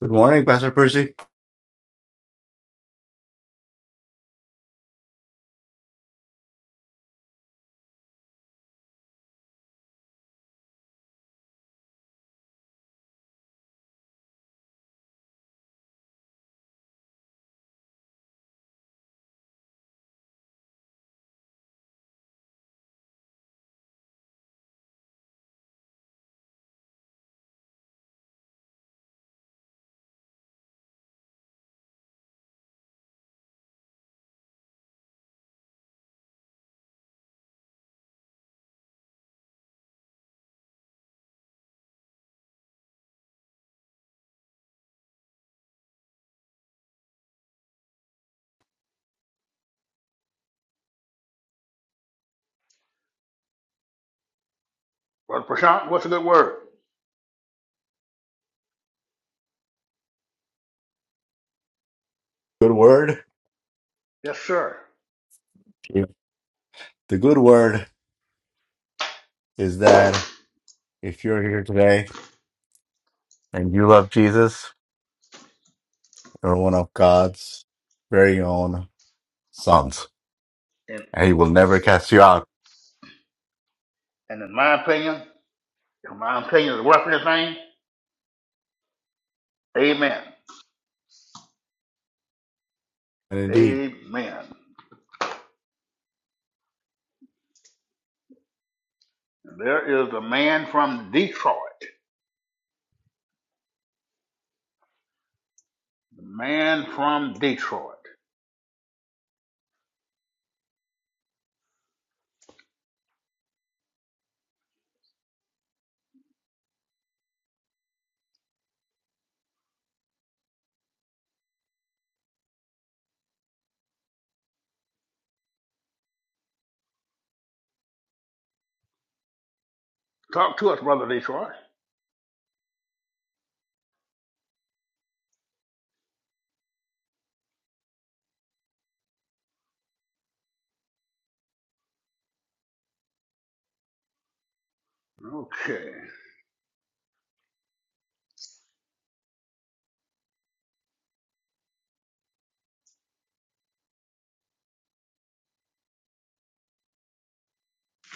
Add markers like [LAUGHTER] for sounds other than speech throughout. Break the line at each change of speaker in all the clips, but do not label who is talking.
Good morning, Pastor Percy.
Brother Prashant, what's a good word?
Good word.
Yes, sir.
Yeah. The good word is that if you're here today and you love Jesus, you're one of God's very own sons,
And
and He will never cast you out.
and in my opinion, in my opinion, is worth anything. amen.
And indeed,
Amen. There is a man from Detroit. The man from Detroit. Talk to us, Brother Detroit. Okay.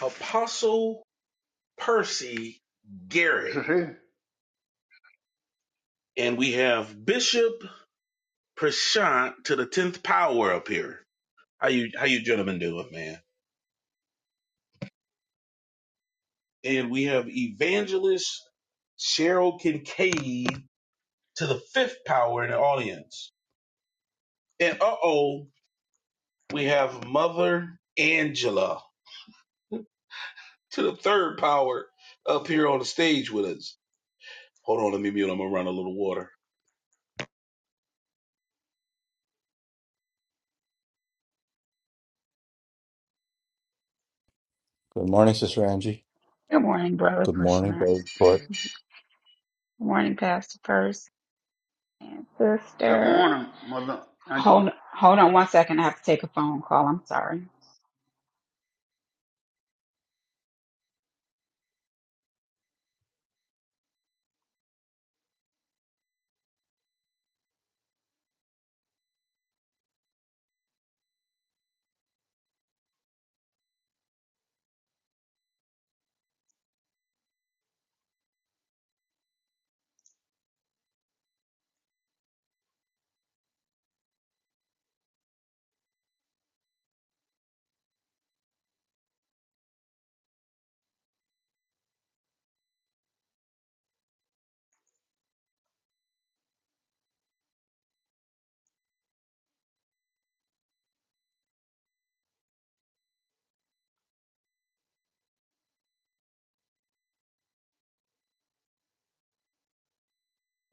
Apostle Percy
This
Garrett.
is he.
And we have Bishop Prashant to the tenth power up here. How you how you gentlemen doing, man? And we have Evangelist Cheryl Kincaid to the fifth power in the audience. And uh oh, we have Mother Angela to the third power up here on the stage with us. Hold on, let me mute. I'm gonna run a little water.
good morning, Sister Angie.
Good morning, brother
Good morning,
Krishna.
Brother Ford.
Good morning, Pastor First and
Good
Sister.
morning, Mother Angela.
Hold hold on one second. I have to take a phone call. I'm sorry.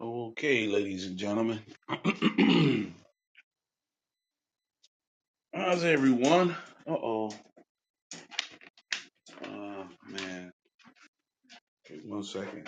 Okay, ladies and gentlemen. [CLEARS THROAT] How's everyone? Uh oh. Uh man. Wait one second.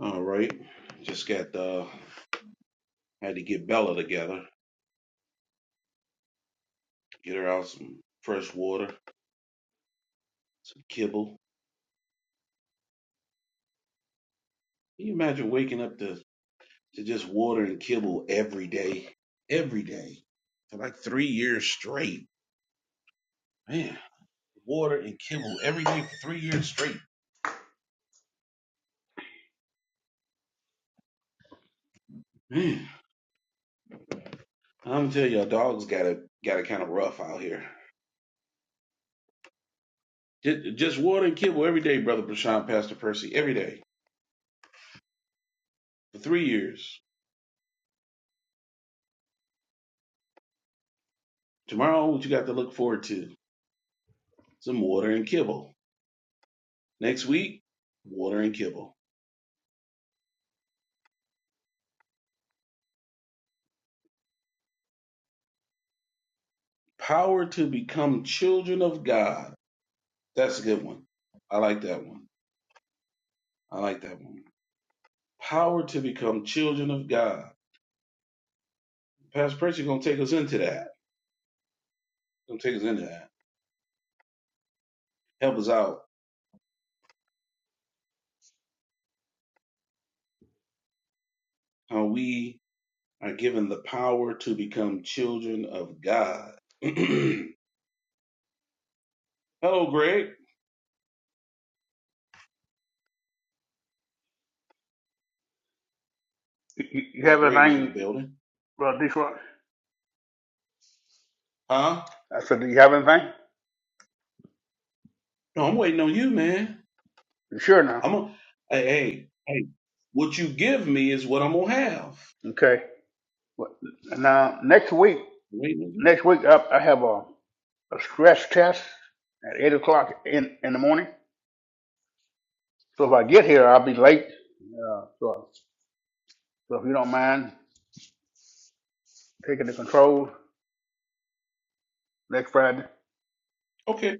All right. Just got the. had to get Bella together. Get her out some fresh water, some kibble. Can you imagine waking up to, to just water and kibble every day? Every day. For like three years straight. Man, water and kibble every day for three years straight. Man, I'm telling you, our dogs got it got it kind of rough out here. Just, just water and kibble every day, brother Prashant, Pastor Percy, every day. for three years. Tomorrow, what you got to look forward to? Some water and kibble. Next week, water and kibble. Power to become children of God. That's a good one. I like that one. I like that one. Power to become children of God. Pastor Percy gonna take us into that. Gonna take us into that. Help us out how we are given the power to become children of God. [CLEARS THROAT] Hello, Greg.
You, you you
Brother
have
Greg is in the
anything,
building.
Brother Detroit?
Huh?
I said, do you have anything?
No, I'm waiting on you, man.
You sure now?
I'm gonna, hey, hey, hey, what you give me is what I'm gonna have.
Okay. Well, Now, next week,
Wait, mhm.
next week, I, I have a a stress test at eight o'clock in, in the morning. So if I get here, I'll be late. Uh, so, so if you don't mind taking the controls next Friday,
okay,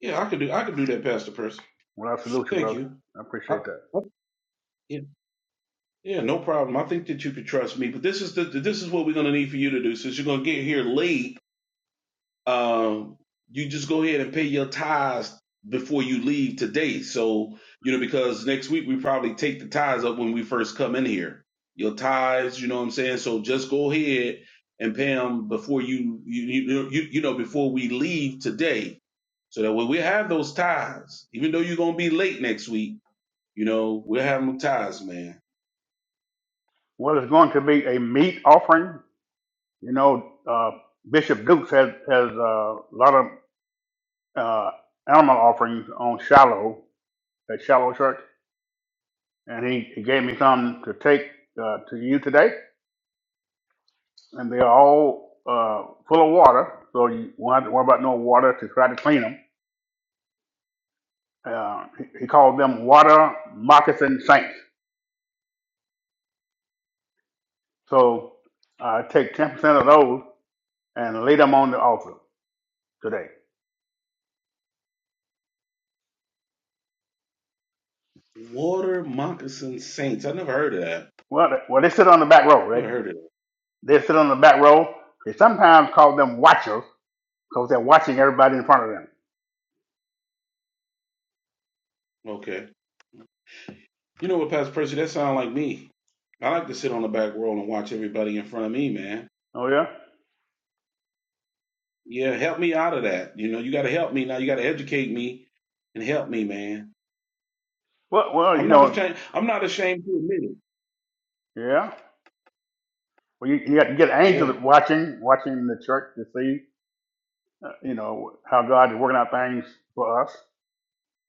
yeah, I could do, I could do that, Pastor Percy.
well, I salute you,
Thank
brother.
you.
I
I,
appreciate that.
I, yeah, yeah, no problem. I think that you could trust me, but this is the, this is what we're gonna need for you to do since you're gonna get here late. um, you just go ahead and pay your tithes before you leave today. So, you know, because next week we probably take the tithes up when we first come in here. Your tithes, you know what I'm saying? So just go ahead and pay them before you, you, you, you, you know, before we leave today. So that when we have those tithes, even though you're going to be late next week, you know, we'll have them tithes, man.
Well, it's going to be a meat offering. You know, uh, Bishop Dukes has has uh, a lot of uh, animal offerings on Shallow at Shallow Church, and he, he gave me some to take uh, to you today. and they're all uh, full of water, so you won't have to worry about no water to try to clean them. Uh, he, he called them water moccasin saints. So uh, take 10% of those and lay them on the altar today.
Water moccasin saints. I never heard of that.
Well, they- well, they sit on the back row, right?
Never heard of
They sit on the back row. They sometimes call them watchers because they're watching everybody in front of them.
that. You know what, Pastor Percy? That sound like me. I like to sit on the back row and watch everybody in front of me, man.
Oh, yeah?
Yeah, help me out of that. You know, you got to help me now. You got to educate me and help me, man.
Well, well you
I'm not
know,
ashamed. I'm not ashamed to admit it.
yeah. Well, you, you got to get
Yeah.
angels watching, watching the church to see, uh, you know, how God is working out things for us.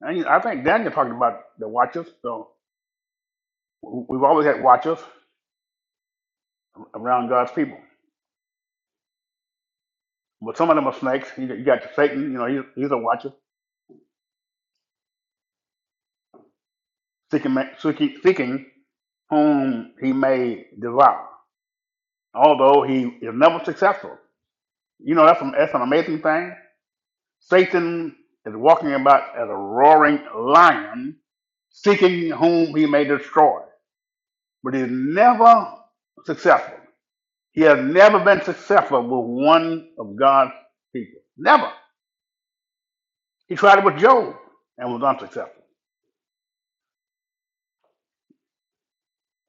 And I think Daniel talked about the watchers. So we've always had watchers around God's people. But some of them are snakes. You got you got Satan, you know, he's, he's a watcher, seeking, ma- seeking, seeking whom he may devour, although he is never successful. You know, that's, an- that's an amazing thing. Satan is walking about as a roaring lion, seeking whom he may destroy, but he's never successful. He has never been successful with one of God's people. Never. He tried it with Job and was unsuccessful.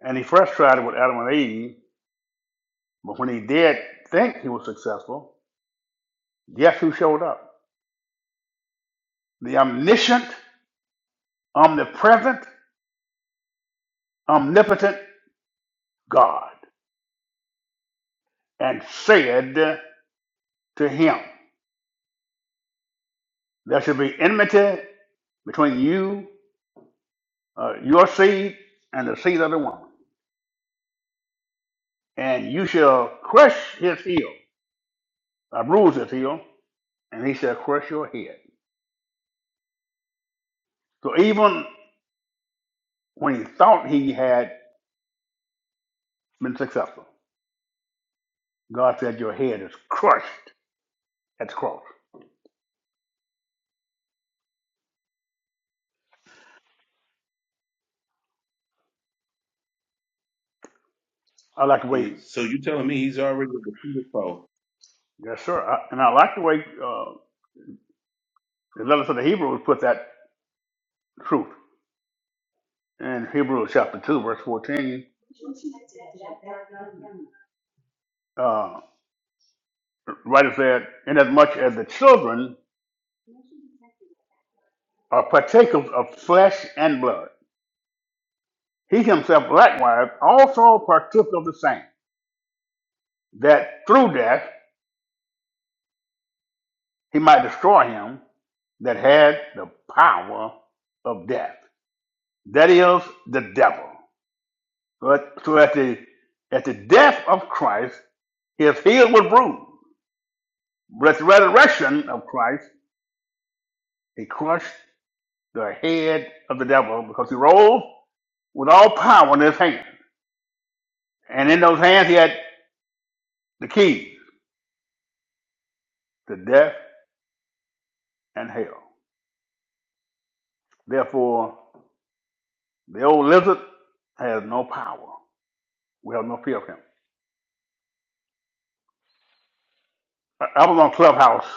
And he first tried it with Adam and Eve, but when he did think he was successful, guess who showed up? The omniscient, omnipresent, omnipotent God and said to him, There should be enmity between you, uh, your seed, and the seed of the woman. And you shall crush his heel, uh, bruise his heel, and he shall crush your head. So even when he thought he had been successful, God said, Your head is crushed at the cross. I like the way,
It- so you telling me he's already a defeated foe?
yes, sir. I, and I like the way uh, the letter to the Hebrews put that truth. In Hebrews chapter 2, verse 14, uh, the writer said, Inasmuch as the children are partakers of flesh and blood, he himself likewise also partook of the same, that through death, he might destroy him that had the power of death. That is the devil. So at, so at the at the death of Christ, his heel was bruised. With the resurrection of Christ, he crushed the head of the devil because he rose with all power in his hand. And in those hands he had the keys to death and hell. Therefore, the old lizard has no power. We have no fear of him. I I was on Clubhouse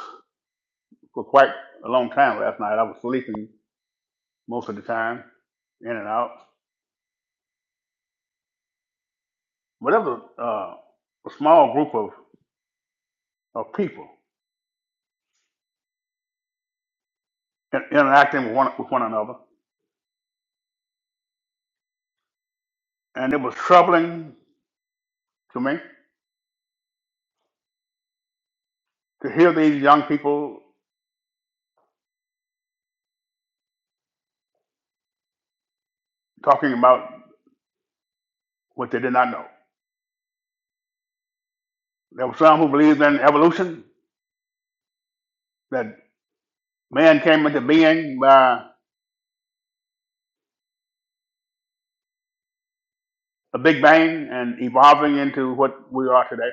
for quite a long time last night. I was sleeping most of the time, in and out. But it was uh, a small group of, of people in- interacting with one, with one another. And it was troubling to me to hear these young people talking about what they did not know. There were some who believed in evolution, that man came into being by a big bang and evolving into what we are today.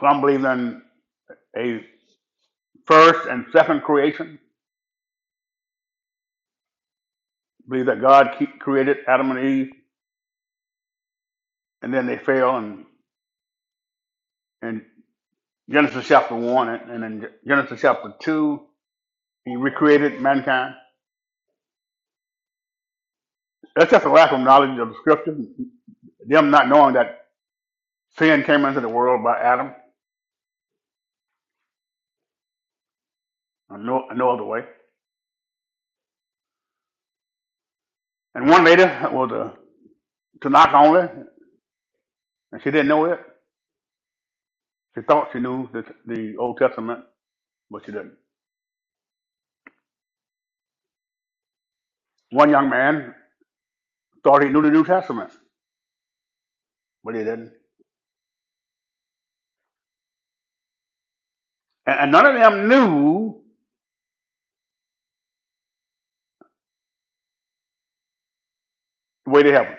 Some believed in a first and second creation. Believe that God keep, created Adam and Eve, and then they fell. And in Genesis chapter one, and and in Genesis chapter two, He recreated mankind. That's just a lack of knowledge of the Scripture. Them not knowing that sin came into the world by Adam, or no, no other way. And one lady was a Tanakh only, and she didn't know it. She thought she knew the, the Old Testament, but she didn't. One young man thought he knew the New Testament, but he didn't. And, and none of them knew the way to heaven.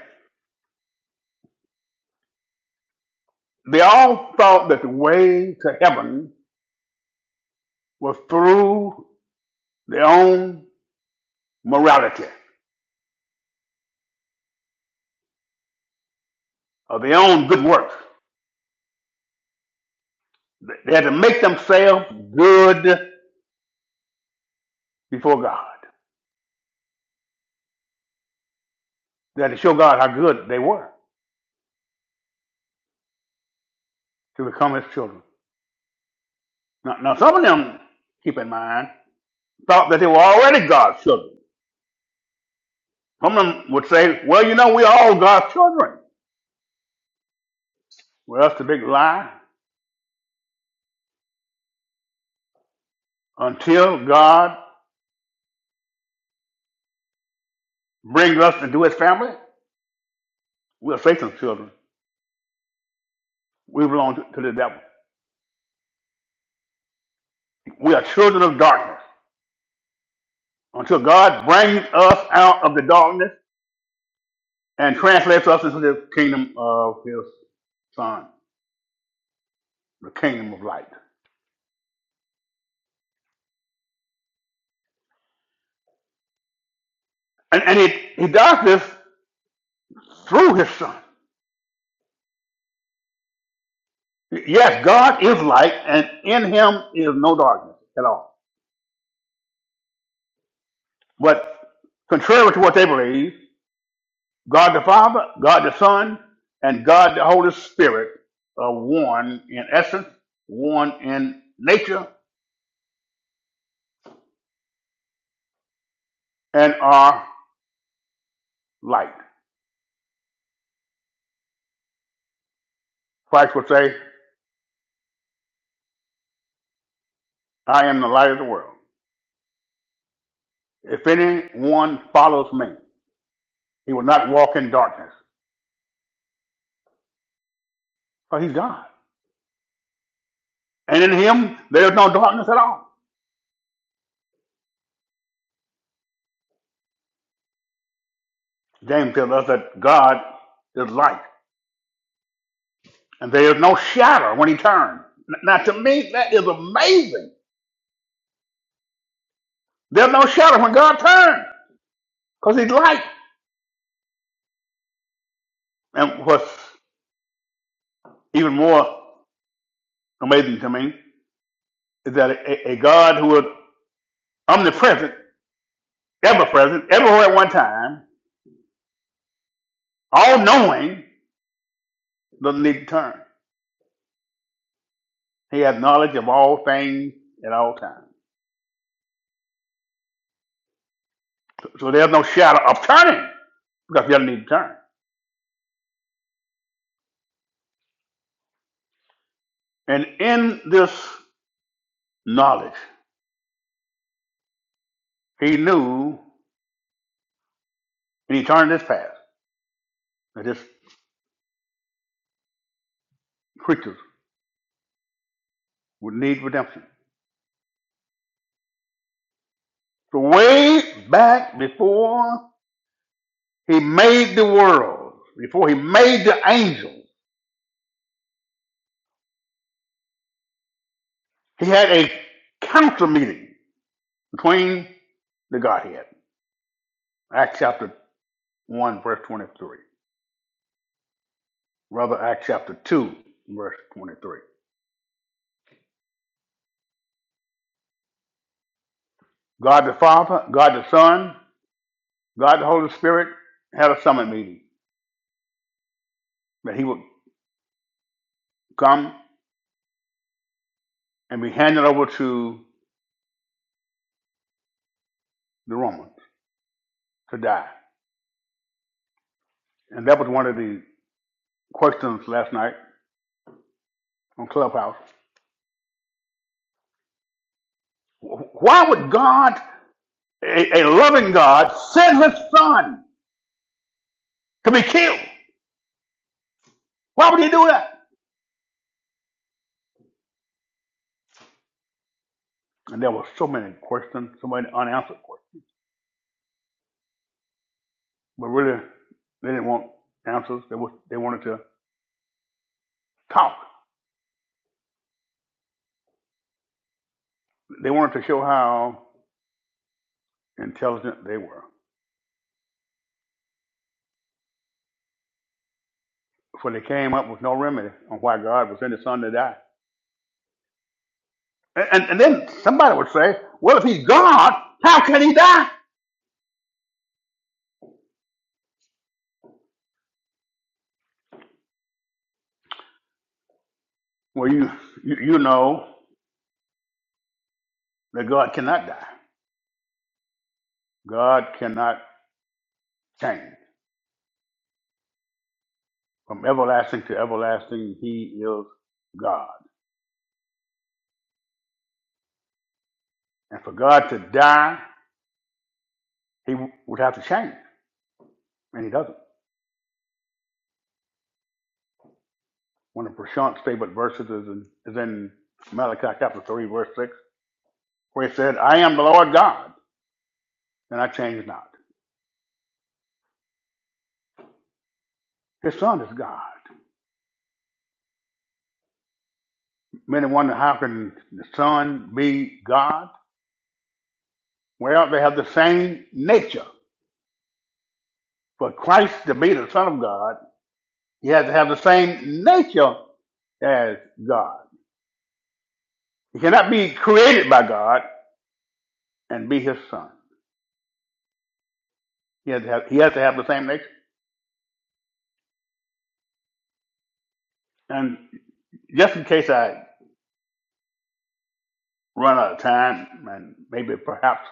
They all thought that the way to heaven was through their own morality or their own good works. They had to make themselves good before God. They had to show God how good they were to become His children. Now, now some of them, keep in mind, thought that they were already God's children. Some of them would say, well, you know, we're all God's children. Well, that's a big lie. Until God brings us into His family, we're Satan's children. We belong to the devil. We are children of darkness until God brings us out of the darkness and translates us into the kingdom of his son, the kingdom of light. And, and he, he does this through his son. Yes, God is light, and in him is no darkness at all. But contrary to what they believe, God the Father, God the Son, and God the Holy Spirit are one in essence, one in nature, and are light. Christ would say, I am the light of the world. If anyone follows me, he will not walk in darkness, for he's God. And in him, there is no darkness at all. James tells us that God is light, and there is no shadow when he turns. Now, to me, that is amazing. There's no shadow when God turns, because he's light. And what's even more amazing to me is that a, a God who is omnipresent, ever present, everywhere at one time, all knowing, doesn't need to turn. He has knowledge of all things at all times. So, so there's no shadow of turning because he doesn't need to turn. And in this knowledge, he knew in eternity's past that his creatures would need redemption. So way back before he made the world, before he made the angels, he had a council meeting between the Godhead. Acts chapter 1, verse 23. Rather, Acts chapter 2, verse 23. God the Father, God the Son, God the Holy Spirit had a summit meeting that he would come and be handed over to the Romans to die. And that was one of the questions last night on Clubhouse. Why would God, a, a loving God, send his son to be killed? Why would he do that? And there were so many questions, so many unanswered questions. But really, they didn't want answers. They, was, they wanted to talk. They wanted to show how intelligent they were. for they came up with no remedy on why God would send his son to die. And, and, and then somebody would say, well, if he's God, how can he die? Well, you, you, you know that God cannot die. God cannot change. From everlasting to everlasting, he is God. And for God to die, he w- would have to change, and he doesn't. One of Prashant's favorite verses is in, is in Malachi chapter 3, verse 6, where he said, I am the Lord God, and I change not. His son is God. Many wonder how can the Son be God? Well, they have the same nature. For Christ to be the Son of God, he has to have the same nature as God. He cannot be created by God and be his son. He has to have, he has, to have the same nature. And just in case I run out of time and maybe perhaps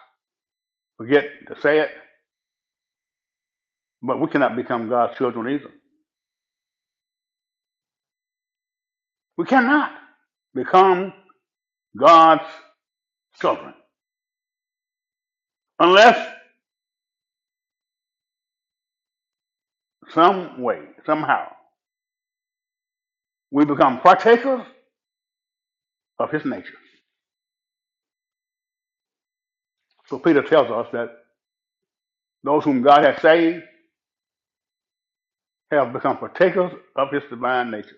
forget to say it, but we cannot become God's children either. We cannot become God's children unless some way, somehow, we become partakers of his nature. So Peter tells us that those whom God has saved have become partakers of his divine nature.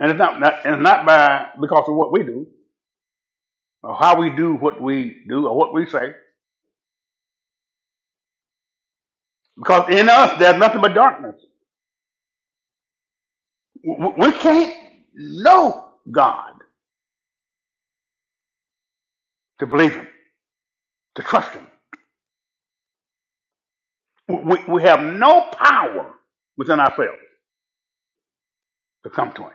And it's not, not, it's not by because of what we do or how we do what we do or what we say, because in us there's nothing but darkness. We can't know God to believe him, to trust him. We, we have no power within ourselves to come to him.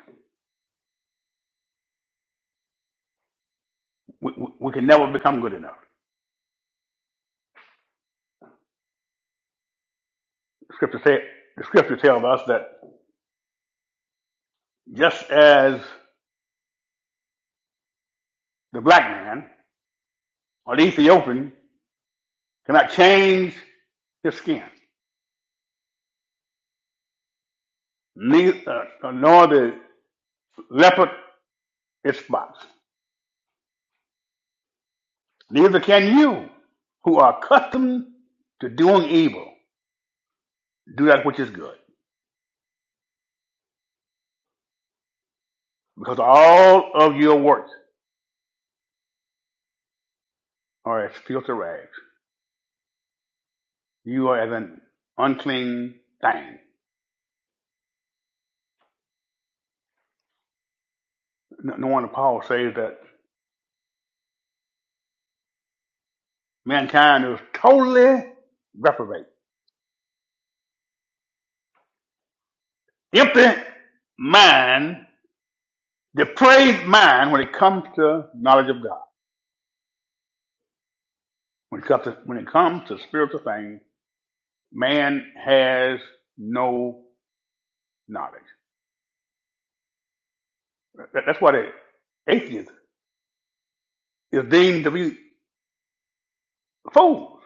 We, we we can never become good enough. The scripture, say, the scripture tells us that Just as the black man or the Ethiopian cannot change his skin, neither, uh, uh, nor the leopard its spots, neither can you who are accustomed to doing evil do that which is good, because all of your works are as filthy rags. You are as an unclean thing. No no wonder Paul says that mankind is totally reprobate, empty mind Depraved mind when it comes to knowledge of God. When it comes to, when it comes to spiritual things, man has no knowledge. That- that's why the atheist is deemed to be fools.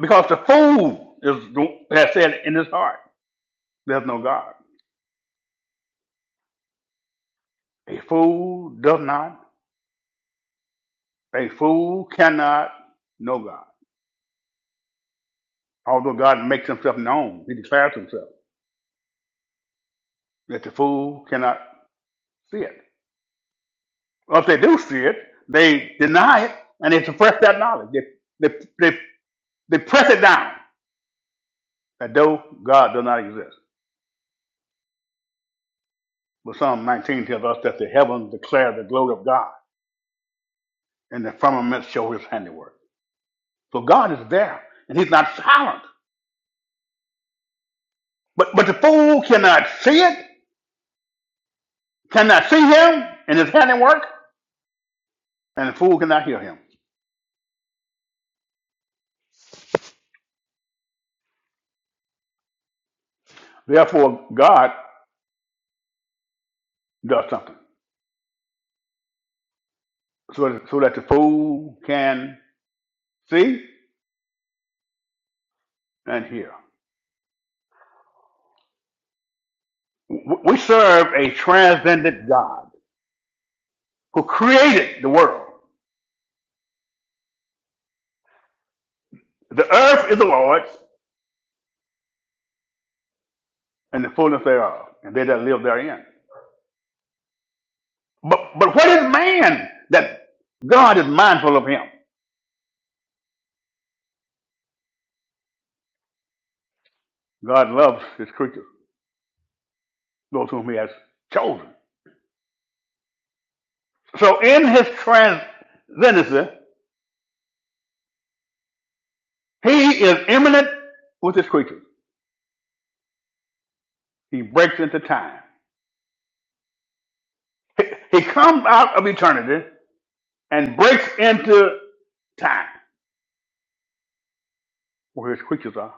Because the fool is has said in his heart, there's no God. A fool does not, a fool cannot know God. Although God makes himself known, he declares himself that the fool cannot see it. Or if they do see it, they deny it and they suppress that knowledge. They, they, they, they press it down that though God does not exist. But Psalm 19 tells us that the heavens declare the glory of God and the firmament show his handiwork. So God is there and he's not silent. But, but the fool cannot see it, cannot see him and his handiwork, and the fool cannot hear him. Therefore, God does something so, so that the fool can see and hear. We serve a transcendent God who created the world. The earth is the Lord's and the fullness thereof, and they that live therein. But, but what is man that God is mindful of him? God loves his creatures, those whom he has chosen. So in his transcendency, he is immanent with his creatures. He breaks into time. He, he comes out of eternity and breaks into time where his creatures are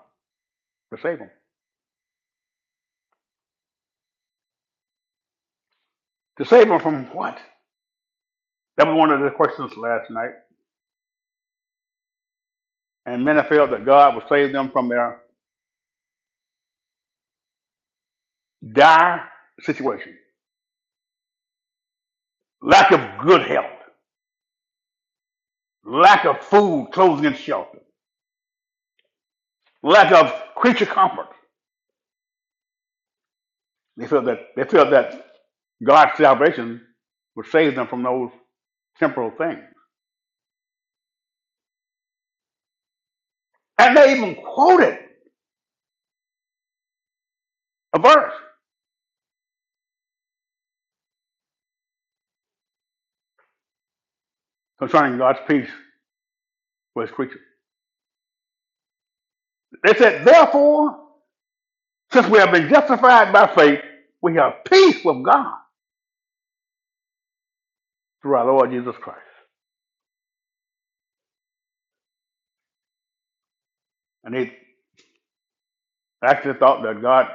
to save them. To save them from what? That was one of the questions last night. And many felt that God would save them from their dire situation. Lack of good health, lack of food, clothing, and shelter, lack of creature comfort. They felt that they felt that God's salvation would save them from those temporal things. And they even quoted a verse concerning God's peace for his creatures. They said, Therefore, since we have been justified by faith, we have peace with God through our Lord Jesus Christ. And they Actually thought that God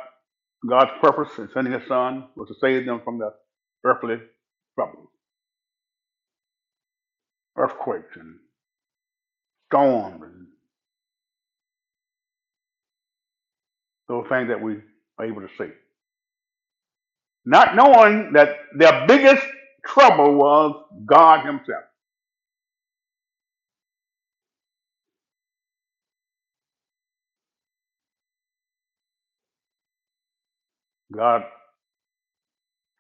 God's purpose in sending his son was to save them from the earthly trouble, earthquakes and storms and those things that we are able to see. Not knowing that their biggest trouble was God himself. God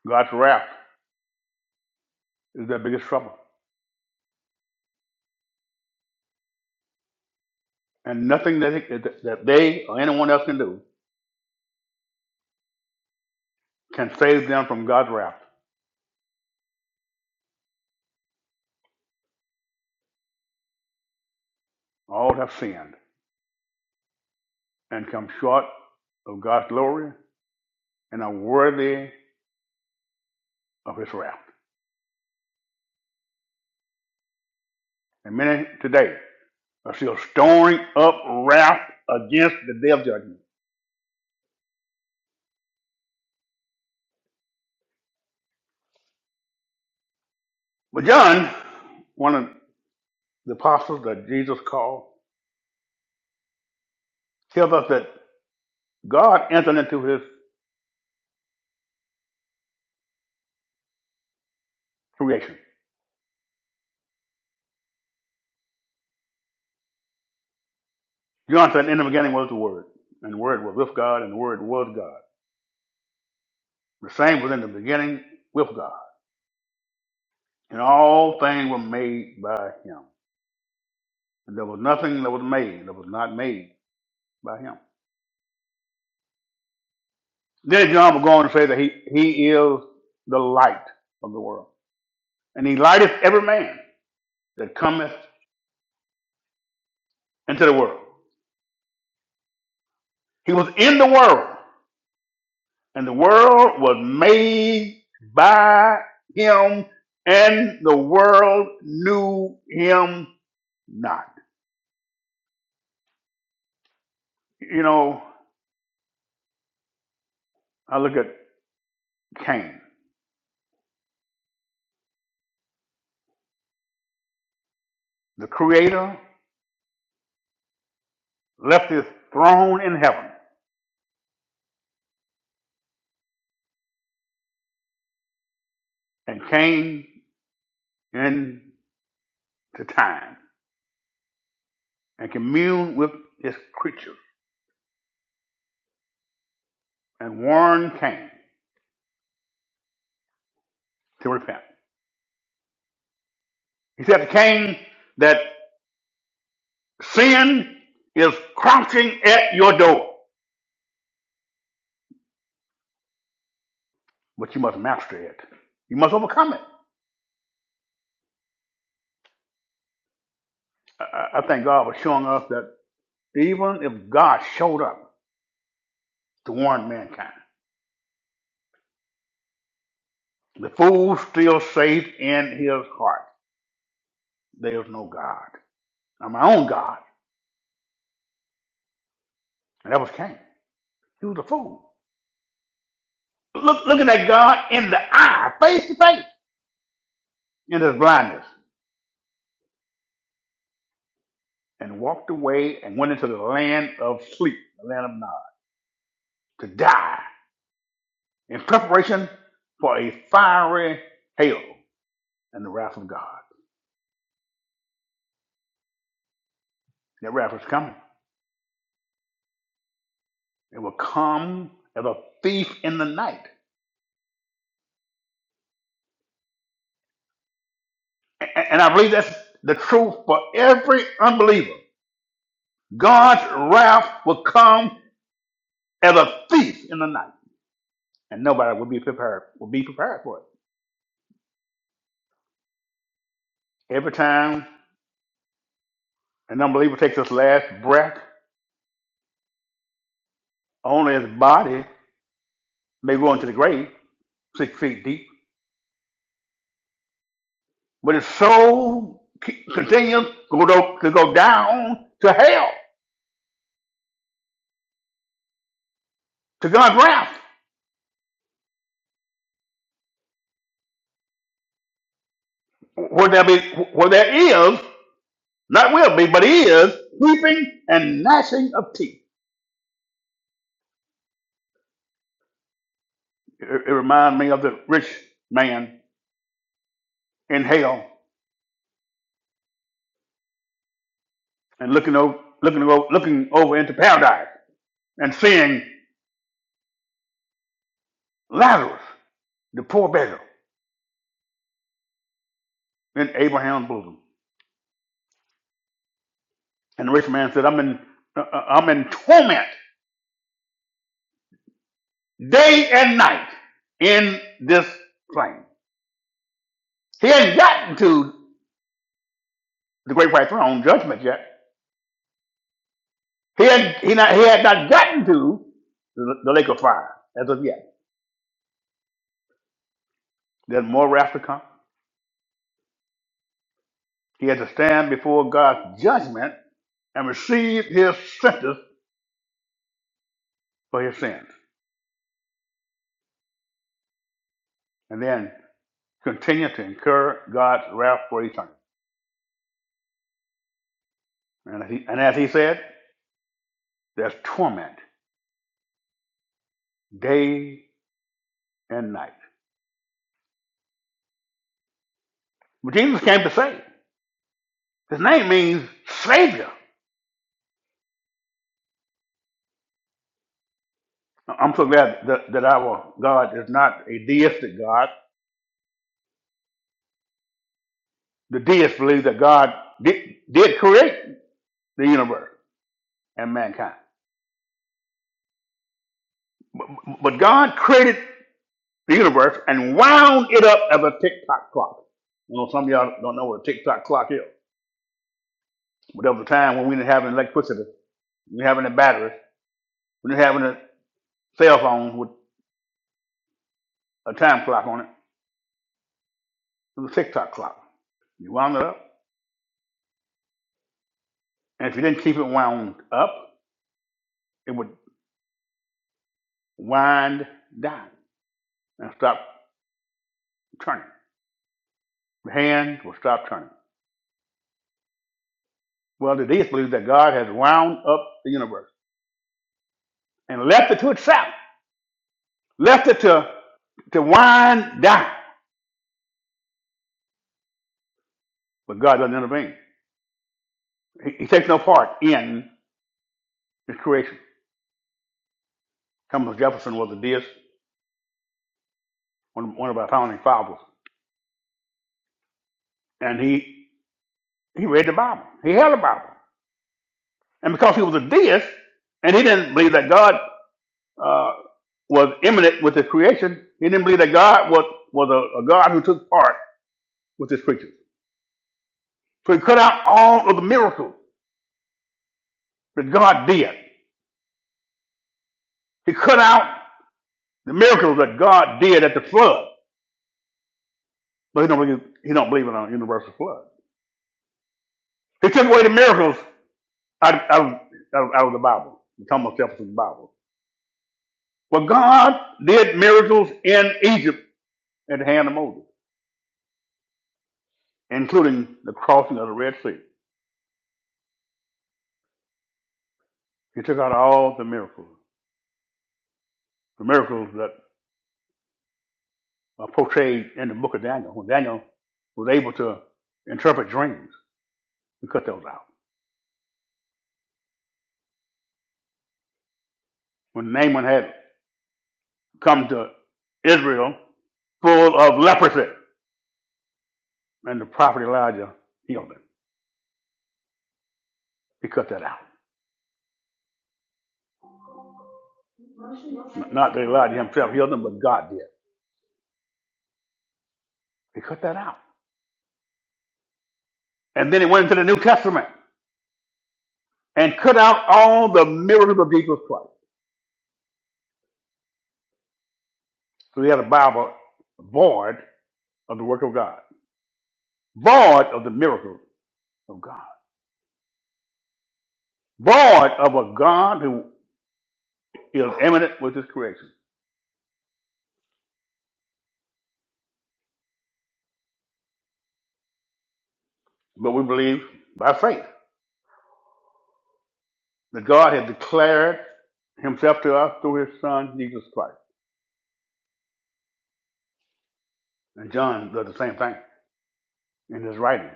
God's wrath is their biggest trouble. And nothing that, it, that they or anyone else can do can save them from God's wrath. All have sinned and come short of God's glory and are worthy of his wrath. And many today are still storing up wrath against the day of judgment. But John, one of the apostles that Jesus called, tells us that God entered into his creation. John said, In the beginning was the Word, and the Word was with God, and the Word was God. The same was in the beginning with God. And all things were made by him. And there was nothing that was made that was not made by him. Then John will go on to say that he, he is the light of the world. And he lighteth every man that cometh into the world. He was in the world, and the world was made by him, and the world knew him not. You know, I look at Cain. The creator left his throne in heaven and came into time and communed with his creatures and warned Cain to repent. He said to Cain that sin is crouching at your door. but you must master it. You must overcome it. I, I thank God for showing us that even if God showed up to warn mankind, the fool still says in his heart, there is no God. I'm my own God. And that was Cain. He was a fool. Look, looking at God in the eye, face to face, in his blindness, and walked away and went into the land of sleep, the land of Nod, to die in preparation for a fiery hail and the wrath of God. That wrath is coming. It will come as a thief in the night. A- And I believe that's the truth for every unbeliever. God's wrath will come as a thief in the night. And nobody will be prepared, will be prepared for it. Every time an unbeliever takes his last breath, only his body may go into the grave, six feet deep. But his soul c- continues to go, to go down to hell, to God's wrath, where there, be, where there is Not will be, but he is weeping and gnashing of teeth. It, it reminds me of the rich man in hell and looking over, looking over, looking over into paradise and seeing Lazarus, the poor beggar, in Abraham's bosom. And the rich man said, "I'm in, uh, uh, I'm in torment day and night in this flame. He hadn't gotten to the great white throne judgment yet. He had, he, not, he had not gotten to the, the lake of fire as of yet. There's more wrath to come He had to stand before God's judgment and receive his sentence for his sins, and then continue to incur God's wrath for eternity. And as he, and as he said, there's torment day and night. But Jesus came to save. His name means Savior. I'm so glad that, that our God is not a deistic God. The deists believe that God did, did create the universe and mankind. But, but God created the universe and wound it up as a tick-tock clock. You know, some of y'all don't know what a tick-tock clock is. But there was a time when we didn't have electricity, we didn't have any batteries, we didn't have any cell phones with a time clock on it. It was a tick-tock clock. You wound it up, and if you didn't keep it wound up, it would wind down and stop turning. The hand would stop turning. Well, the deists believe that God has wound up the universe and left it to itself, left it to, to wind down, but God doesn't intervene. He, he takes no part in his creation. Thomas Jefferson was a deist, one, one of our founding fathers, and he he read the Bible. He held the Bible, and because he was a deist, and he didn't believe that God uh, was immanent with his creation, he didn't believe that God was was a, a God who took part with his creatures. So he cut out all of the miracles that God did. He cut out the miracles that God did at the flood, but he don't believe, he don't believe in a universal flood. He took away the miracles out, out, out, out of the Bible. The common substance of the Bible. Well, God did miracles in Egypt at the hand of Moses, including the crossing of the Red Sea. He took out all the miracles, the miracles that are portrayed in the book of Daniel, when Daniel was able to interpret dreams. He cut those out. When Naaman had come to Israel full of leprosy, and the prophet Elijah healed him, he cut that out. Not that Elijah himself healed him, but God did. He cut that out. and then he went into the New Testament and cut out all the miracles of Jesus Christ. So we had a Bible void of the work of God, void of the miracles of God, void of a God who is eminent with his creation. But we believe by faith that God has declared himself to us through his son, Jesus Christ. And John does the same thing in his writing.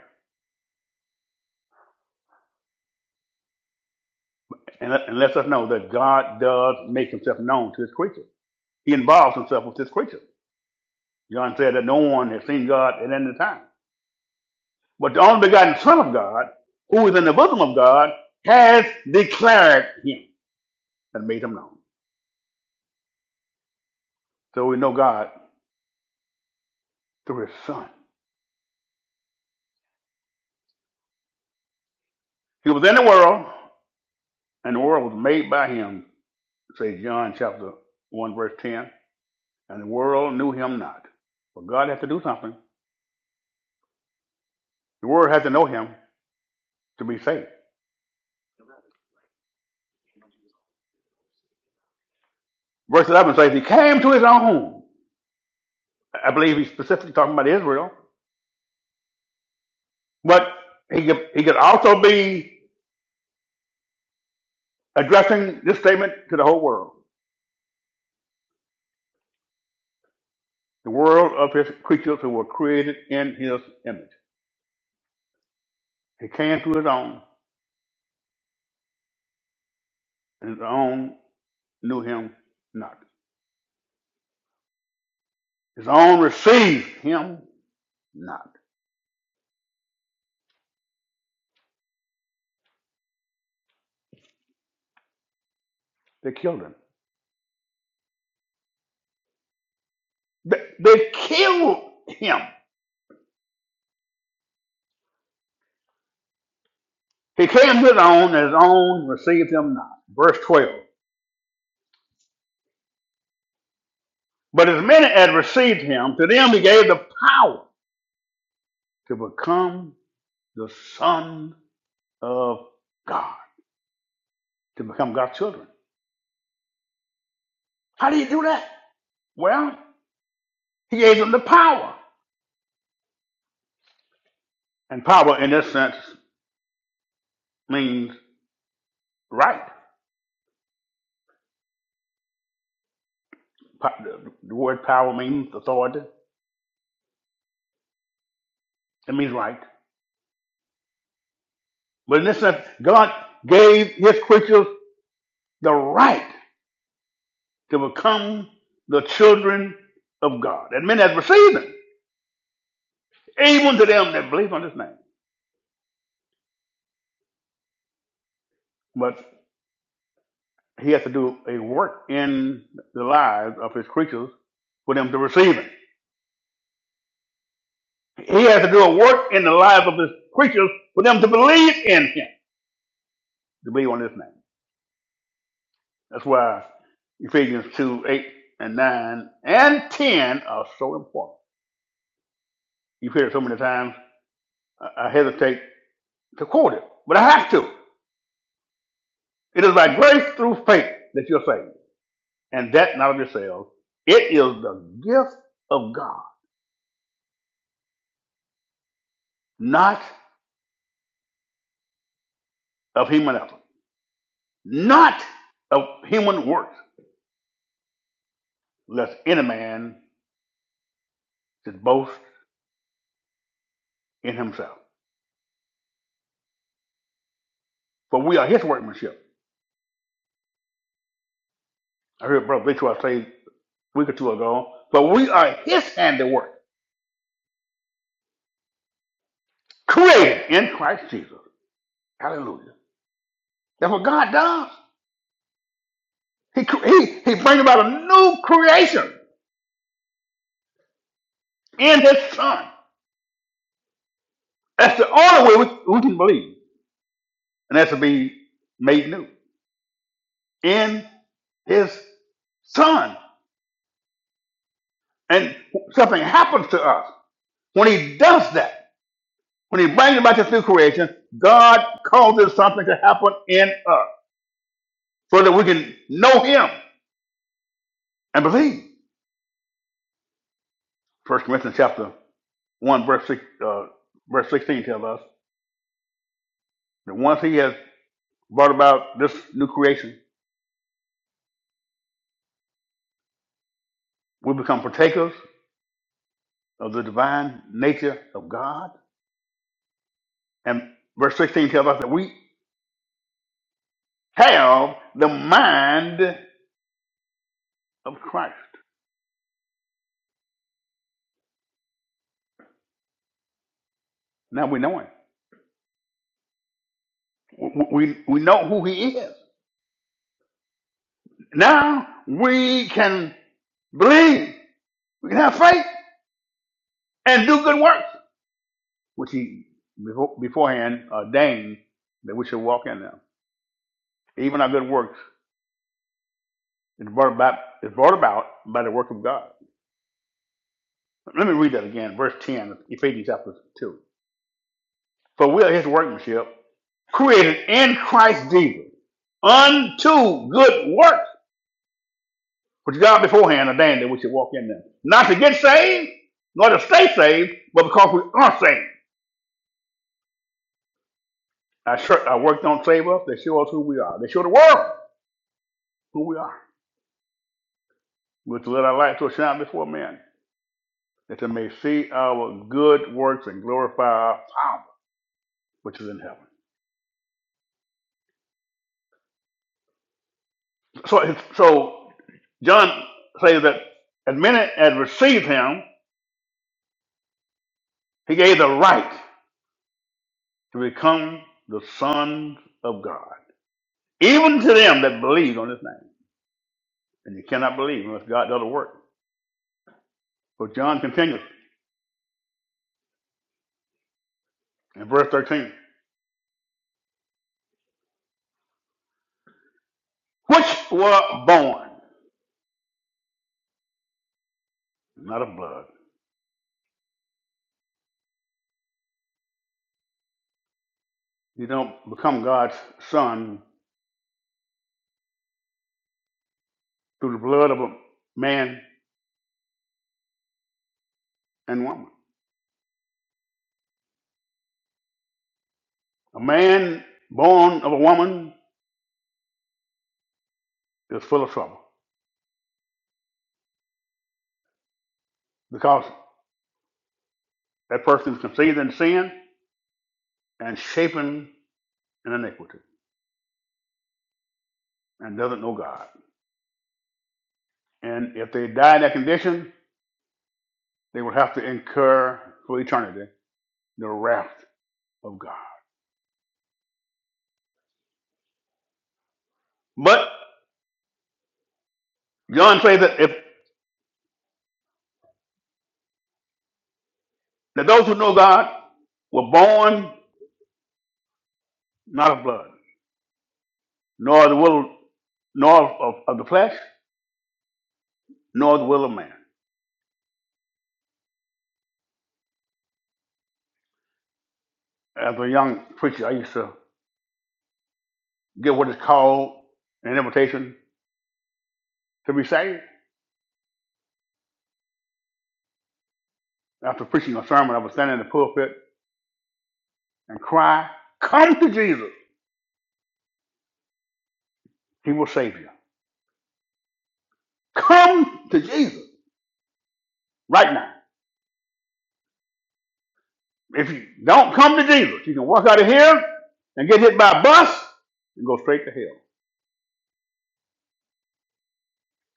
And, let- and lets us know that God does make himself known to his creature. He involves himself with his creature. John said that no one has seen God at any time. But the only begotten Son of God, who is in the bosom of God, has declared him and made him known. So we know God through his Son. He was in the world, and the world was made by him, Says John chapter 1, verse 10. And the world knew him not. But God had to do something. The world had to know him to be saved. Verse 11 says, He came to his own. I believe he's specifically talking about Israel. But he could, he could also be addressing this statement to the whole world, the world of his creatures who were created in his image. He came to his own, and his own knew him not. His own received him not. They killed him. They, they killed him. He came to his own, and his own received him not. Verse 12. But as many as received him, to them he gave the power to become the son of God, to become God's children. How do you do that? Well, He gave them the power. And power, in this sense, means right. Po- The the word power means authority. It means right. But in this sense, God gave his creatures the right to become the children of God. And men have received them, even to them that believe on his name. But he has to do a work in the lives of his creatures for them to receive him. He has to do a work in the lives of his creatures for them to believe in him, to believe on his name. That's why Ephesians 2, 8 and 9 and 10 are so important. You've heard it so many times, I I hesitate to quote it, but I have to. It is by grace through faith that you're saved, and that not of yourselves. It is the gift of God, not of human effort, not of human works, lest any man should boast in himself. For we are his workmanship. I heard Brother Victor say a week or two ago, for we are his handiwork created in Christ Jesus. Hallelujah. That's what God does. He, he, he brings about a new creation in his son. That's the only way we, we can believe. And that's to be made new in his son. And something happens to us when he does that. When he brings about this new creation, God causes something to happen in us so that we can know him and believe. First Corinthians chapter 1, verse, six, uh, verse 16 tells us. that once he has brought about this new creation, we become partakers of the divine nature of God. And verse 16 tells us that we have the mind of Christ. Now we know him. We, we, we know who he is. Now we can believe. We can have faith and do good works, which he befo- beforehand ordained that we should walk in them. Even our good works is brought about, is brought about by the work of God. Let me read that again, verse 10 of Ephesians chapter 2. For we are his workmanship, created in Christ Jesus, unto good works, which God beforehand ordained that we should walk in them. Not to get saved, nor to stay saved, but because we are saved. Our, church, our work don't save us, they show us who we are. They show the world who we are. We're to let our light so shine before men, that they may see our good works and glorify our Father, which is in heaven. So, so John says that as many as received him, he gave the right to become the sons of God, even to them that believe on his name. And you cannot believe unless God does the work. So John continues in verse 13, which were born, not of blood. You don't become God's son through the blood of a man and woman. A man born of a woman is full of trouble because that person is conceived in sin and shapen in iniquity and doesn't know God. And if they die in that condition, they will have to incur for eternity the wrath of God. But John says that if that those who know God were born not of blood, nor the will, nor of, of, the flesh, nor the will of man. As a young preacher, I used to get what is called an invitation to be saved. After preaching a sermon, I would stand in the pulpit and cry, "Come to Jesus; He will save you." Come to Jesus right now. If you don't come to Jesus, you can walk out of here and get hit by a bus and go straight to hell.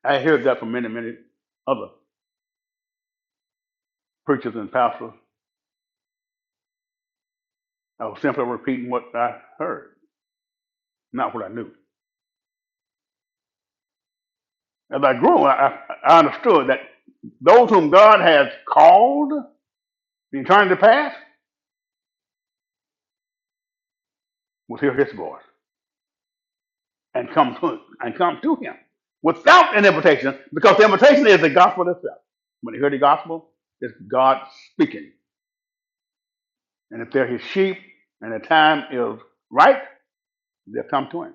I heard that from many, many other preachers and pastors. I was simply repeating what I heard, not what I knew. As I grew, I, I I understood that those whom God has called in eternity past will hear His voice and come to and come to Him without an invitation, because the invitation is the gospel itself. When you hear the gospel, it's God speaking. And if they're his sheep and the time is right, they'll come to him.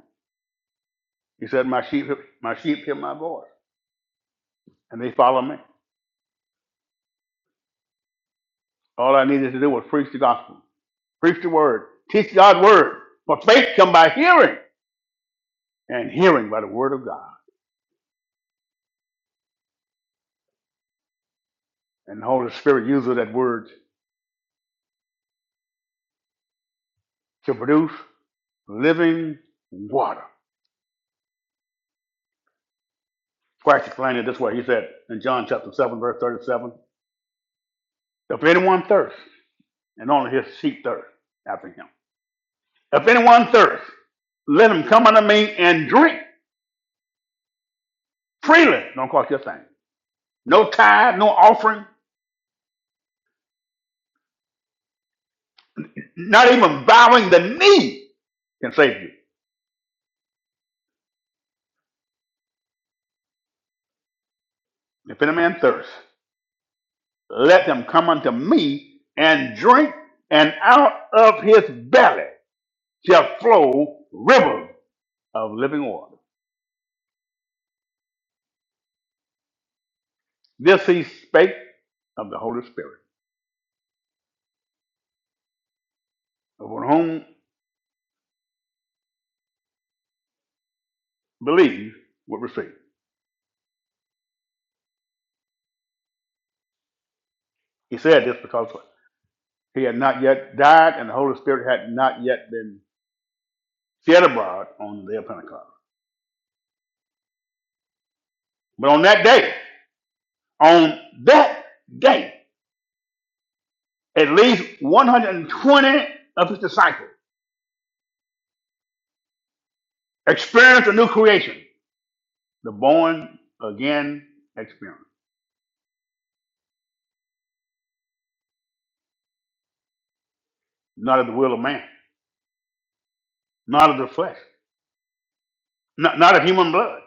He said, My sheep my sheep hear my voice, and they follow me. All I needed to do was preach the gospel, preach the word, teach God's word. For faith come by hearing, and hearing by the word of God. And the Holy Spirit uses that word to produce living water. Christ explained it this way. He said in John chapter 7, verse 37, If anyone thirsts, and only his sheep thirst after him. If anyone thirsts, let him come unto me and drink. Freely don't cost you a thing. No tithe, no offering, not even bowing the knee can save you. If any man thirst, let them come unto me and drink, and out of his belly shall flow rivers of living water. This he spake of the Holy Spirit, of whom believe would receive. He said this because he had not yet died, and the Holy Spirit had not yet been shed abroad on the day of Pentecost. But on that day, On that day, at least 120 of his disciples experienced a new creation, the born again experience, not of the will of man, not of the flesh, not, not of human blood,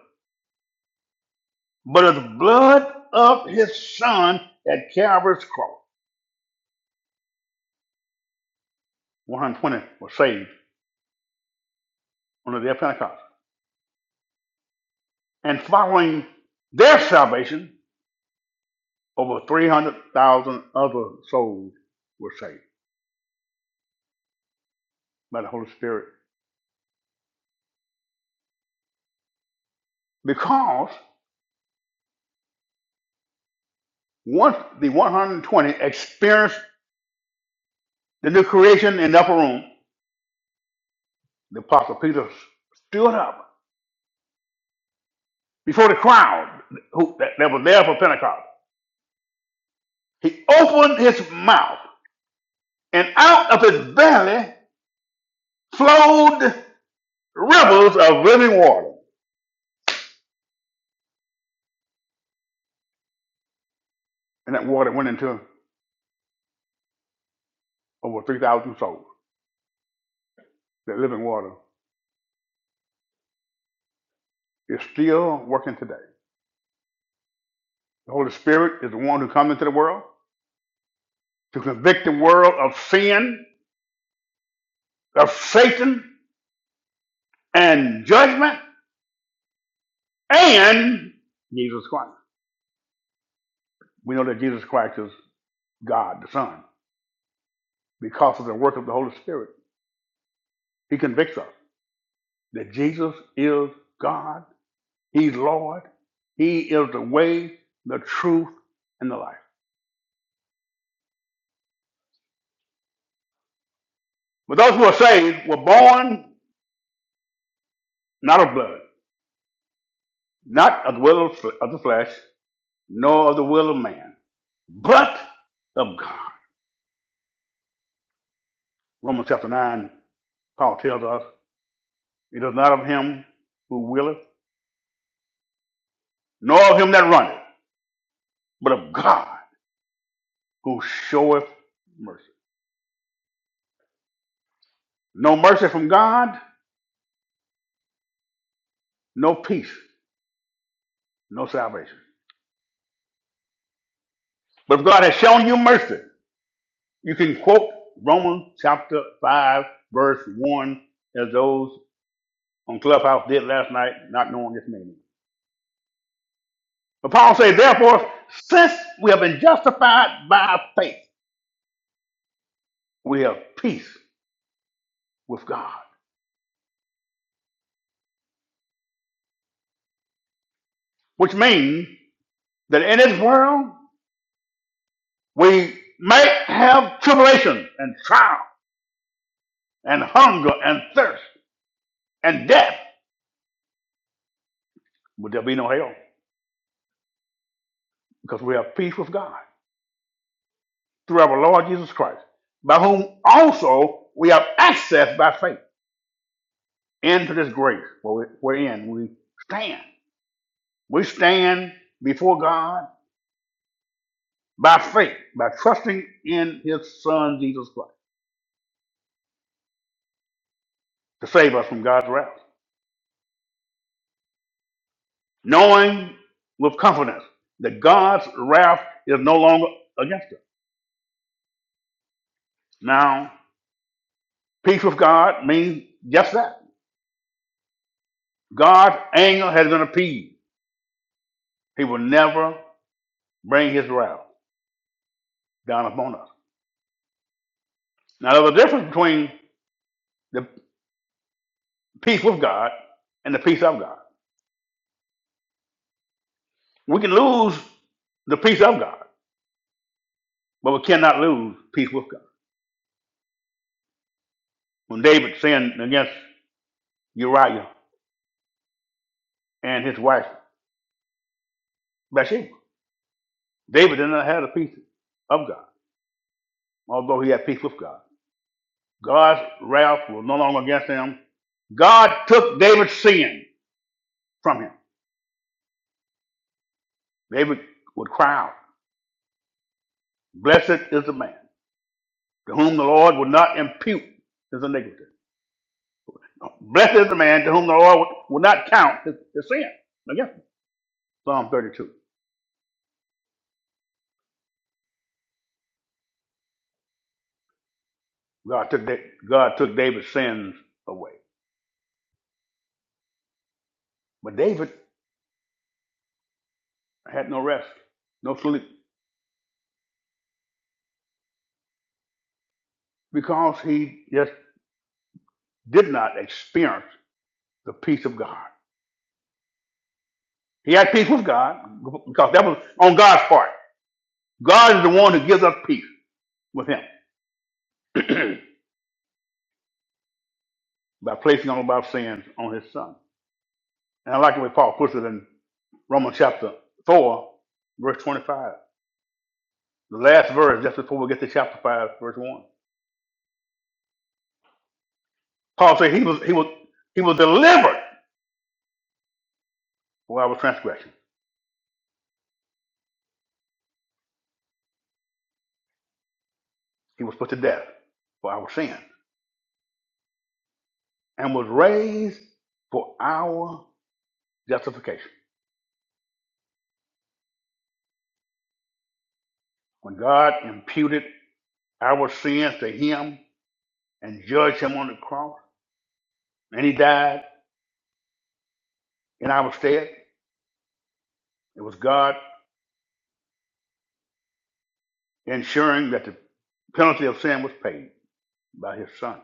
but of the blood of his son at Calvary's cross. 120 were saved on the day of Pentecost. And following their salvation, over 300,000 other souls were saved by the Holy Spirit because. Once the 120 experienced the new creation in the upper room. The apostle Peter stood up before the crowd who, that, that was there for Pentecost. He opened his mouth, and out of his belly flowed rivers of living water. And that water went into over 3,000 souls. That living water is still working today. The Holy Spirit is the one who comes into the world to convict the world of sin, of Satan, and judgment. and Jesus Christ. We know that Jesus Christ is God the Son because of the work of the Holy Spirit. He convicts us that Jesus is God, He's Lord, He is the way, the truth, and the life. But those who are saved were born not of blood, not of the will of of the flesh, nor of the will of man, but of God. Romans chapter 9, Paul tells us, it is not of him who willeth, nor of him that runneth, but of God who showeth mercy. No mercy from God, no peace, no salvation. But if God has shown you mercy, you can quote Romans chapter 5, verse 1, as those on Clubhouse did last night, not knowing its meaning. But Paul says, Therefore, since we have been justified by faith, we have peace with God. Which means that in this world, we might have tribulation and trial and hunger and thirst and death. But there'll be no hell because we have peace with God through our Lord Jesus Christ, by whom also we have access by faith into this grace where we- we're in. We stand. We stand before God by faith, by trusting in His Son Jesus Christ to save us from God's wrath, knowing with confidence that God's wrath is no longer against us. Now, peace with God means just that. God's anger has been appeased. He will never bring his wrath down upon us. Now, there's a difference between the peace with God and the peace of God. We can lose the peace of God, but we cannot lose peace with God. When David sinned against Uriah and his wife Bathsheba, David did not have the peace of God, although he had peace with God. God's wrath was no longer against him. God took David's sin from him. David would cry out, Blessed is the man to whom the Lord will not impute his iniquity. Blessed is the man to whom the Lord will not count his, his sin. Again, Psalm 32. God took, Da- God took David's sins away. But David had no rest, no sleep, because he just did not experience the peace of God. He had peace with God because that was on God's part. God is the one who gives us peace with him [CLEARS THROAT] by placing all of our sins on his son. And I like the way Paul puts it in Romans chapter 4, verse 25. The last verse, just before we get to chapter five, verse one. Paul said he was he was he was delivered for our transgression. He was put to death for our sin and was raised for our justification. When God imputed our sins to him and judged him on the cross, and he died in our stead, it was God ensuring that the penalty of sin was paid by his son.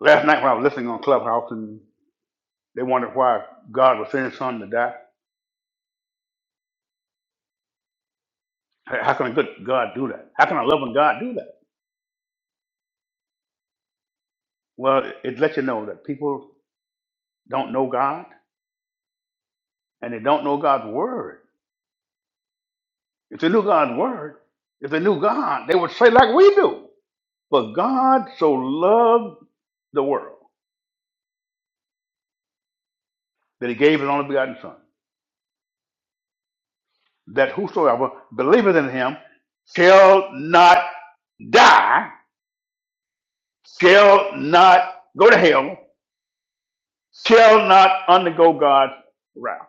Last night when I was listening on Clubhouse and they wondered why God was sending his son to die, Hey, How can a good God do that? How can a loving God do that? Well, it it lets you know that people don't know God and they don't know God's word. If they knew God's word, if they knew God, they would say like we do. But God so loved the world that he gave his only begotten son, that whosoever believeth in him shall not die, shall not go to hell, shall not undergo God's wrath.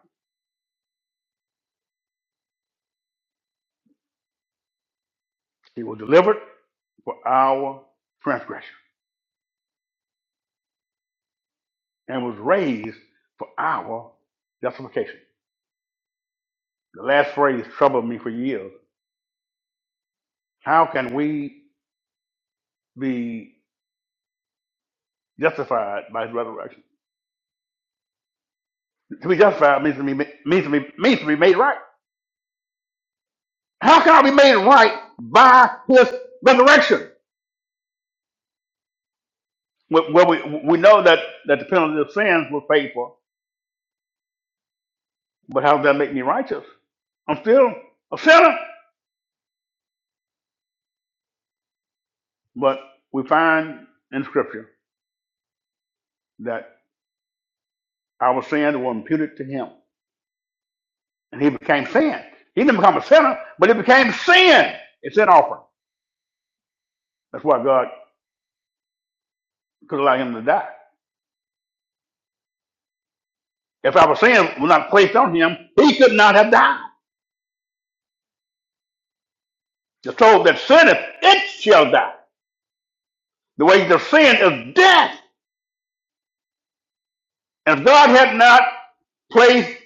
He was delivered for our transgression. and was raised for our justification. The last phrase troubled me for years. How can we be justified by his resurrection? To be justified means to be, means to be, means to be made right. How can I be made right by his resurrection? Well, well, we, we know that, that the penalty of sins was paid for, but how does that make me righteous? I'm still a sinner. But we find in Scripture that our sins were imputed to him. and he became sin. He didn't become a sinner, but he became sin. It's an offering. That's why God could allow him to die. If our sin was not placed on him, he could not have died. The soul that sinneth, it shall die. The wages of sin is death. And if God had not placed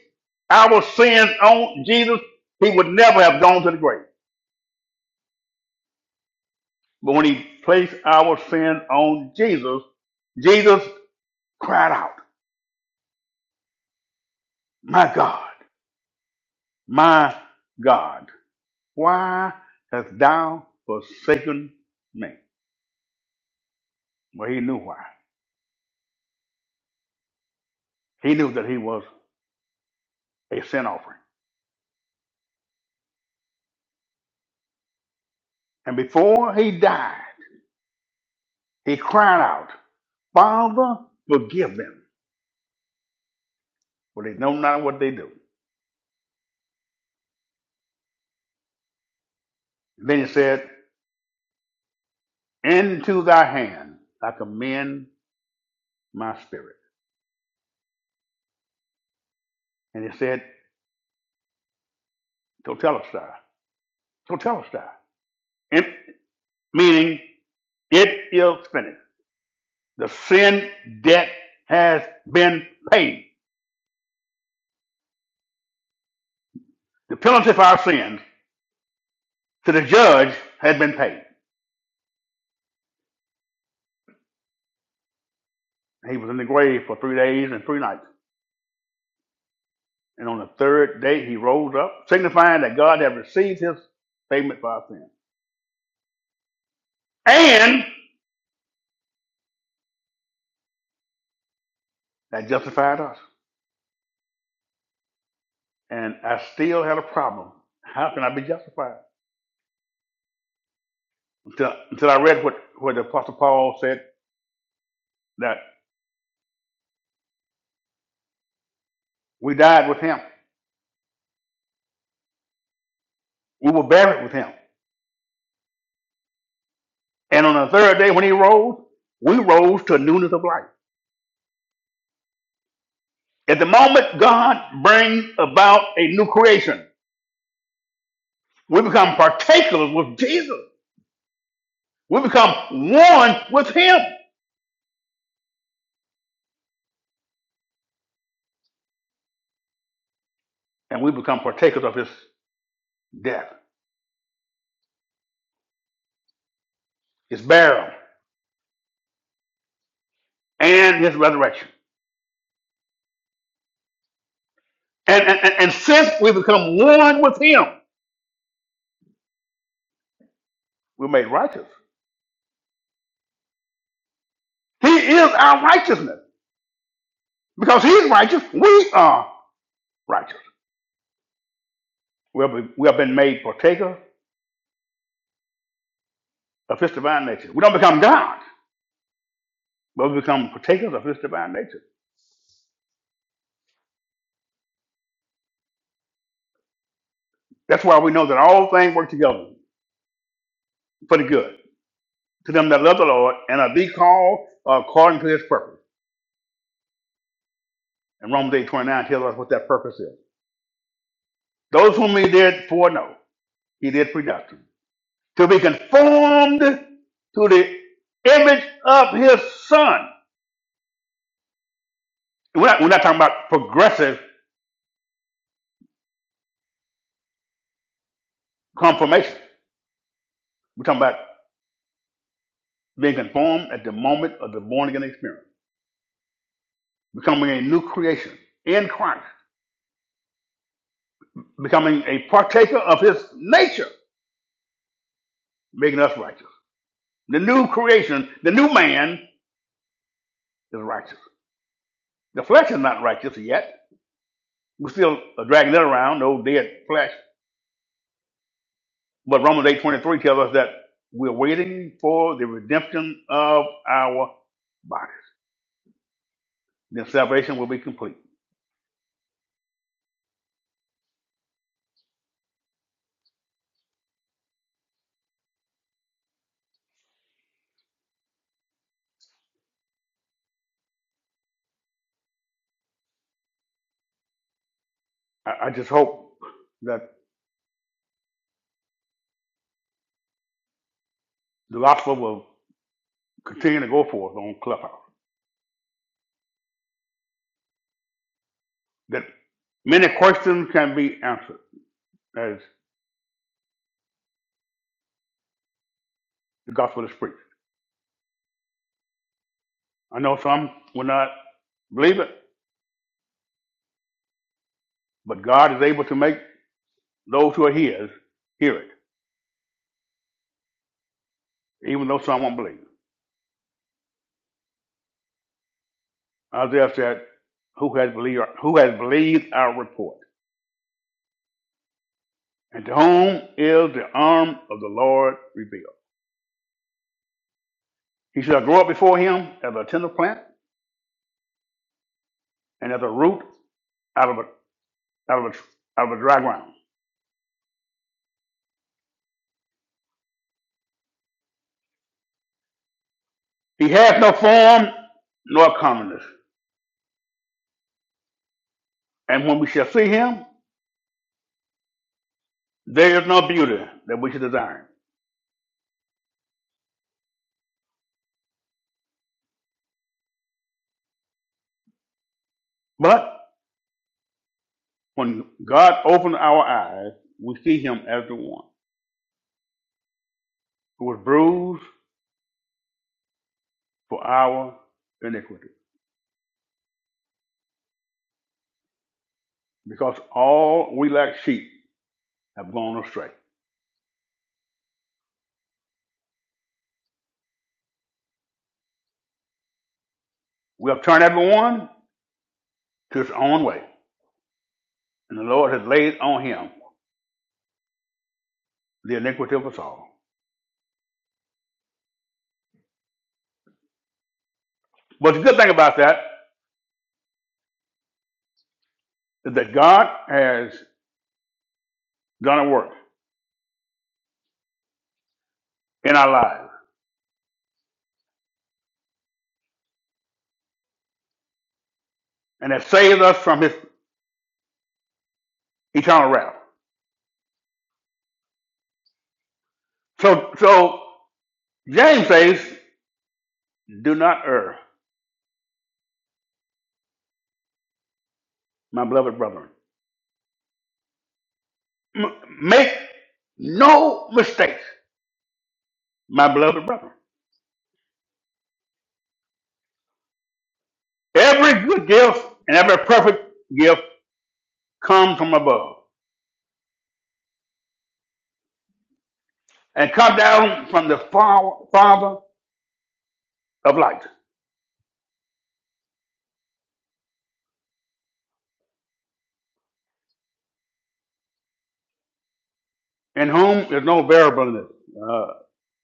our sins on Jesus, he would never have gone to the grave. But when he placed our sin on Jesus, Jesus cried out, My God, my God. Why hast thou forsaken me? Well, he knew why. He knew that he was a sin offering. And before he died, he cried out, Father, forgive them, for they know not what they do. Then he said, Into thy hand I commend my spirit. And he said, Totelestai, Totelestai, it, meaning it is finished. The sin debt has been paid. The penalty for our sins to the judge had been paid. He was in the grave for three days and three nights. And on the third day, he rose up, signifying that God had received his payment for our sin. And that justified us. And I still had a problem. How can I be justified? Until, until I read what, what the Apostle Paul said that we died with him, we were buried with him. And on the third day, when he rose, we rose to a newness of life. At the moment God brings about a new creation, we become partakers with Jesus. We become one with him and we become partakers of his death, his burial, and his resurrection. And, and, and, and since we become one with him, we're made righteous. He is our righteousness. Because he's righteous, we are righteous. We have, we have been made partakers of his divine nature. We don't become God, but we become partakers of his divine nature. That's why we know that all things work together for the good to them that love the Lord and are be called according to his purpose. In Romans eight twenty nine tells us what that purpose is. Those whom he did foreknow, he did predestine to be conformed to the image of his son. We're not, we're not talking about progressive confirmation. We're talking about being conformed at the moment of the born again experience, becoming a new creation in Christ, becoming a partaker of his nature, making us righteous. The new creation, the new man is righteous. The flesh is not righteous yet. We're still dragging that around, the old dead flesh But Romans eight twenty three tells us that we're waiting for the redemption of our body. Then salvation will be complete. I, I just hope that the gospel will continue to go forth on Clubhouse. That many questions can be answered as the gospel is preached. I know some will not believe it, but God is able to make those who are His hear it, even though some won't believe. Isaiah said, "Who has believed? Who has believed our report?" and to whom is the arm of the Lord revealed. He shall grow up before him as a tender plant and as a root out of a, out of a, out of a dry ground. He hath no form nor comeliness. And when we shall see him, there is no beauty that we should desire. But when God opened our eyes, we see him as the one who was bruised for our iniquity. Because all we like sheep have gone astray. We have turned everyone to his own way. and the Lord has laid on him the iniquity of us all. But the good thing about that is that God has done a work in our lives and has saved us from his eternal wrath. So, so James says, Do not err, my beloved brethren. M- make no mistakes, my beloved brethren. Every good gift and every perfect gift comes from above and come down from the Father of light, in whom is no variableness. uh,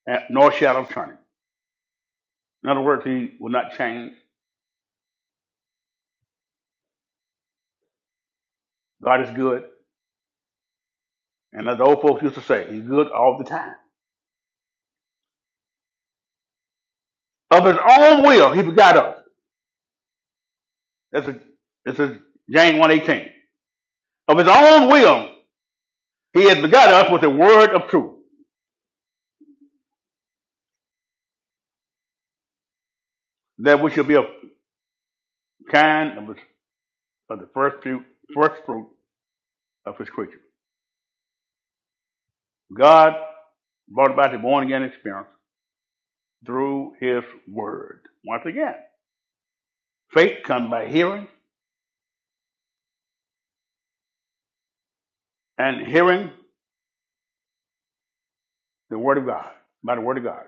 and- nor shadow of turning. In other words, he will not change. God is good. And as the old folks used to say, he's good all the time. Of his own will, he begot us. That's a, this is James 118. Of his own will, he has begot us with the word of truth, that we should be a kind of, his, of the first fruit, first fruit of his creature. God brought about the born again experience through his word. Once again, faith comes by hearing, and hearing the word of God, by the word of God.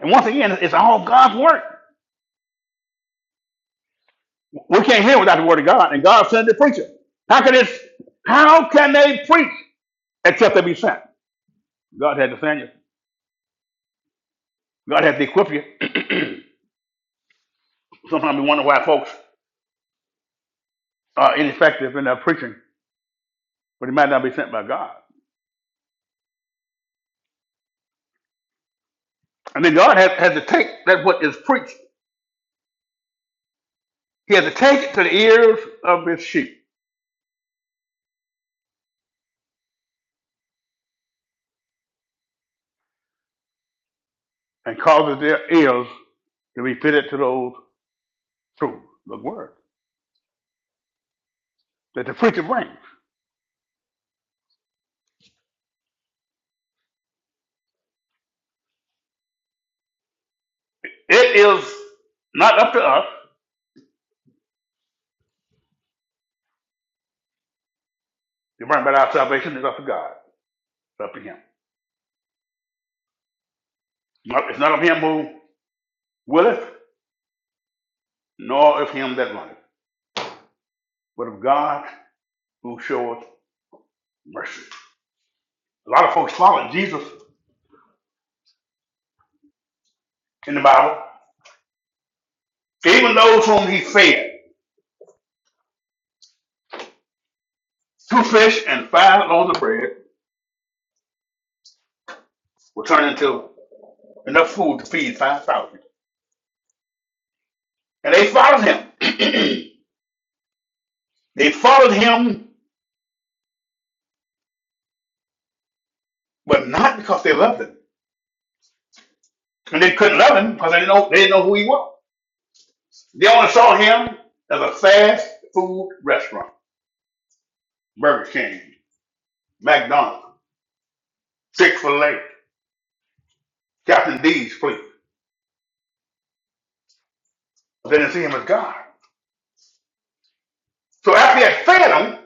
And once again, it's all God's work. We can't hear without the word of God, and God sent the preacher. How can this? How can they preach except they be sent? God had to send you. God had to equip you. [CLEARS THROAT] Sometimes we wonder why folks are ineffective in their preaching, but it might not be sent by God. And then God has, has to take that what is preached. He has to take it to the ears of His sheep and causes their ears to be fitted to those truths, the word that the preacher brings. It is not up to us. The right about our salvation is up to God. It's up to Him. It's not of Him who willeth, nor of Him that runneth, but of God who showeth mercy. A lot of folks followed Jesus in the Bible. Even those whom He fed, two fish and five loaves of bread, were turned into enough food to feed 5,000. And they followed him. [CLEARS THROAT] they followed him, but not because they loved him. And they couldn't love him because they didn't know, they didn't know who he was. They only saw him as a fast food restaurant. Burger King, McDonald's, Chick fil A, Captain D's, please. They didn't see him as God. So after he had fed them,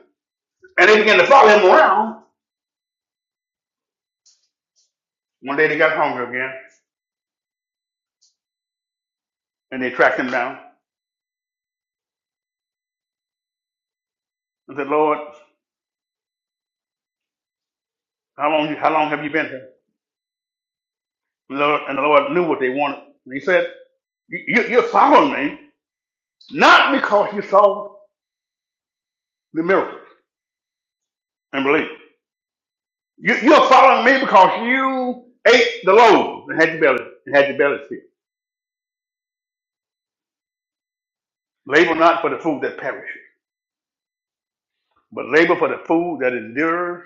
and they began to follow him around, one day they got hungry again, and they tracked him down and said, Lord, how long, how long have you been here? And the Lord, and the Lord knew what they wanted. And he said, "You- you- You're following me not because you saw the miracle and believed. You, you're following me because you ate the loaves and had your belly, and had your belly filled. Labor not for the food that perishes but labor for the food that endures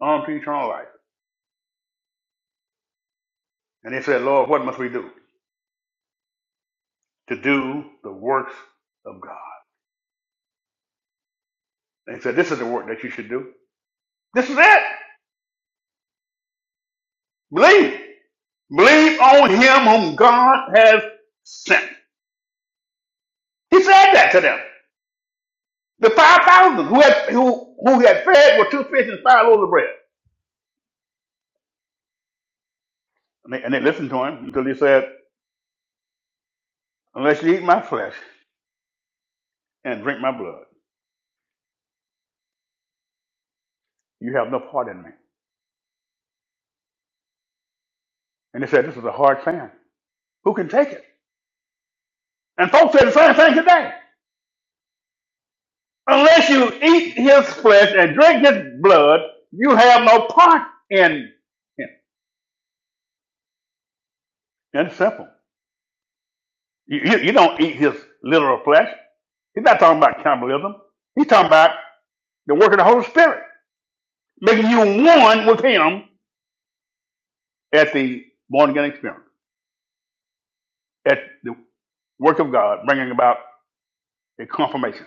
unto eternal life. And they said, Lord, what must we do to do the works of God? And he said, This is the work that you should do. This is it. Believe. Believe on him whom God has sent. He said that to them. The 5,000 who had, who, who he had fed with two fish and five loaves of bread. And they, and they listened to him until he said, Unless you eat my flesh and drink my blood, you have no part in me. And they said, This is a hard saying. Who can take it? And folks say the same thing today. Unless you eat his flesh and drink his blood, you have no part in him. That's simple. You, you, you don't eat his literal flesh. He's not talking about cannibalism. He's talking about the work of the Holy Spirit, making you one with him at the born again experience, at the work of God, bringing about a confirmation.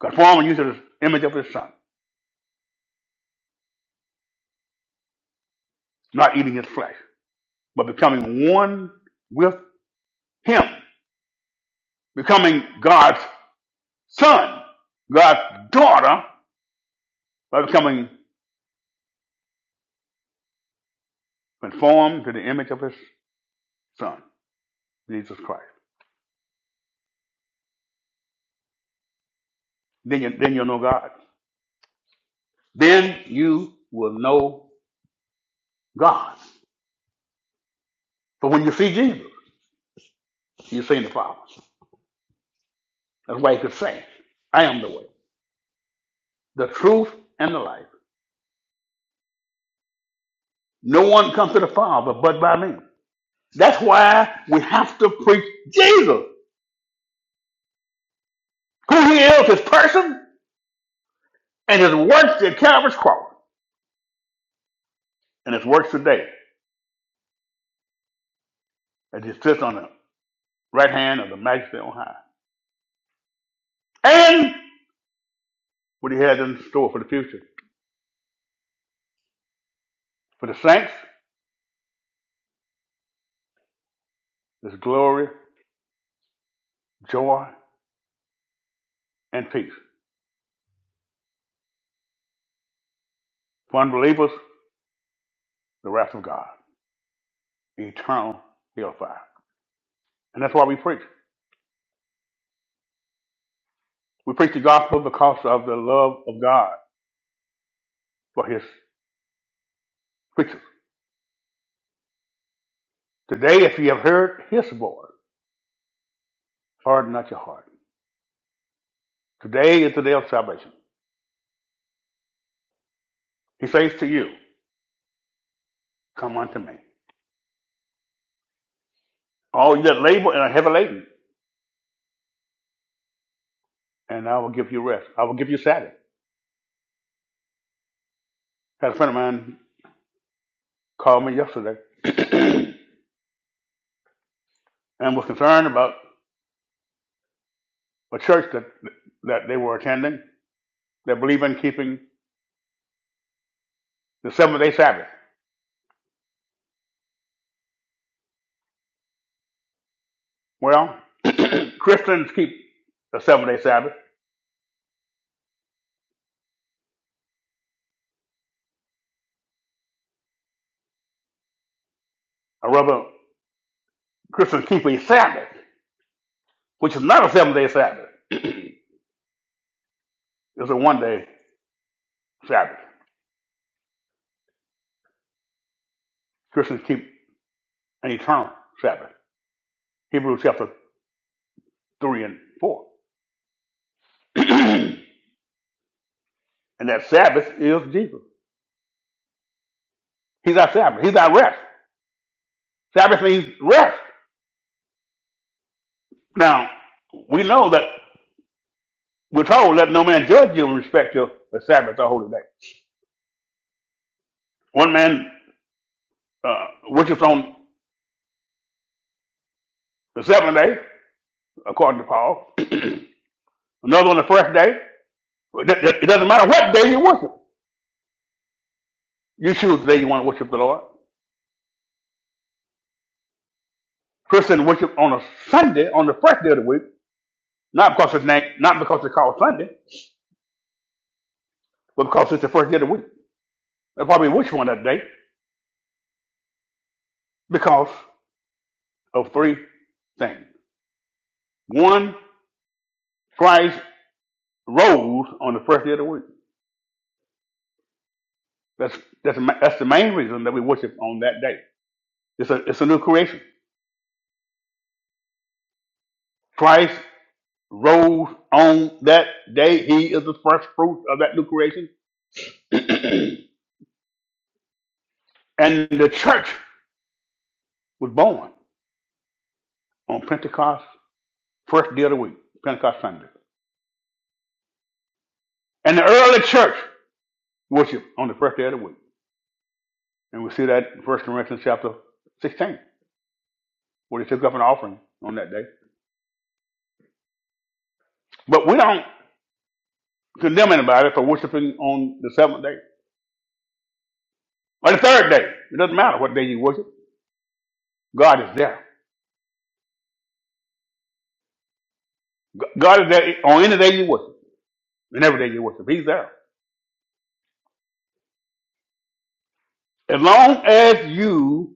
Conforming you to the image of his son, not eating his flesh, but becoming one with him, becoming God's son, God's daughter, by becoming conformed to the image of his son, Jesus Christ. Then, you, then you'll know God. Then you will know God. But when you see Jesus, you're seeing the Father. That's why he could say, I am the way, the truth, and the life. No one comes to the Father but by me. That's why we have to preach Jesus, who he is, his person, and his works at Calvary's cross, and his works today, as he sits on the right hand of the Majesty on high. and what he has in store for the future. For the saints, there's glory, joy, and peace. For unbelievers, the wrath of God, eternal hellfire. And that's why we preach. We preach the gospel because of the love of God for his creatures. Today, if you have heard his voice, harden not your heart. Today is the day of salvation. He says to you, Come unto me. All you that labor and are heavy laden, and I will give you rest. I will give you Saturday. I had a friend of mine called me yesterday. [CLEARS THROAT] [COUGHS] and was concerned about a church that, that they were attending that believed in keeping the seventh day Sabbath. Well, [CLEARS THROAT] Christians keep the seventh day Sabbath, or rather, Christians keep a Sabbath, which is not a seventh day Sabbath. [CLEARS THROAT] it's a one day Sabbath. Christians keep an eternal Sabbath. Hebrews chapter 3 and 4. [CLEARS THROAT] and that Sabbath is Jesus. He's our Sabbath. He's our rest. Sabbath means rest. Now, we know that We're told, let no man judge you in respect to the Sabbath or holy day. One man uh, worshiped on the seventh day, according to Paul. [CLEARS THROAT] Another on the first day. It doesn't matter what day you worship. You choose the day you want to worship the Lord. Christians worship on a Sunday, on the first day of the week, not because it's named, not because it's called Sunday, but because it's the first day of the week. They probably worship on that day because of three things. One, Christ rose on the first day of the week. That's that's ma- that's the main reason that we worship on that day. It's a it's a new creation. Christ rose on that day. He is the first fruit of that new creation, [CLEARS THROAT] and the church was born on Pentecost, first day of the week, Pentecost Sunday. And the early church worshiped on the first day of the week, and we see that in First Corinthians chapter sixteen, where they took up an offering on that day. But we don't condemn anybody for worshiping on the seventh day or the third day. It doesn't matter what day you worship. God is there. God is there on any day you worship and every day you worship. He's there. As long as you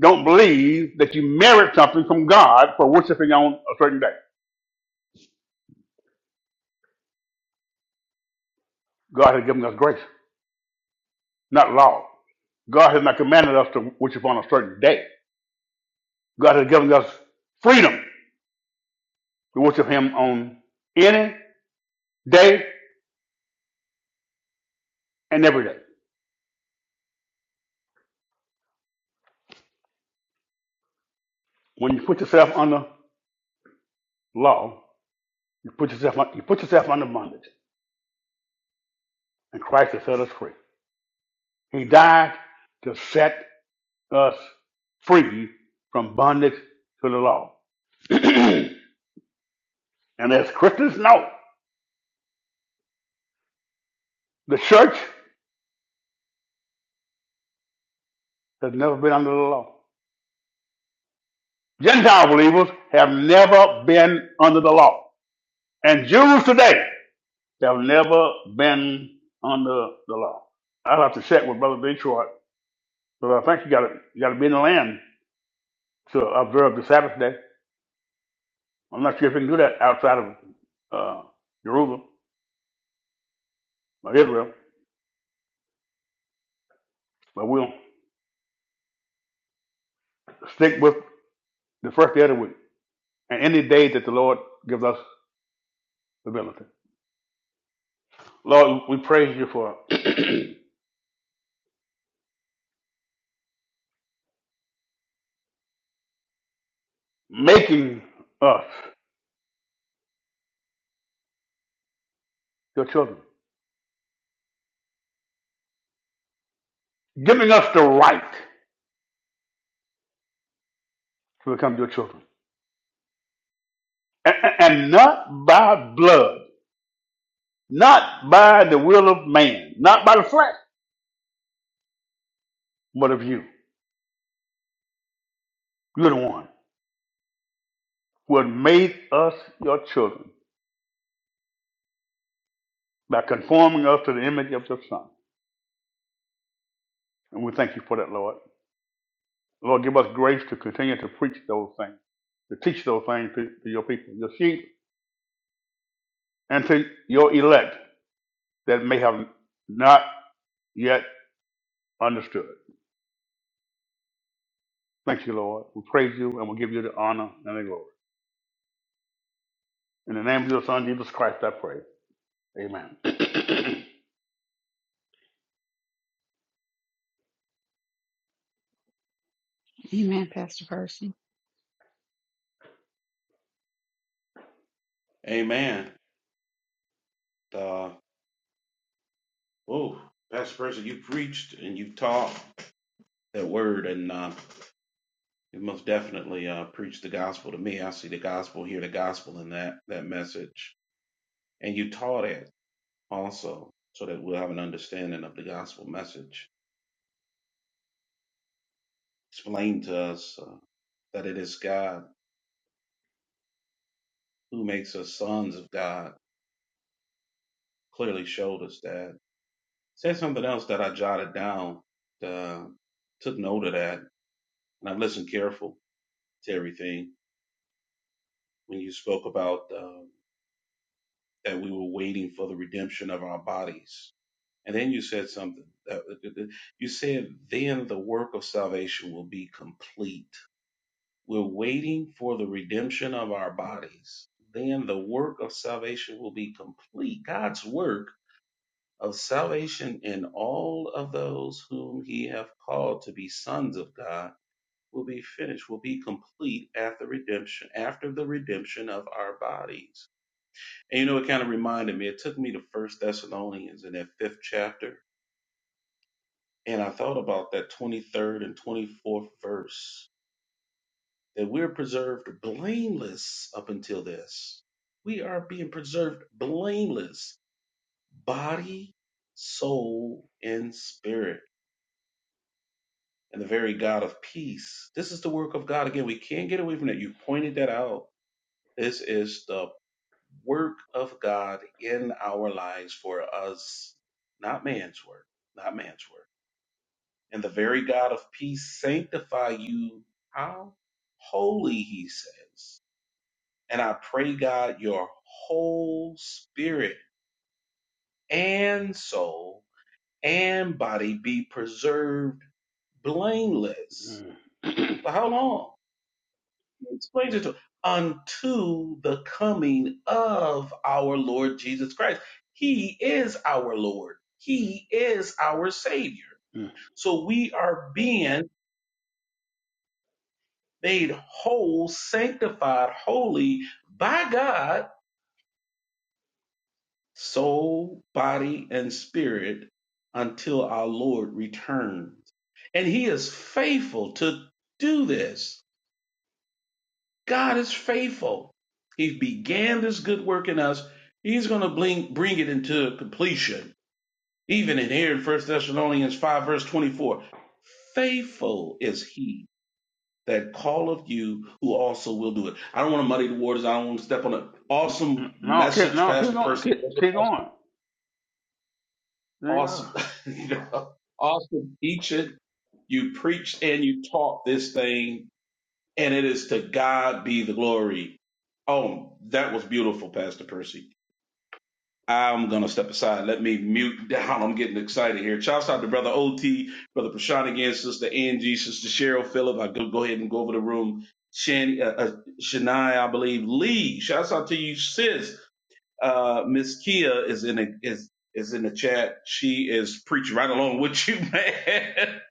don't believe that you merit something from God for worshiping on a certain day, God has given us grace, not law. God has not commanded us to worship on a certain day. God has given us freedom to worship Him on any day and every day. When you put yourself under law, you put yourself, you put yourself under bondage, and Christ has set us free. He died to set us free from bondage to the law. [CLEARS THROAT] and as Christians know, the church has never been under the law. Gentile believers have never been under the law. And Jews today have never been under the law. I'll have to check with Brother Detroit, but I think you gotta you gotta be in the land to observe the Sabbath day. I'm not sure if you can do that outside of uh, Jerusalem or Israel, but we'll stick with the first day of the week. and any day that the Lord gives us the ability. Lord, we praise you for [CLEARS THROAT] making us your children, giving us the right to become your children. A- And not by blood, not by the will of man, not by the flesh, but of you. You're the one who has made us your children by conforming us to the image of your Son. And we thank you for that, Lord. Lord, give us grace to continue to preach those things, to teach those things to, to your people, your sheep and to your elect that may have not yet understood. Thank you, Lord. We praise you and we give you the honor and the glory. In the name of your Son, Jesus Christ, I pray. Amen. [CLEARS THROAT]
Amen, Pastor Percy.
Amen. Uh, oh, Pastor Percy, you preached and you taught that word, and uh, you most definitely uh, preached the gospel to me. I see the gospel, hear the gospel in that that message, and you taught it also, so that we'll have an understanding of the gospel message. Explain to us uh, that it is God who makes us sons of God. Clearly showed us that. Said something else that I jotted down. Uh, took note of that, and I listened careful to everything when you spoke about uh, that we were waiting for the redemption of our bodies. And then you said something that you said, then the work of salvation will be complete We're waiting for the redemption of our bodies. Then the work of salvation will be complete. God's work of salvation in all of those whom he hath called to be sons of God will be finished, will be complete at the redemption, after the redemption of our bodies. And you know, it kind of reminded me, it took me to First Thessalonians in that fifth chapter, and I thought about that 23rd and 24th verse that we're preserved blameless up until this. We are being preserved blameless, body, soul, and spirit, and the very God of peace. This is the work of God. Again, we can't get away from that. You pointed that out. This is the work of God in our lives for us, not man's work, not man's work. And the very God of peace sanctify you. How holy, he says. And I pray, God, your whole spirit and soul and body be preserved blameless.
[COUGHS]
For how long? Explain it to unto the coming of our Lord Jesus Christ. He is our Lord. He is our Savior. So we are being made whole, sanctified, holy by God soul, body, and spirit until our Lord returns. And he is faithful to do this. God is faithful. He began this good work in us. He's going to bring, bring it into completion. Even in here in First Thessalonians 5, verse 24. Faithful is he that calleth you who also will do it. I don't want to muddy the waters. I don't want to step on an awesome
no, keep,
message,
no, keep
Pastor
going.
Percy.
Keep, keep going. Yeah.
awesome, [LAUGHS] you know, awesome teaching. You preached and you taught this thing, and it is to God be the glory. Oh, that was beautiful, Pastor Percy. I'm gonna step aside. Let me mute down. I'm getting excited here. Shouts out to Brother OT, Brother Prashant again, Sister Angie, Sister Cheryl Phillip. I go go ahead and go over the room. Shan, uh, uh, Shania, I believe. Lee, shouts out to you, sis. Uh, Miss Kia is in a, is is in the chat. She is preaching right along with you, [LAUGHS] man.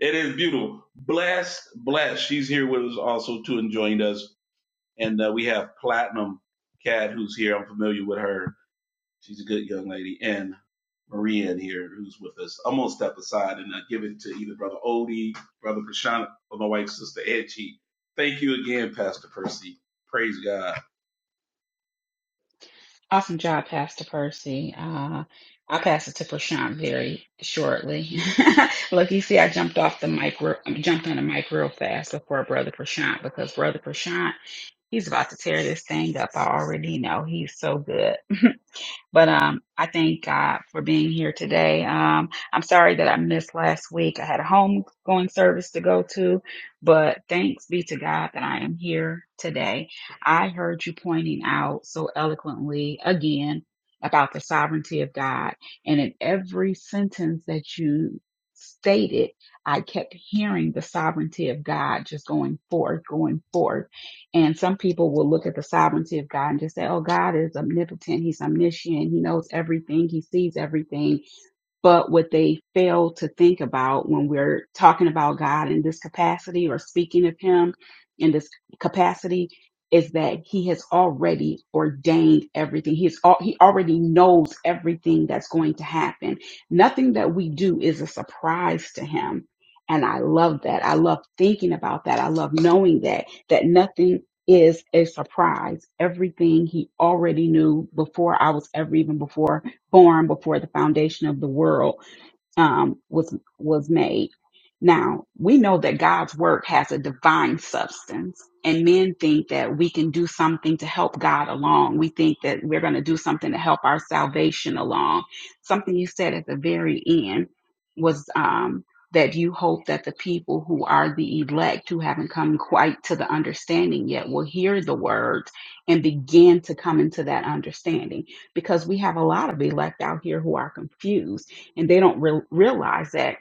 it is beautiful. Blessed, blessed. She's here with us also too, and joined us. And uh, we have Platinum Cat, who's here. I'm familiar with her. She's a good young lady. And Maria in here, who's with us. I'm gonna step aside and uh, give it to either Brother Odie, Brother Prashant, or my wife's sister Edgy. Thank you again, Pastor Percy. Praise God.
Awesome job, Pastor Percy. Uh, I'll pass it to Prashant very shortly. [LAUGHS] Look, you see, I jumped off the mic, real- jumped on the mic real fast before Brother Prashant because Brother Prashant, he's about to tear this thing up. I already know he's so good. But um, I thank God for being here today. Um, I'm sorry that I missed last week. I had a homegoing service to go to, but thanks be to God that I am here today. I heard you pointing out so eloquently again about the sovereignty of God. And in every sentence that you stated, I kept hearing the sovereignty of God just going forth, going forth. And some people will look at the sovereignty of God and just say, oh, God is omnipotent. He's omniscient. He knows everything. He sees everything. But what they fail to think about when we're talking about God in this capacity or speaking of Him in this capacity is that He has already ordained everything. He's al- He already knows everything that's going to happen. Nothing that we do is a surprise to Him. And I love that. I love thinking about that. I love knowing that, that nothing is a surprise. Everything he already knew before I was ever even before formed before the foundation of the world um, was was made. Now we know that God's work has a divine substance, and men think that we can do something to help God along. We think that we're going to do something to help our salvation along. Something you said at the very end was um, that you hope that the people who are the elect, who haven't come quite to the understanding yet, will hear the words and begin to come into that understanding. Because we have a lot of elect out here who are confused and they don't re- realize that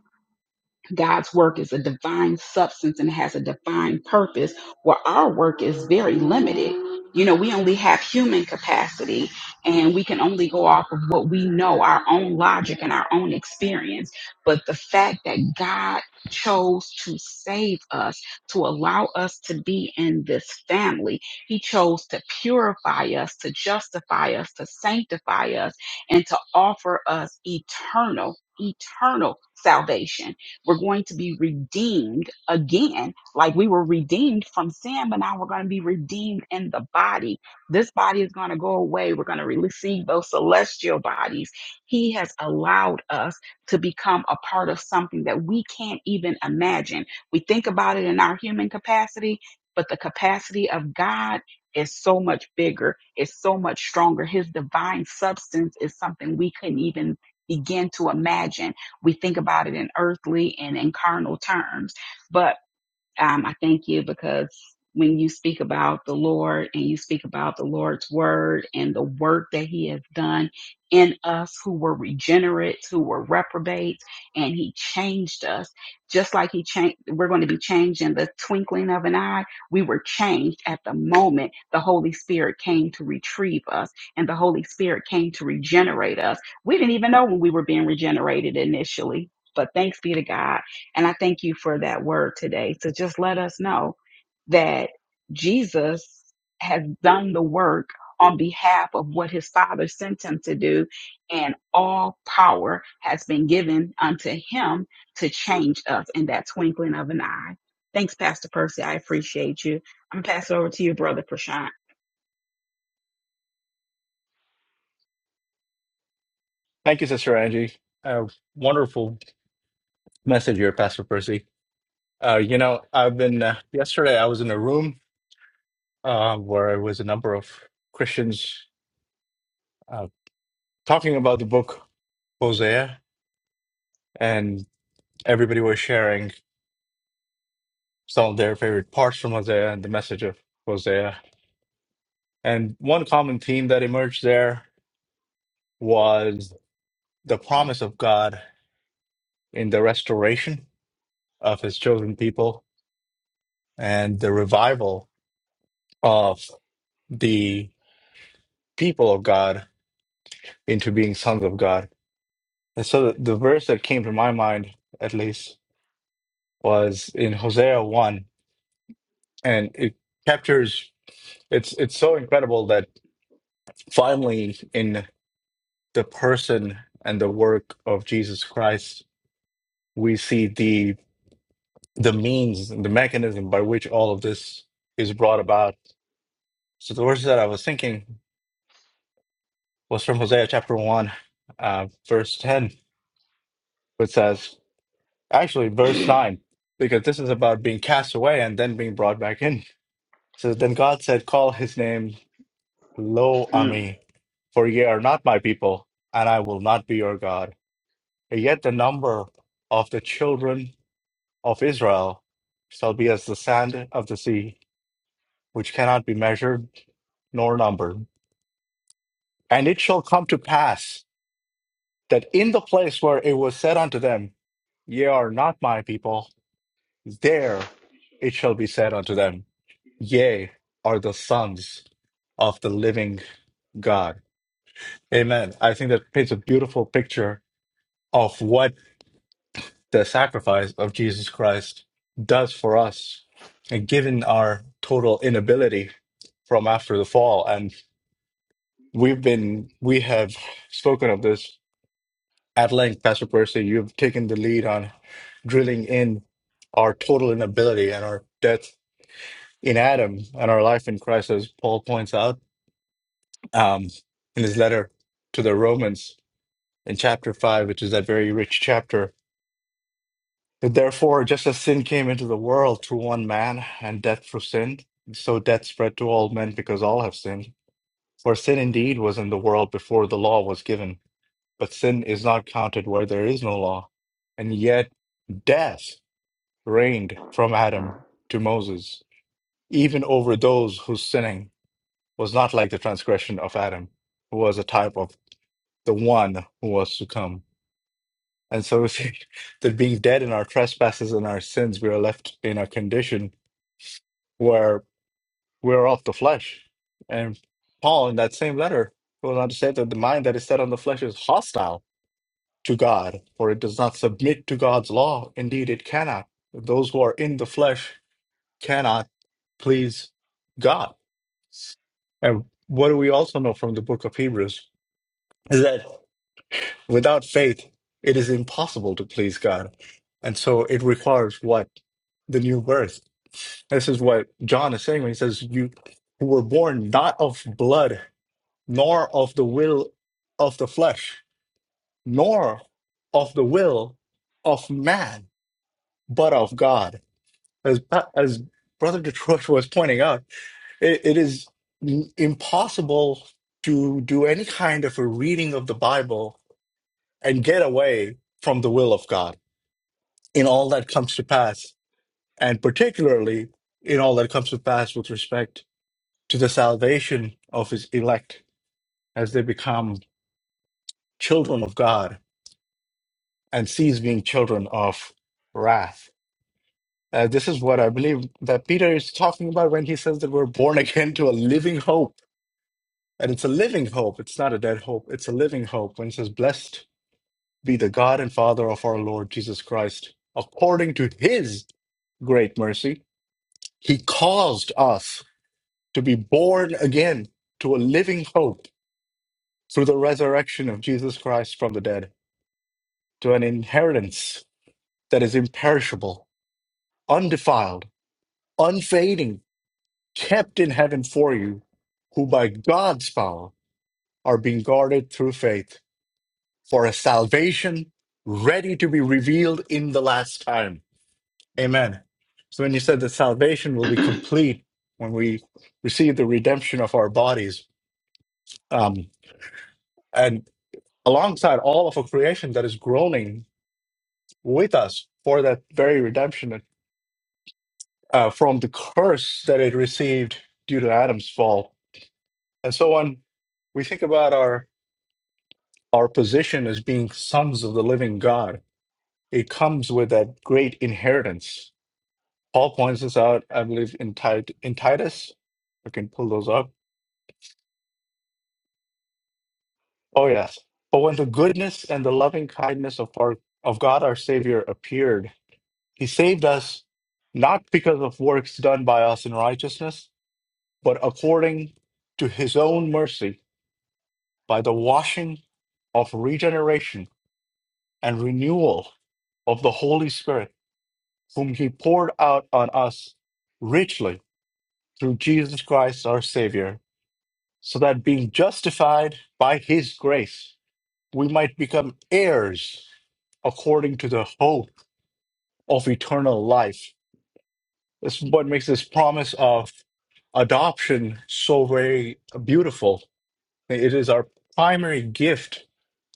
God's work is a divine substance and has a divine purpose, where our work is very limited. You know, we only have human capacity and we can only go off of what we know, our own logic and our own experience. But the fact that God chose to save us, to allow us to be in this family, He chose to purify us, to justify us, to sanctify us, and to offer us eternal, eternal salvation we're going to be redeemed again, like we were redeemed from sin, but now we're going to be redeemed in the body. This body is going to go away. We're going to receive those celestial bodies. He has allowed us to become a part of something that we can't even imagine. We think about it in our human capacity, but the capacity of God is so much bigger, it's so much stronger. His divine substance is something we couldn't even begin to imagine. We think about it in earthly and in carnal terms. But um, I thank you because when you speak about the Lord and you speak about the Lord's word and the work that he has done in us who were regenerates, who were reprobates, and he changed us, just like he changed, we're going to be changed in the twinkling of an eye. We were changed at the moment the Holy Spirit came to retrieve us and the Holy Spirit came to regenerate us. We didn't even know when we were being regenerated initially, but thanks be to God and I thank you for that word today to just let us know that Jesus has done the work on behalf of what his father sent him to do. And all power has been given unto him to change us in that twinkling of an eye. Thanks, Pastor Percy. I appreciate you. I'm going to pass it over to you, Brother Prashant.
Thank you, Sister Angie. Uh, wonderful message here, Pastor Percy. Uh, you know, I've been, uh, yesterday I was in a room uh, where there was a number of Christians uh, talking about the book Hosea. everybody was sharing some of their favorite parts from Hosea and the message of Hosea. And one common theme that emerged there was the promise of God in the restoration of his chosen people and the revival of the people of God into being sons of God. And so the, the verse that came to my mind, at least, was in Hosea 1, and it captures. It's it's so incredible that finally in the person and the work of Jesus Christ, we see the the means and the mechanism by which all of this is brought about. So the verse that I was thinking was from Hosea chapter one, uh, verse ten, which says actually verse nine, because this is about being cast away and then being brought back in. So then God said, "Call his name Lo
Mm,
Ami, for ye are not my people, and I will not be your God." And yet the number of the children of Israel shall be as the sand of the sea, which cannot be measured nor numbered. And it shall come to pass that in the place where it was said unto them, Ye are not my people, there it shall be said unto them, Ye are the sons of the living God. Amen. I think that paints a beautiful picture of what the sacrifice of Jesus Christ does for us. And given our total inability from after the fall. and. We've been, we have spoken of this at length, Pastor Percy. You've taken the lead on drilling in our total inability and our death in Adam and our life in Christ, as Paul points out um, in his letter to the Romans in chapter 5, which is that very rich chapter. That Therefore, just as sin came into the world through one man and death through sin, so death spread to all men because all have sinned. For sin indeed was in the world before the law was given but sin is not counted where there is no law. And yet death reigned from Adam to Moses, even over those whose sinning was not like the transgression of Adam, who was a type of the one who was to come. And so we see [LAUGHS] that being dead in our trespasses and our sins, we are left in a condition where we're of the flesh. And Paul, in that same letter, goes on to say that the mind that is set on the flesh is hostile to God, for it does not submit to God's law. Indeed, it cannot. Those who are in the flesh cannot please God. And what do we also know from the book of Hebrews is that without faith, it is impossible to please God. And so it requires what? The new birth. This is what John is saying when he says, You who were born not of blood, nor of the will of the flesh, nor of the will of man but of God. As Pa- as Brother Detroit was pointing out, it, it is n- impossible to do any kind of a reading of the Bible and get away from the will of God in all that comes to pass, and particularly in all that comes to pass with respect to the salvation of His elect as they become children of God and cease being children of wrath Uh, this is what I believe that Peter is talking about when he says that we're born again to a living hope. And it's a living hope. It's not a dead hope. It's a living hope. When he says, Blessed be the God and Father of our Lord Jesus Christ, according to his great mercy, he caused us to be born again to a living hope through the resurrection of Jesus Christ from the dead, to an inheritance that is imperishable, undefiled, unfading kept in heaven for you, who by God's power are being guarded through faith for a salvation ready to be revealed in the last time. Amen. So when you said that salvation will be complete when we receive the redemption of our bodies, um, and alongside all of a creation that is groaning with us for that very redemption uh, from the curse that it received due to Adam's fall, and so on. We think about our our position as being sons of the living God, it comes with that great inheritance. Paul points this out, I believe, in, Tit- in Titus. I can pull those up. Oh, yes. But when the goodness and the loving kindness of, our, of God our Savior appeared, he saved us not because of works done by us in righteousness, but according to his own mercy by the washing of regeneration and renewal of the Holy Spirit whom he poured out on us richly through Jesus Christ our Savior, so that being justified by his grace, we might become heirs according to the hope of eternal life. This is what makes this promise of adoption so very beautiful. It is our primary gift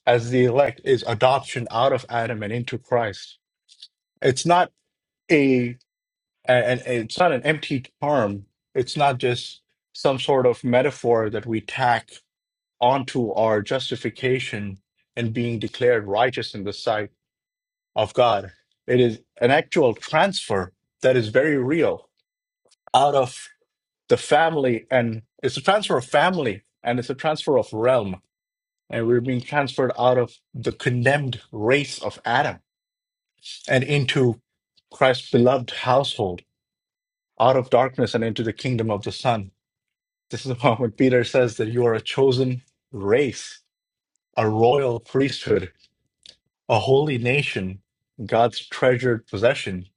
as the elect is adoption out of Adam and into Christ. It's not a and, and it's not an empty term. It's not just some sort of metaphor that we tack onto our justification and being declared righteous in the sight of God. It is an actual transfer that is very real out of the family, and it's a transfer of family and it's a transfer of realm. And we're being transferred out of the condemned race of Adam and into Christ's beloved household, out of darkness and into the kingdom of the Son This is why when Peter says that you are a chosen race, a royal priesthood, a holy nation, God's treasured possession.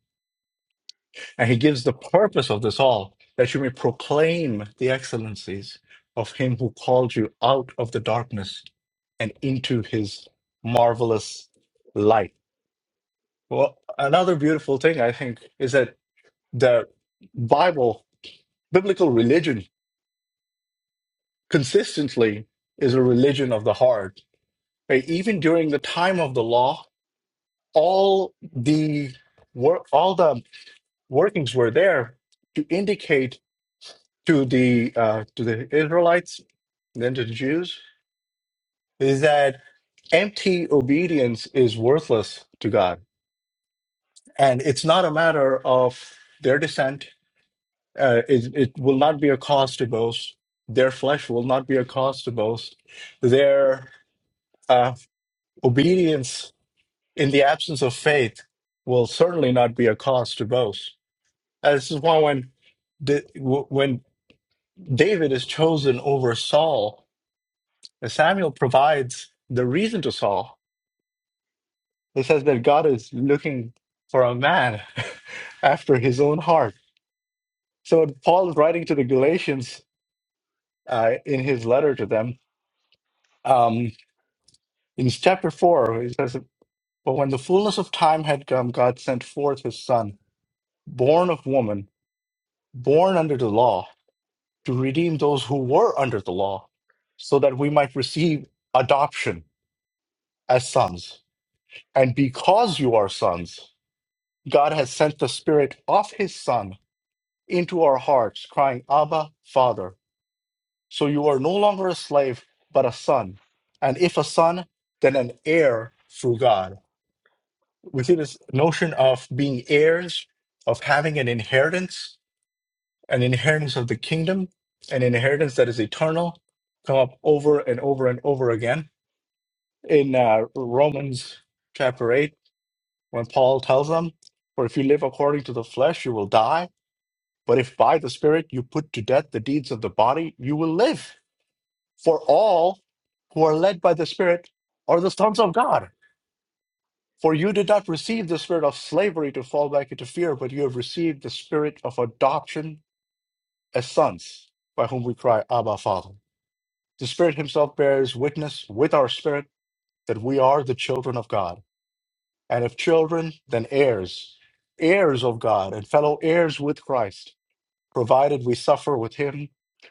And he gives the purpose of this all that you may proclaim the excellencies of him who called you out of the darkness and into his marvelous light. Well, another beautiful thing I think is that the Bible, biblical religion, consistently is a religion of the heart right? Even during the time of the law, all the work, all the workings were there to indicate to the uh, to the Israelites, then to the Jews, is that empty obedience is worthless to God, and it's not a matter of their descent. Uh, it, it will not be a cause to boast. Their flesh will not be a cause to boast. Their uh, obedience in the absence of faith will certainly not be a cause to boast. And this is why when Da- w- when David is chosen over Saul, uh, Samuel provides the reason to Saul. It says that God is looking for a man [LAUGHS] after his own heart. So Paul is writing to the Galatians uh, in his letter to them. Um, in chapter 4, he says, But when the fullness of time had come, God sent forth his son, born of woman, born under the law to redeem those who were under the law, so that we might receive adoption as sons. And because you are sons, God has sent the Spirit of His Son into our hearts, crying, Abba, Father. So you are no longer a slave, but a son. And if a son, then an heir through God. We see this notion of being heirs, of having an inheritance. an inheritance of the kingdom, an inheritance that is eternal, come up over and over and over again in uh, Romans chapter 8, when Paul tells them, For if you live according to the flesh, you will die. But if by the Spirit you put to death the deeds of the body, you will live. For all who are led by the Spirit are the sons of God. For you did not receive the spirit of slavery to fall back into fear, but you have received the spirit of adoption as sons, by whom we cry, Abba, Father. The Spirit Himself bears witness with our spirit that we are the children of God. And if children, then heirs, heirs of God, and fellow heirs with Christ, provided we suffer with Him,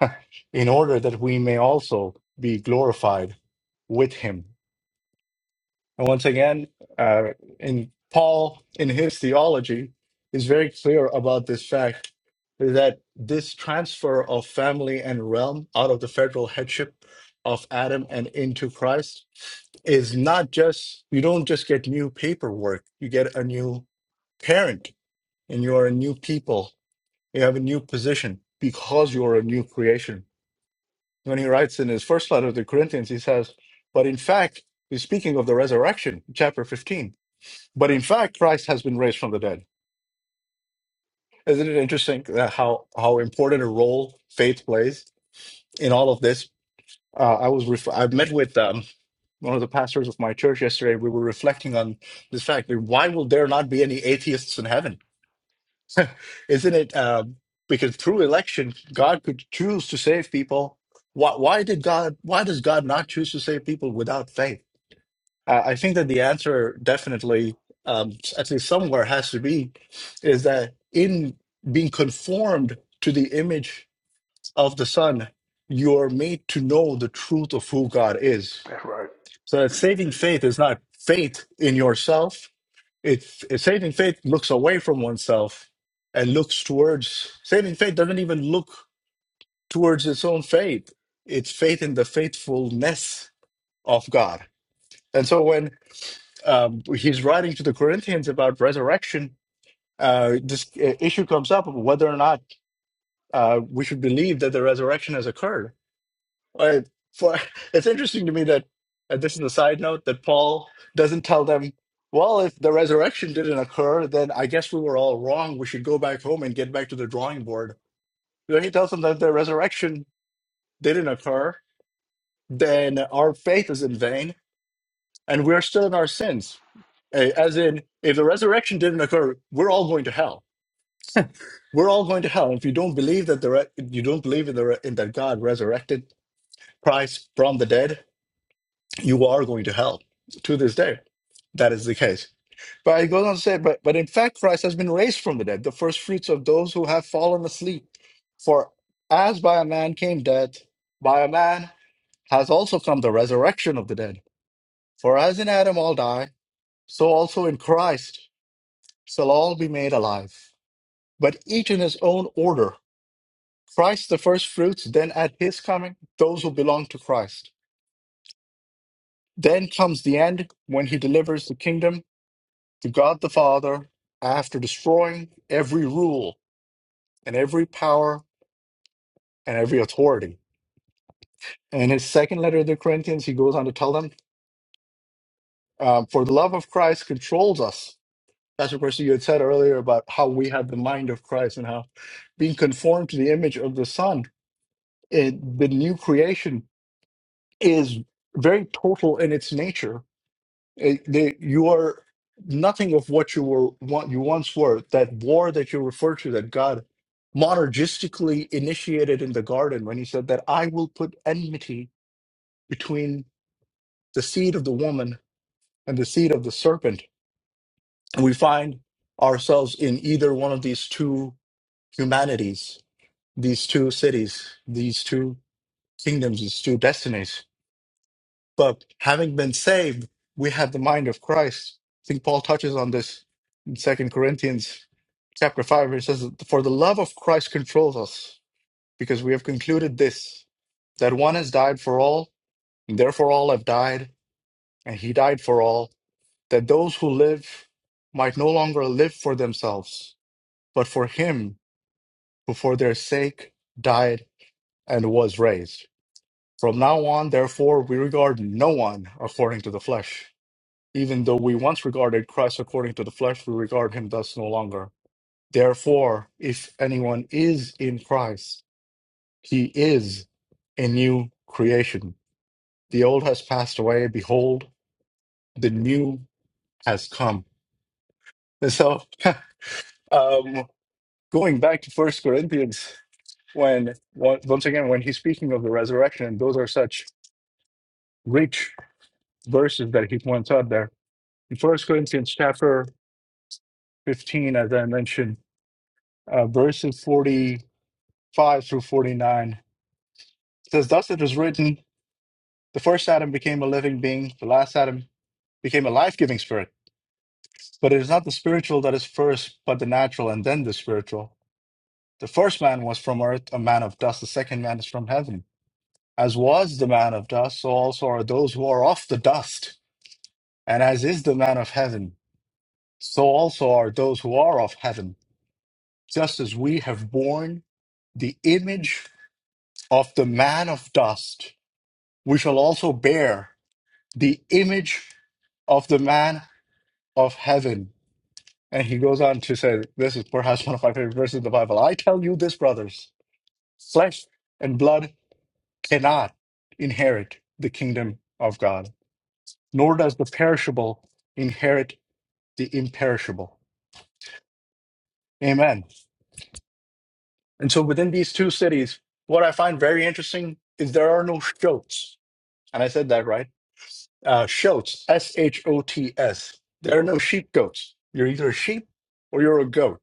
[LAUGHS] in order that we may also be glorified with Him. And once again, uh, in Paul, in his theology, is very clear about this fact that this transfer of family and realm out of the federal headship of Adam and into Christ is not just, you don't just get new paperwork, you get a new parent and you are a new people. You have a new position because you are a new creation. When he writes in his first letter to the Corinthians, he says, But in fact, he's speaking of the resurrection, chapter 15 but in fact, Christ has been raised from the dead. Isn't it interesting that how how important a role faith plays in all of this? Uh, I was ref- I met with um, one of the pastors of my church yesterday. We were reflecting on this fact: that why will there not be any atheists in heaven? Isn't it um, because through election, God could choose to save people? Why, why did God? Why does God not choose to save people without faith? Uh, I think that the answer definitely, um, at least somewhere, has to be is that in being conformed to the image of the Son, you are made to know the truth of who God is.
that's right.
So that saving faith is not faith in yourself. It, saving faith looks away from oneself and looks towards. Saving faith doesn't even look towards its own faith. It's faith in the faithfulness of God. And so when um, he's writing to the Corinthians about resurrection. Uh, this uh, issue comes up of whether or not uh, we should believe that the resurrection has occurred. Uh, for, [LAUGHS] it's interesting to me that, and this is a side note, that Paul doesn't tell them, well, if the resurrection didn't occur, then I guess we were all wrong. We should go back home and get back to the drawing board. You know, he tells them that the resurrection didn't occur, then our faith is in vain and we're still in our sins. Eh, As in, if the resurrection didn't occur, we're all going to hell. We're all going to hell. If you don't believe that the re- you don't believe in the re- in that God resurrected Christ from the dead, you are going to hell to this day. That is the case. But it goes on to say, but but in fact, Christ has been raised from the dead, the first fruits of those who have fallen asleep. For as by a man came death, by a man has also come the resurrection of the dead. For as in Adam all die, so also in Christ shall all be made alive, but each in his own order. Christ the first fruits, then at his coming, those who belong to Christ. Then comes the end when he delivers the kingdom to God the Father after destroying every rule and every power and every authority. And in his second letter to the Corinthians, he goes on to tell them, um, For the love of Christ controls us. That's what course you had said earlier about how we have the mind of Christ and how being conformed to the image of the Son, it, the new creation is very total in its nature. It- they- you are nothing of what you were what you once were. That war that you refer to, that God monergistically initiated in the garden when He said that I will put enmity between the seed of the woman and the seed of the serpent. And we find ourselves in either one of these two humanities, these two cities, these two kingdoms, these two destinies But having been saved, we have the mind of Christ. I think Paul touches on this in Second Corinthians chapter 5, where he says, For the love of Christ controls us, because we have concluded this, that one has died for all, and therefore all have died, and he died for all, that those who live might no longer live for themselves, but for him who for their sake died and was raised. From now on, therefore, we regard no one according to the flesh. Even though we once regarded Christ according to the flesh, we regard him thus no longer. Therefore, if anyone is in Christ, he is a new creation. The old has passed away. Behold, the new has come. And so, [LAUGHS] um, going back to First Corinthians, when on- once again, when he's speaking of the resurrection, and those are such rich verses that he points out there in First Corinthians chapter fifteen, as I mentioned, uh, verses forty. 5 through 49. It says, Thus it is written, the first Adam became a living being, the last Adam became a life giving spirit. But it is not the spiritual that is first, but the natural and then the spiritual. The first man was from earth, a man of dust. The second man is from heaven. As was the man of dust, so also are those who are of the dust. And as is the man of heaven, so also are those who are of heaven. Just as we have borne the image of the man of dust, we shall also bear the image of the man of heaven. And he goes on to say, This is perhaps one of my favorite verses in the Bible. I tell you this, brothers, flesh and blood cannot inherit the kingdom of God, nor does the perishable inherit the imperishable. Amen. And so within these two cities, what I find very interesting is there are no shoats. And I said that right. Uh, shoats, S H O T S. There are no sheep goats. You're either a sheep or you're a goat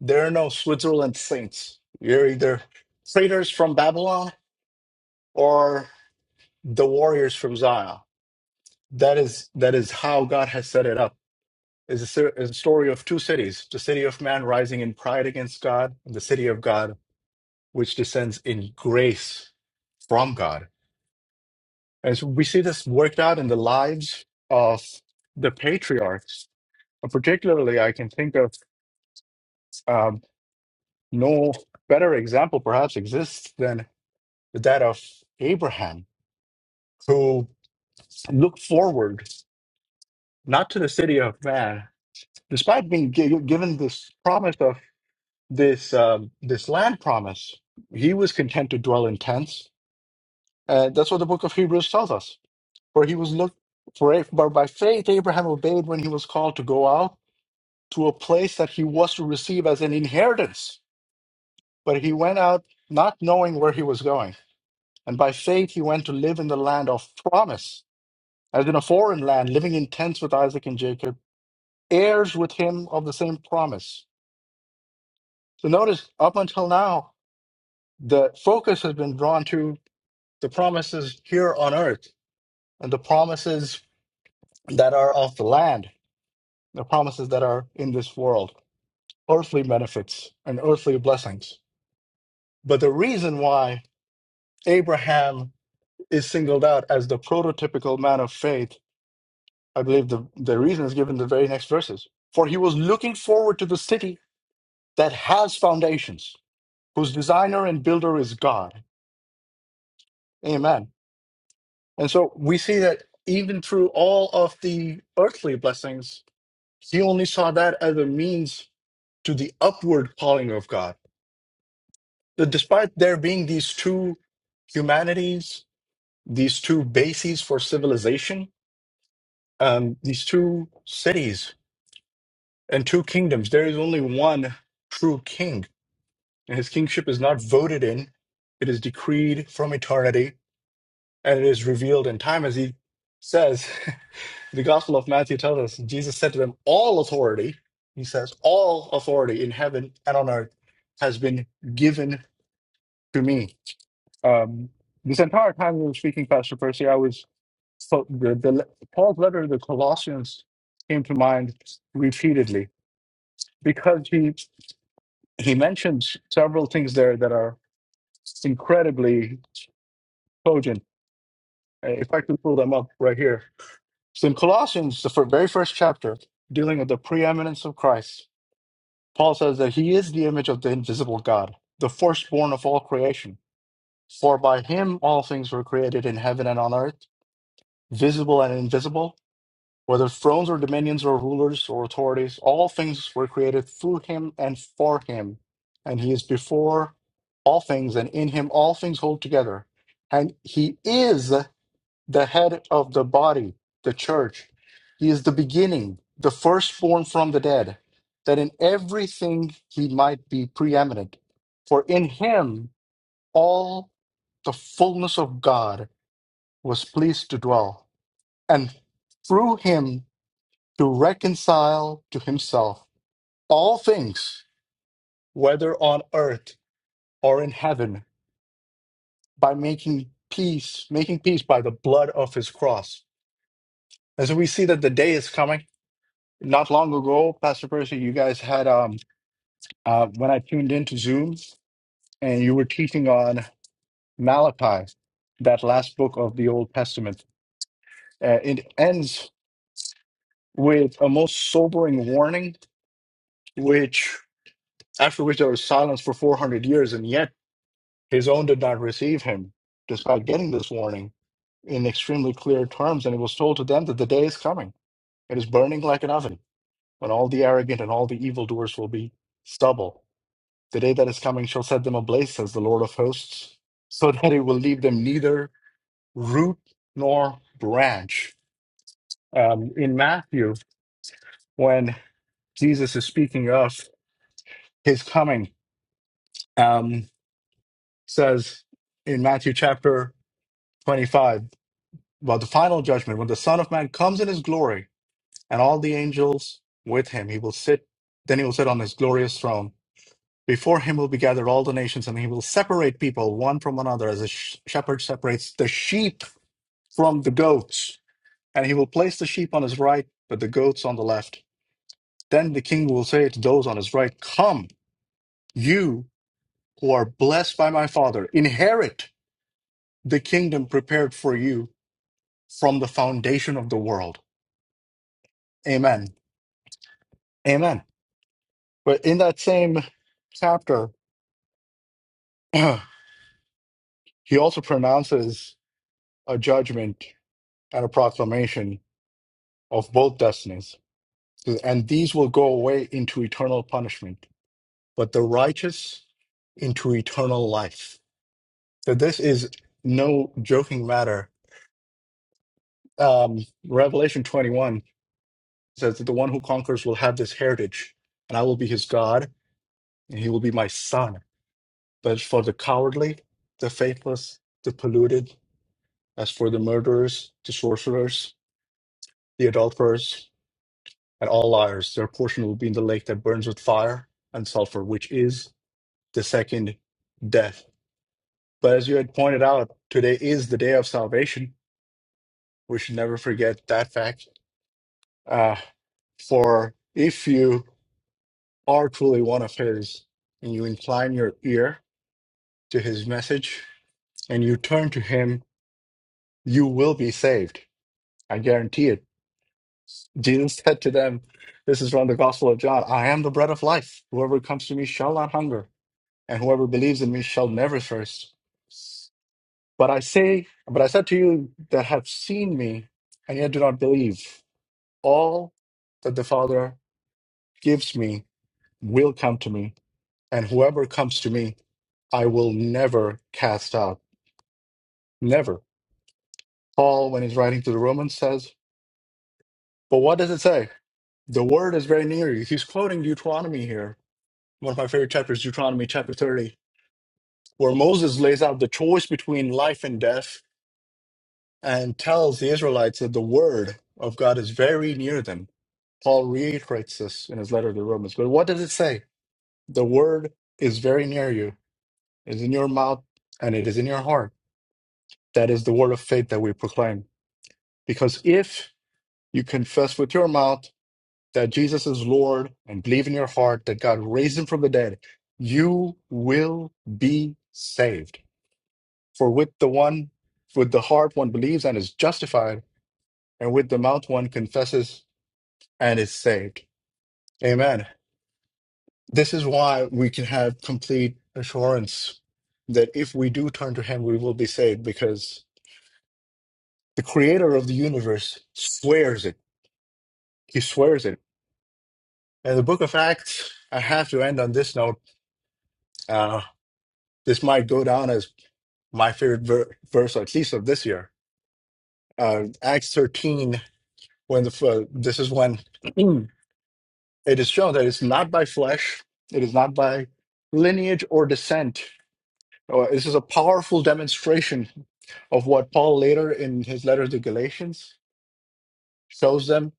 There are no Switzerland saints. You're either traitors from Babylon or the warriors from Zion. That is that is how God has set it up. It's a, ser- it's a story of two cities: the city of man rising in pride against God, and the city of God which descends in grace from God. And so we see this worked out in the lives of the patriarchs. And particularly, I can think of um, no better example perhaps exists than that of Abraham who look forward not to the city of man, despite being gi- given this promise of this um, this land promise, he was content to dwell in tents. Uh, that's what the book of Hebrews tells us. For he was looked for, for by faith Abraham obeyed when he was called to go out to a place that he was to receive as an inheritance. But he went out not knowing where he was going, and by faith he went to live in the land of promise, as in a foreign land, living in tents with Isaac and Jacob heirs with him of the same promise. So notice, up until now, the focus has been drawn to the promises here on earth and the promises that are of the land, the promises that are in this world, earthly benefits and earthly blessings. But the reason why Abraham is singled out as the prototypical man of faith, I believe the, the reason is given in the very next verses. For he was looking forward to the city that has foundations, whose designer and builder is God. Amen. And so we see that even through all of the earthly blessings, he only saw that as a means to the upward calling of God. That despite there being these two humanities, these two bases for civilization, um, these two cities and two kingdoms, there is only one true king. And his kingship is not voted in, it is decreed from eternity and it is revealed in time, as he says. [LAUGHS] The Gospel of Matthew tells us Jesus said to them, All authority, he says, all authority in heaven and on earth has been given to me. Um, this entire time we were speaking, Pastor Percy, I was so the, the Paul's letter to the Colossians came to mind repeatedly because he he mentions several things there that are incredibly cogent. Uh, If I can pull them up right here. So in Colossians, the fir- very first chapter, dealing with the preeminence of Christ. Paul says that he is the image of the invisible God, the firstborn of all creation. For by him all things were created in heaven and on earth, visible and invisible, whether thrones or dominions or rulers or authorities, all things were created through him and for him. And he is before all things, and in him all things hold together. And he is the head of the body, the church. He is the beginning, the firstborn from the dead, that in everything he might be preeminent. For in him all the fullness of God was pleased to dwell, and through him to reconcile to himself all things, whether on earth or in heaven, by making peace, making peace by the blood of his cross. And so we see that the day is coming Not long ago, Pastor Percy, you guys had um uh when I tuned into Zoom and you were teaching on Malachi, that last book of the Old Testament. Uh, it ends with a most sobering warning, which after which there was silence for 400 years, and yet his own did not receive him, despite getting this warning in extremely clear terms. And it was told to them that the day is coming. It is burning like an oven when all the arrogant and all the evildoers will be stubble The day that is coming shall set them ablaze, says the Lord of hosts, so [LAUGHS] that it will leave them neither root nor branch. Um, in Matthew, when Jesus is speaking of his coming, um, says in Matthew chapter 25, about the final judgment, when the Son of Man comes in his glory and all the angels with him, he will sit, then he will sit on his glorious throne. Before him will be gathered all the nations, and he will separate people one from another as a sh- shepherd separates the sheep from the goats, and he will place the sheep on his right, but the goats on the left. Then the king will say to those on his right, Come, you who are blessed by my father, inherit the kingdom prepared for you from the foundation of the world. Amen. Amen. But in that same chapter, [CLEARS THROAT] he also pronounces a judgment and a proclamation of both destinies. And these will go away into eternal punishment but the righteous into eternal life. So this is no joking matter. Um, Revelation 21 says that the one who conquers will have this heritage, and I will be his God, and he will be my son. But for the cowardly, the faithless, the polluted, as for the murderers, the sorcerers, the adulterers, and all liars, their portion will be in the lake that burns with fire and sulfur, which is the second death. But as you had pointed out, today is the day of salvation. We should never forget that fact. Uh, for if you are truly one of His and you incline your ear to His message and you turn to Him, you will be saved. I guarantee it. Jesus said to them, This is from the Gospel of John I am the bread of life. Whoever comes to me shall not hunger, and whoever believes in me shall never thirst. But I say, but I said to you that have seen me and yet do not believe, all that the Father gives me will come to me, and whoever comes to me, I will never cast out. Never. Paul, when he's writing to the Romans, says, But what does it say? The word is very near you. He's quoting Deuteronomy here. One of my favorite chapters, Deuteronomy chapter 30, where Moses lays out the choice between life and death and tells the Israelites that the word of God is very near them Paul reiterates this in his letter to the Romans. But what does it say? The word is very near you, it is in your mouth and it is in your heart. That is the word of faith that we proclaim. Because if you confess with your mouth that Jesus is Lord and believe in your heart that God raised him from the dead, you will be saved. For with the one, with the heart one believes and is justified, and with the mouth one confesses and is saved. Amen. This is why we can have complete assurance that if we do turn to Him, we will be saved because the creator of the universe swears it. He swears it. And the book of Acts, I have to end on this note. Uh, this might go down as my favorite ver- verse, at least of this year. Uh, Acts 13, when the, f- uh, this is when [CLEARS THROAT] it is shown that it's not by flesh, it is not by lineage or descent. Uh, This is a powerful demonstration of what Paul later in his letter to Galatians shows them,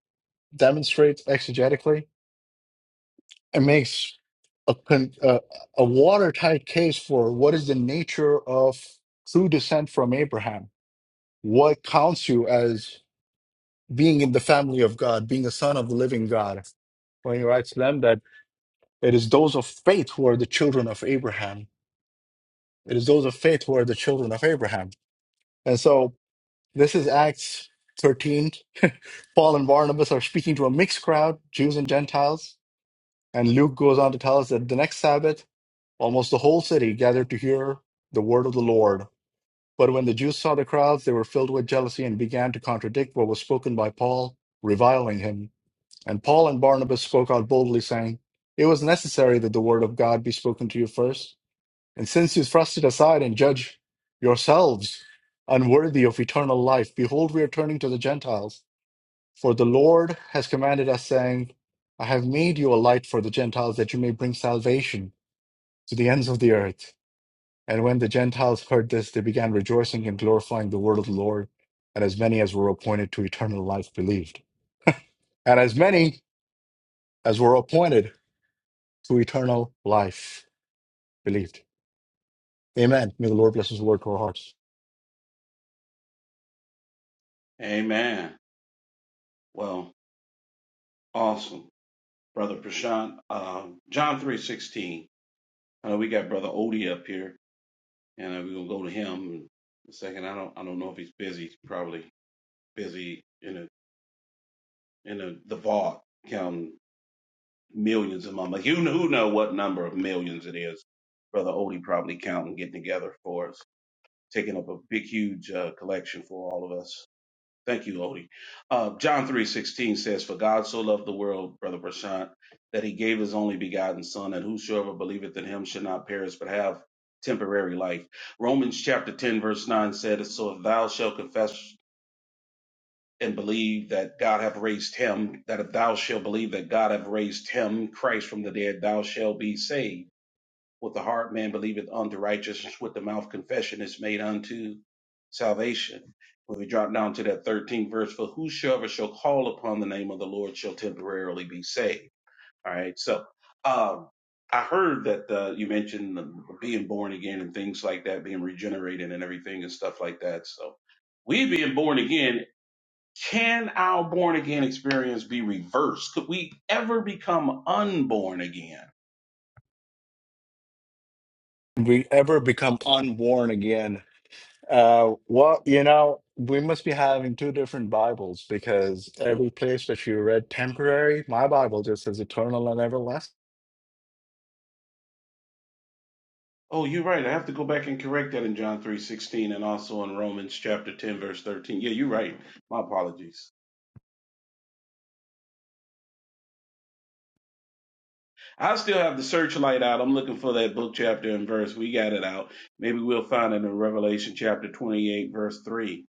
demonstrates exegetically, and makes a, con- uh, a watertight case for what is the nature of true descent from Abraham, what counts you as being in the family of God, being a son of the living God. When he writes to them that it is those of faith who are the children of Abraham, it is those of faith who are the children of Abraham. And so This is Acts 13. [LAUGHS] Paul and Barnabas are speaking to a mixed crowd, Jews and Gentiles. And Luke goes on to tell us that the next Sabbath, almost the whole city gathered to hear the word of the Lord. But when the Jews saw the crowds, they were filled with jealousy and began to contradict what was spoken by Paul, reviling him. And Paul and Barnabas spoke out boldly, saying, It was necessary that the word of God be spoken to you first. And since you thrust it aside and judge yourselves unworthy of eternal life, behold, we are turning to the Gentiles. For the Lord has commanded us, saying, I have made you a light for the Gentiles, that you may bring salvation to the ends of the earth. And when the Gentiles heard this, they began rejoicing and glorifying the word of the Lord. And as many as were appointed to eternal life believed. And as many as were appointed to eternal life believed. Amen. May the Lord bless his word to our hearts.
Amen. Well, awesome. Brother Prashant. Um, John three sixteen. I know we got Brother Odie up here, and uh, we're gonna go to him in a second. I don't I don't know if he's busy. He's probably busy in a in a the vault counting millions of money. You know, who know what number of millions it is. Brother Odie probably counting, getting together for us, taking up a big huge uh, collection for all of us. Thank you, Odie. Uh, John three sixteen says, "For God so loved the world, brother Prashant, that He gave His only begotten Son, and whosoever believeth in Him shall not perish, but have temporary life." Romans chapter ten verse nine said, "So if thou shalt confess and believe that God hath raised Him, that if thou shalt believe that God hath raised Him, Christ from the dead, thou shalt be saved." With the heart man believeth unto righteousness, with the mouth confession is made unto salvation. When we drop down to that 13th verse, for whosoever shall call upon the name of the Lord shall temporarily be saved. All right. So, um, I heard that uh, you mentioned the, being born again and things like that, being regenerated and everything and stuff like that. So, we being born again, can our born again experience be reversed? Could we ever become unborn again?
we ever become unborn again. Uh, well, you know, we must be having two different Bibles because every place that you read temporary, my Bible just says eternal and everlasting.
Oh, you're right. I have to go back and correct that in John 3:16 and also in Romans chapter 10 verse 13. Yeah, you're right. My apologies. I still have the searchlight out. I'm looking for that book chapter and verse. We got it out. Maybe we'll find it in Revelation chapter 28 verse 3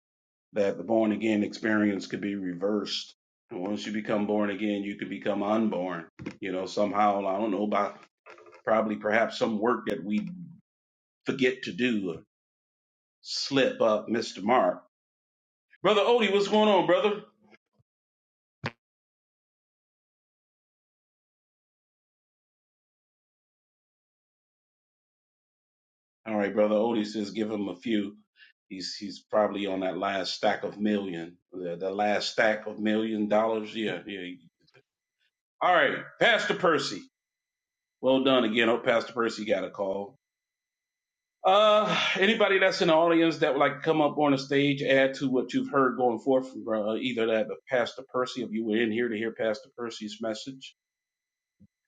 that the born again experience could be reversed. And once you become born again, you could become unborn. You know, somehow, I don't know, by probably perhaps some work that we forget to do, slip up, Mr. Mark. Brother Odie, what's going on, brother? All right, brother Odie says, give him a few. He's he's probably on that last stack of million, the, the last stack of million dollars. Yeah, yeah. All right, Pastor Percy. Well done again. Oh, Pastor Percy got a call. Uh, anybody that's in the audience that would like to come up on the stage, add to what you've heard going forth from uh, either that of Pastor Percy, if you were in here to hear Pastor Percy's message,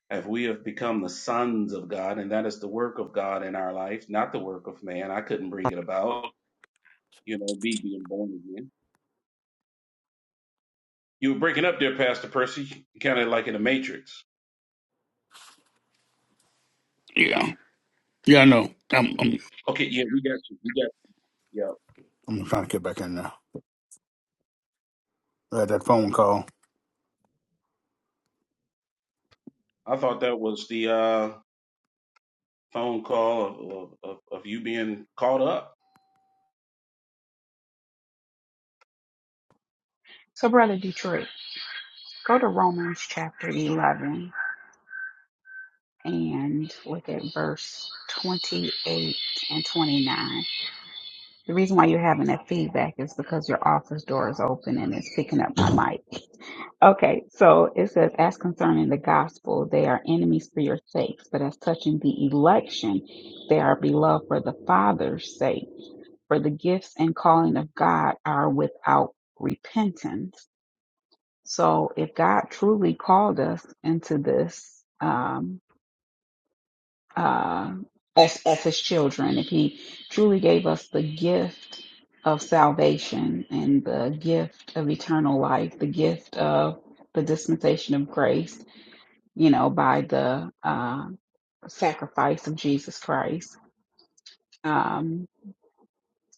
if we have become the sons of God, and that is the work of God in our life, not the work of man. I couldn't bring it about
Oh,
you know, be being born again. You were breaking up there, Pastor Percy, kind of like in the Matrix.
Yeah. Yeah, I know. I'm, I'm,
Okay, yeah, we got you. We got you. Yeah.
I'm trying to get back in now. I had that phone call.
I thought that was the uh, phone call of, of, of you being caught up.
So, Brother Detroit, go to Romans chapter 11 and look at verse 28 and 29. The reason why you're having that feedback is because your office door is open and it's picking up my mic. Okay, so it says, as concerning the gospel, they are enemies for your sakes, but as touching the election, they are beloved for the Father's sake. For the gifts and calling of God are without repentance. So if God truly called us into this, um, uh, as, as his children, if he truly gave us the gift of salvation and the gift of eternal life, the gift of the dispensation of grace, you know, by the uh, sacrifice of Jesus Christ. um,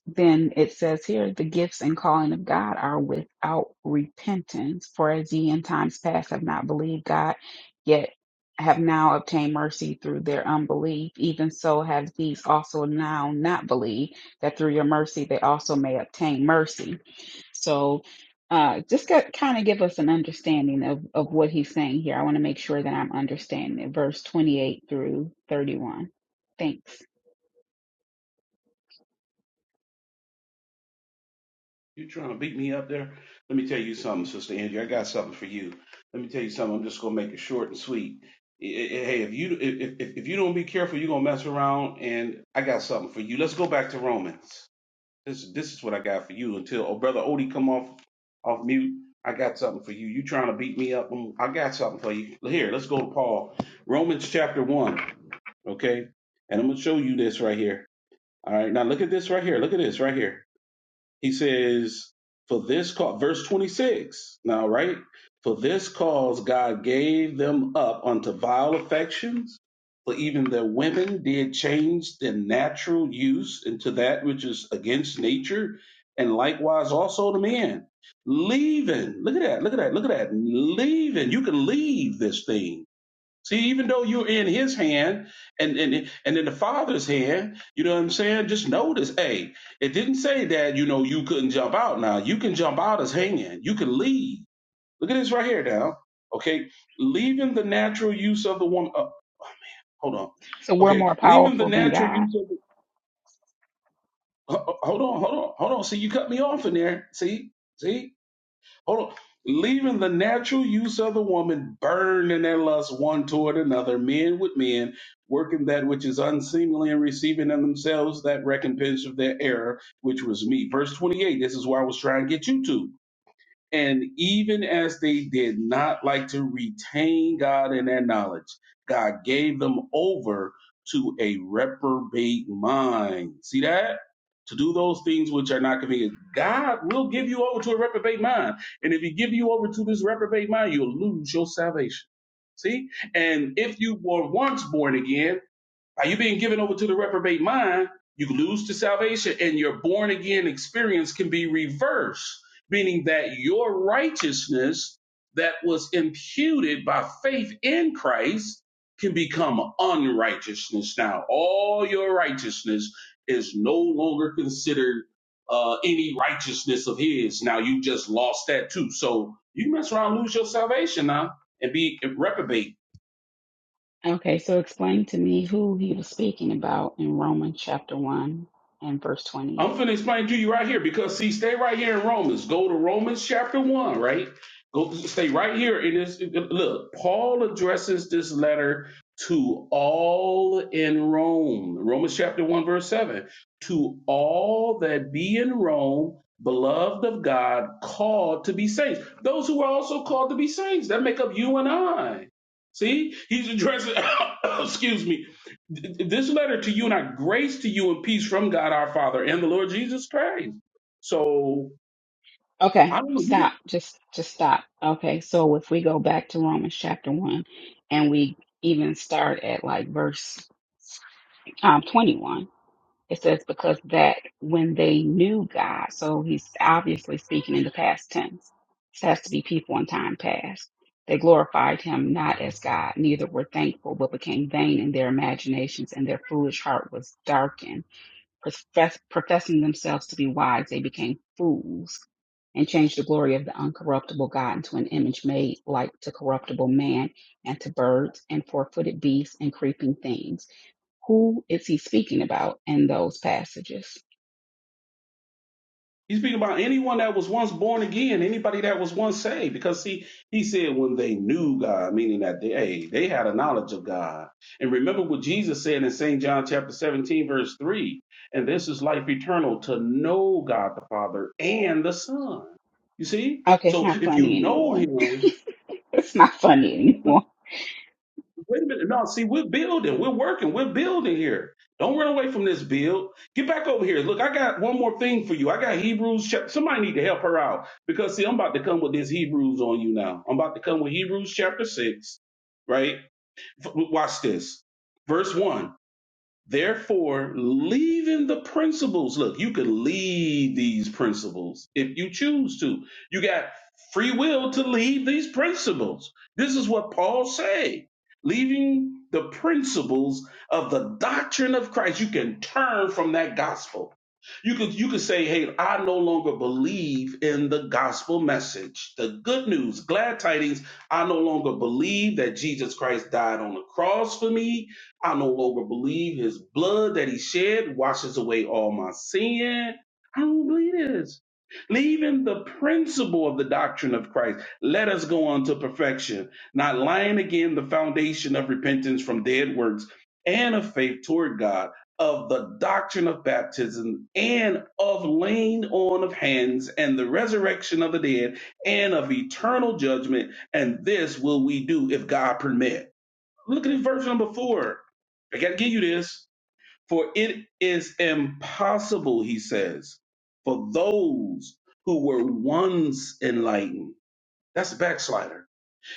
then it says here, the gifts and calling of God are without repentance. For as ye in times past have not believed God, yet have now obtained mercy through their unbelief, even so have these also now not believed, that through your mercy they also may obtain mercy. So uh, just got, kind of give us an understanding of, of what he's saying here. I want to make sure that I'm understanding it. Verse 28 through 31. Thanks.
You trying to beat me up there? Let me tell you something, Sister Andrew. I got something for you. Let me tell you something. I'm just gonna make it short and sweet. I- I- Hey, if you if if if you don't be careful, you're gonna mess around. And I got something for you. Let's go back to Romans. This this is what I got for you. Until oh brother Odie come off off mute, I got something for you. You trying to beat me up? Mm, I got something for you. Here, let's go to Paul, Romans chapter one. Okay, and I'm gonna show you this right here. All right, now look at this right here. Look at this right here. He says, for this cause, verse 26 now, right? For this cause God gave them up unto vile affections, for even their women did change their natural use into that which is against nature, and likewise also the men. Leaving, look at that, look at that, look at that, leaving. You can leave this thing See, even though you're in his hand and, and and in the father's hand, you know what I'm saying? Just notice, hey, it didn't say that, you know, you couldn't jump out now. You can jump out his hand. You can leave. Look at this right here now. Okay. Leaving the natural use of the woman. Uh, hold on.
So we're
Okay.
more
Leaving the
powerful than
natural
God.
use of the. ho- Hold on. Hold on. Hold on. See, you cut me off in there. See? See? Hold on. Leaving the natural use of the woman burned in their lust one toward another, men with men, working that which is unseemly and receiving in themselves that recompense of their error, which was me. Verse 28, this is where I was trying to get you to. And even as they did not like to retain God in their knowledge, God gave them over to a reprobate mind. See that? To do those things which are not convenient. God will give you over to a reprobate mind. And if he give you over to this reprobate mind, you'll lose your salvation. See? And if you were once born again, by you being given over to the reprobate mind, you lose to salvation, and your born again experience can be reversed, meaning that your righteousness that was imputed by faith in Christ can become unrighteousness now. All your righteousness is no longer considered uh, any righteousness of His. Now you just lost that too. So you mess around, lose your salvation now, and be reprobate.
Okay, so explain to me who he was speaking about in Romans chapter 1 and verse
I'm
28.
finna explain to you right here because see, stay right here in Romans. Go to Romans chapter one, right? Go stay right here in this. Look, Paul addresses this letter to all in Rome. Romans chapter one, verse seven. To all that be in Rome, beloved of God, called to be saints. Those who are also called to be saints that make up you and I. See, he's addressing. [COUGHS] excuse me. This letter to you and I, grace to you and peace from God our Father and the Lord Jesus Christ. So I
Okay,
don't know. you
stop.
don't-
Just just stop. Okay, so if we go back to Romans chapter 1 and we even start at like verse um 21. It says, because that when they knew God, so he's obviously speaking in the past tense. This has to be people in time past. They glorified him not as God, neither were thankful, but became vain in their imaginations, and their foolish heart was darkened. Profess- professing themselves to be wise, they became fools and changed the glory of the uncorruptible God into an image made like to corruptible man and to birds and four footed beasts and creeping things. Who is he speaking about in those passages?
He's speaking about anyone that was once born again, anybody that was once saved. Because see, he said when they knew God, meaning that they hey, they had a knowledge of God. And remember what Jesus said in St. John chapter 17, verse 3. And this is life eternal to know God the Father and the Son. You see?
Okay, it's
So
not
if you
funny
know
anymore.
him,
[LAUGHS] it's not funny anymore.
Wait a minute. No, see, we're building. We're working. We're building here. Don't run away from this build. Get back over here. Look, I got one more thing for you. I got Hebrews. chap- Somebody need to help her out because see, I'm about to come with this Hebrews on you now. I'm about to come with Hebrews chapter six, right? F- Watch this. Verse one. Therefore, leaving the principles. Look, you could leave these principles if you choose to. You got free will to leave these principles. This is what Paul say. Leaving the principles of the doctrine of Christ, you can turn from that gospel. You could you could say, "Hey, I no longer believe in the gospel message, the good news, glad tidings. I no longer believe that Jesus Christ died on the cross for me. I no longer believe his blood that he shed washes away all my sin. I don't believe this. Leaving the principle of the doctrine of Christ, let us go on to perfection, not lying again the foundation of repentance from dead works and of faith toward God, of the doctrine of baptism and of laying on of hands and the resurrection of the dead and of eternal judgment. And this will we do if God permit. Look at verse number four. I got to give you this. For it is impossible, he says, for those who were once enlightened. That's a backslider.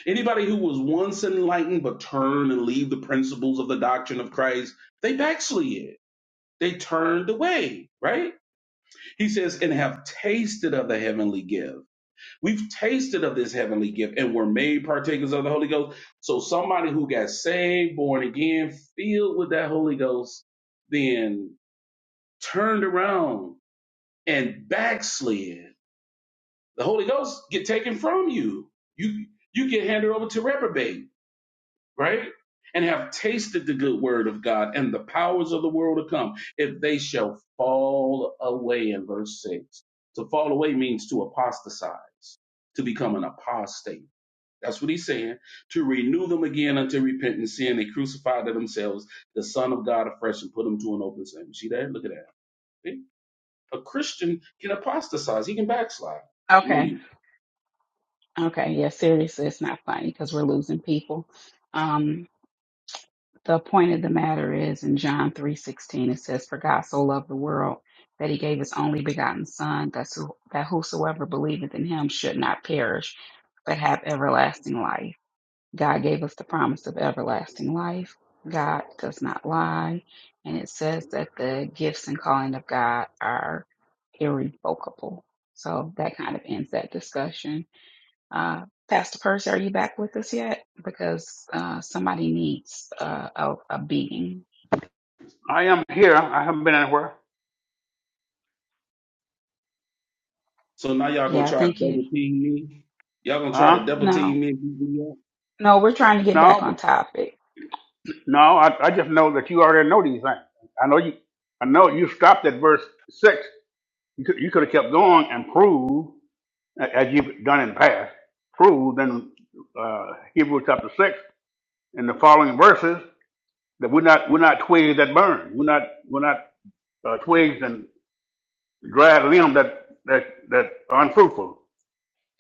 Anybody who was once enlightened but turn and leave the principles of the doctrine of Christ, they backslid. They turned away, right? He says, and have tasted of the heavenly gift We've tasted of this heavenly gift and were made partakers of the Holy Ghost. So somebody who got saved, born again, filled with that Holy Ghost, then turned around and backslid. The Holy Ghost get taken from you. You you get handed over to reprobate, right? And have tasted the good word of God and the powers of the world to come, if they shall fall away in verse six. To fall away means to apostatize, to become an apostate that's what he's saying. To renew them again unto repentance, seeing they crucified to themselves the Son of God afresh and put him to an open shame. See that? Look at that. See? A Christian can apostatize. He can backslide. I'm gonna
Okay.
be.
Okay. Yeah, seriously, it's not funny because we're losing people. Um, the point of the matter is in John three sixteen it says, For God so loved the world that he gave his only begotten son, that, so, that whosoever believeth in him should not perish, but have everlasting life. God gave us the promise of everlasting life. God does not lie. And it says that the gifts and calling of God are irrevocable. So that kind of ends that discussion. Uh, Pastor Percy, are you back with us yet? Because uh, somebody needs uh, a, a beating.
I am here. I haven't been anywhere.
So now y'all gonna
Yeah, I
try to
think you.
double team me. Y'all gonna try
Huh?
to double
No,
team me.
no, we're trying to get back on
No.
topic.
No, I, I just know that you already know these things. I know you. I know you stopped at verse six. You could, you could have kept going and proved, a- as you've done in the past, proved in uh, Hebrews chapter six in the following verses that we're not we're not twigs that burn. We're not we're not uh, twigs and dried limb that that that are unfruitful.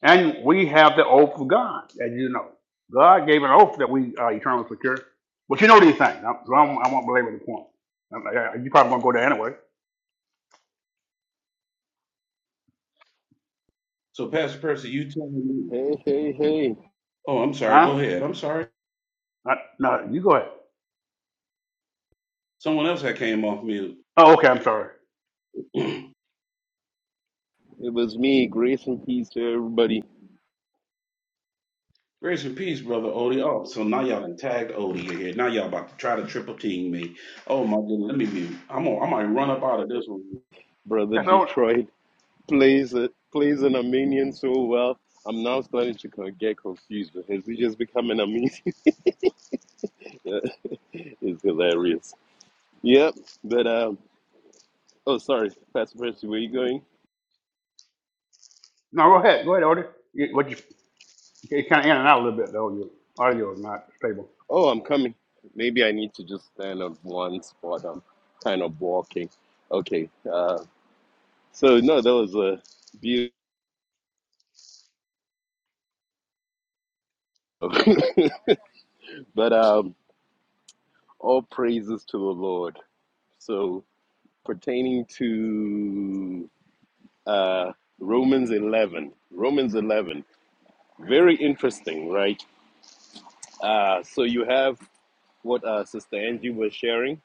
And we have the oath of God, as you know. God gave an oath that we are eternally secure. But you know these things. i so I won't, I won't belabor the point. I'm like, uh, you probably won't go there anyway.
So Pastor Percy, you telling me?
Hey, hey, hey.
Oh, I'm sorry.
Huh?
Go ahead. I'm sorry.
Uh, no, you go ahead.
Someone else that came off mute.
Oh, okay, I'm sorry.
[CLEARS THROAT]
It was me. Grace and peace to everybody.
Grace and peace, brother Odie. Oh, so now y'all done tagged Odie in here. Now y'all about to try to triple team me. Oh my goodness, let me be. I'm on. I might run up out of this one.
Brother
That's all.
Detroit plays it plays an Armenian so well. I'm now starting to co- get confused but has he just become an Armenian? [LAUGHS] it's hilarious. Yep. But um oh sorry, Pastor Percy, where you going?
No, go ahead. Go ahead, Odie. You, what you, it's kind of in and out a little bit, though. Your audio is not stable.
Oh I'm coming. Maybe I need to just stand on one spot. I'm kind of walking. Okay. Uh so no, that was a beautiful [LAUGHS] but um All praises to the Lord. So, pertaining to uh, Romans 11, Romans 11, very interesting, right? Uh, so, you have what uh, Sister Angie was sharing,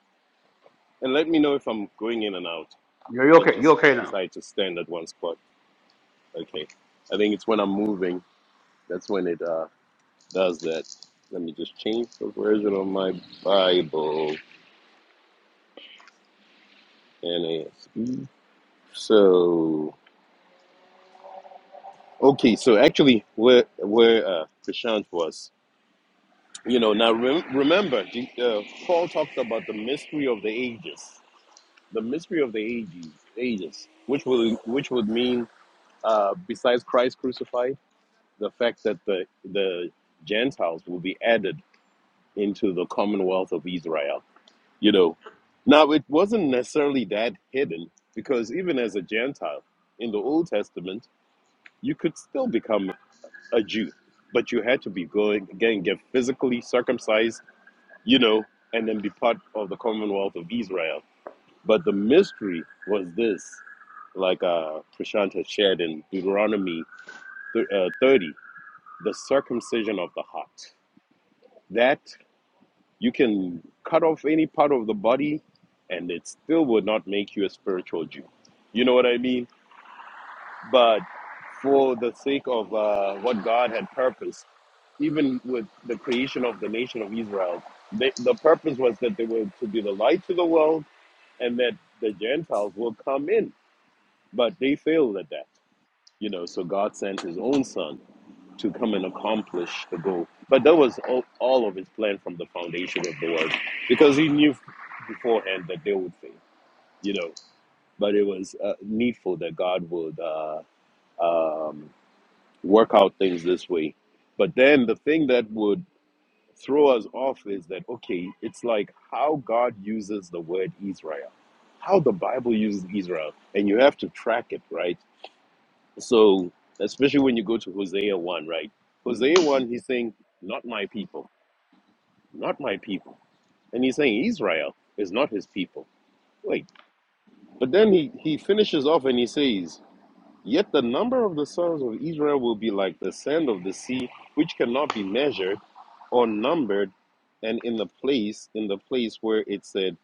and let me know if I'm going in and out.
You're, you're
I
okay. You're
just
okay now.
decided to stand at one spot. Okay. I think it's when I'm moving, that's when it uh, does that. Let me just change the version of my Bible. NASB. So, Okay, so actually, where where uh, Prashant was, you know, now rem- remember, the, uh, Paul talked about the mystery of the ages, the mystery of the ages, ages, which would which would mean, uh, besides Christ crucified, the fact that the the Gentiles will be added into the Commonwealth of Israel. You know, now it wasn't necessarily that hidden because even as a Gentile in the Old Testament, you could still become a Jew, but you had to be going again, get physically circumcised, you know, and then be part of the Commonwealth of Israel. But the mystery was this, like uh, Prashant has shared in Deuteronomy uh, 30, the circumcision of the heart. That you can cut off any part of the body and it still would not make you a spiritual Jew. You know what I mean? but for the sake of uh, what God had purposed, even with the creation of the nation of Israel, they, the purpose was that they were to be the light to the world and that the Gentiles will come in. But they failed at that, you know. So God sent His own Son to come and accomplish the goal. But that was all, all of His plan from the foundation of the world, because He knew beforehand that they would fail, you know. But it was uh, needful that God would. Uh, um, work out things this way. But then the thing that would throw us off is that, okay, it's like how God uses the word Israel, how the Bible uses Israel, and you have to track it, right? So, especially when you go to Hosea 1, right? Hosea 1, he's saying, not my people, not my people. And he's saying Israel is not his people. Wait, but then he, he finishes off and he says, Yet the number of the sons of Israel will be like the sand of the sea, which cannot be measured or numbered, and in the place, in the place where it said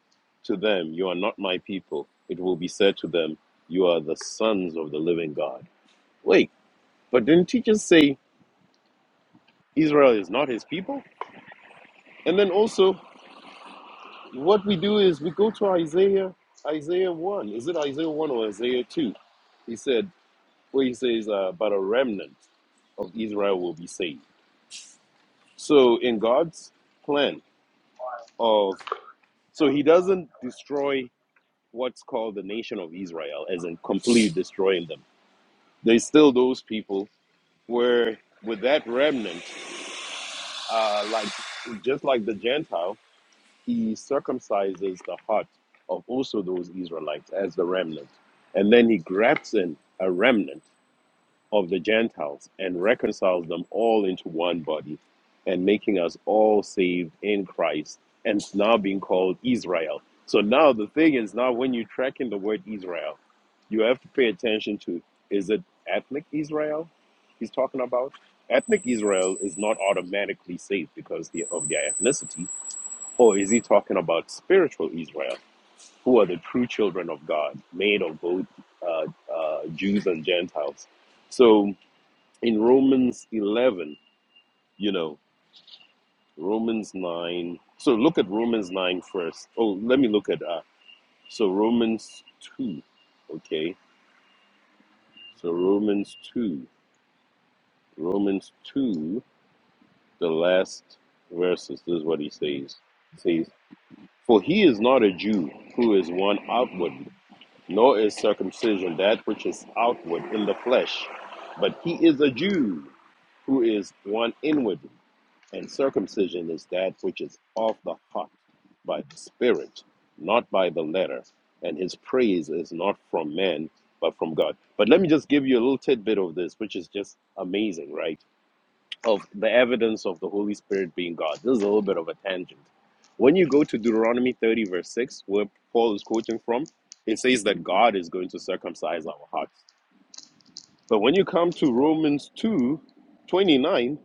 to them, You are not my people, it will be said to them, You are the sons of the living God. Wait, but didn't he just say Israel is not his people? And then also what we do is we go to Isaiah, Isaiah one. Is it Isaiah one or Isaiah two? He said, where he says, uh, but a remnant of Israel will be saved. So in God's plan of so he doesn't destroy what's called the nation of Israel as in completely destroying them. There's still those people where with that remnant, uh, like just like the Gentile, he circumcises the heart of also those Israelites as the remnant. And then he grafts in a remnant of the Gentiles and reconciles them all into one body and making us all saved in Christ and it's now being called Israel. So now the thing is now when you are tracking the word Israel, you have to pay attention to is it ethnic Israel he's talking about? Ethnic Israel is not automatically saved because the- of their ethnicity, or is he talking about spiritual Israel, who are the true children of God, made of both uh, uh, Jews and Gentiles? So in Romans 11, you know, Romans 9. So look at Romans 9 first. Oh, let me look at uh so Romans 2. Okay. So Romans 2. Romans 2, the last verses. This is what he says. He says, "For he is not a Jew who is one outwardly, nor is circumcision that which is outward in the flesh, but he is a Jew who is one inwardly. And circumcision is that which is of the heart, by the Spirit, not by the letter. And his praise is not from men, but from God. But let me just give you a little tidbit of this, which is just amazing, right? Of the evidence of the Holy Spirit being God. This is a little bit of a tangent. When you go to Deuteronomy 30, verse 6, where Paul is quoting from, it says that God is going to circumcise our hearts. But when you come to Romans two, twenty-nine.